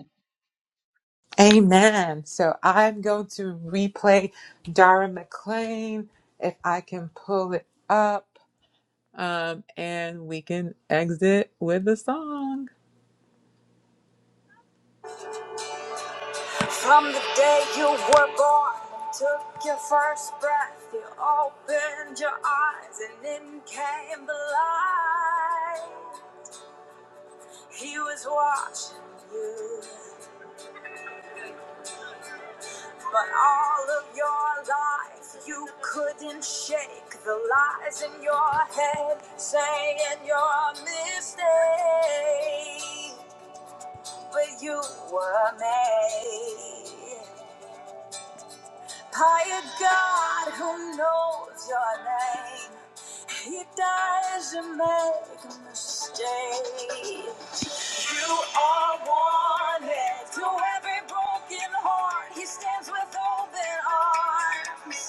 Speaker 1: Amen. So I'm going to replay Dara McLean if I can pull it up, um, and we can exit with a song. From the day you were born, took your first breath, you opened your eyes, and in came the light. He was watching you, but all of your life you couldn't shake the lies in your head, saying you're a mistake. But you were made. Pious God who knows your name. He doesn't make a mistake. You are wanted to every broken heart. He stands with open arms.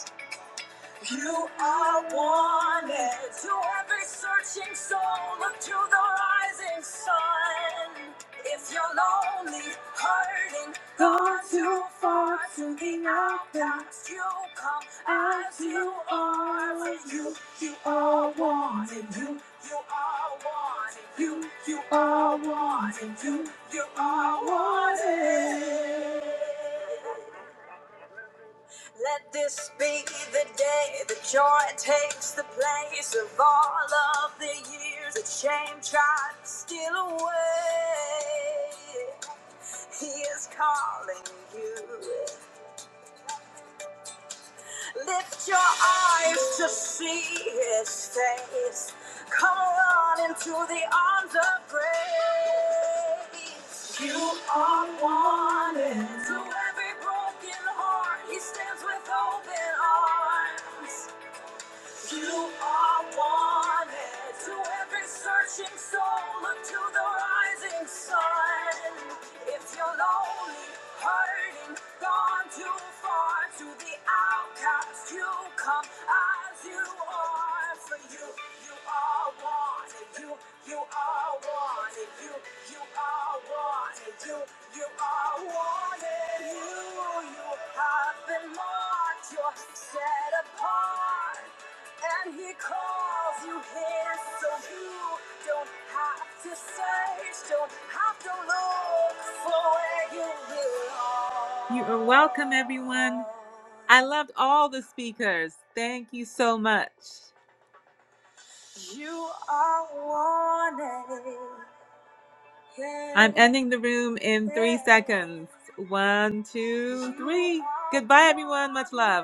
Speaker 1: You are wanted to every searching soul. Look to the rising sun. If you're lonely, hurting, gone too far to be knocked out, you come as you are. For you, you are wanted. You, you are wanted. You, you are wanted. You, you are wanted. Let this be the day that joy takes the place of all of the years that shame tried to steal away. He is calling you. Lift your eyes to see his face. Come on into the arms of grace. You are wanted. To every broken heart, he stands with open arms. You are wanted to every searching soul, look to the rising sun. If you're lonely, hurting, gone too far, to the outcast you come as you are. For you, you are wanted. You, you are wanted. You, you are wanted. You, you are wanted. You, you have been marked. You're set apart. And he calls you here so you don't have to search, don't have to look for where you belong. You are welcome, everyone. I loved all the speakers. Thank you so much. You are wanted. I'm ending the room in three seconds. One, two, three. Goodbye, everyone. Much love.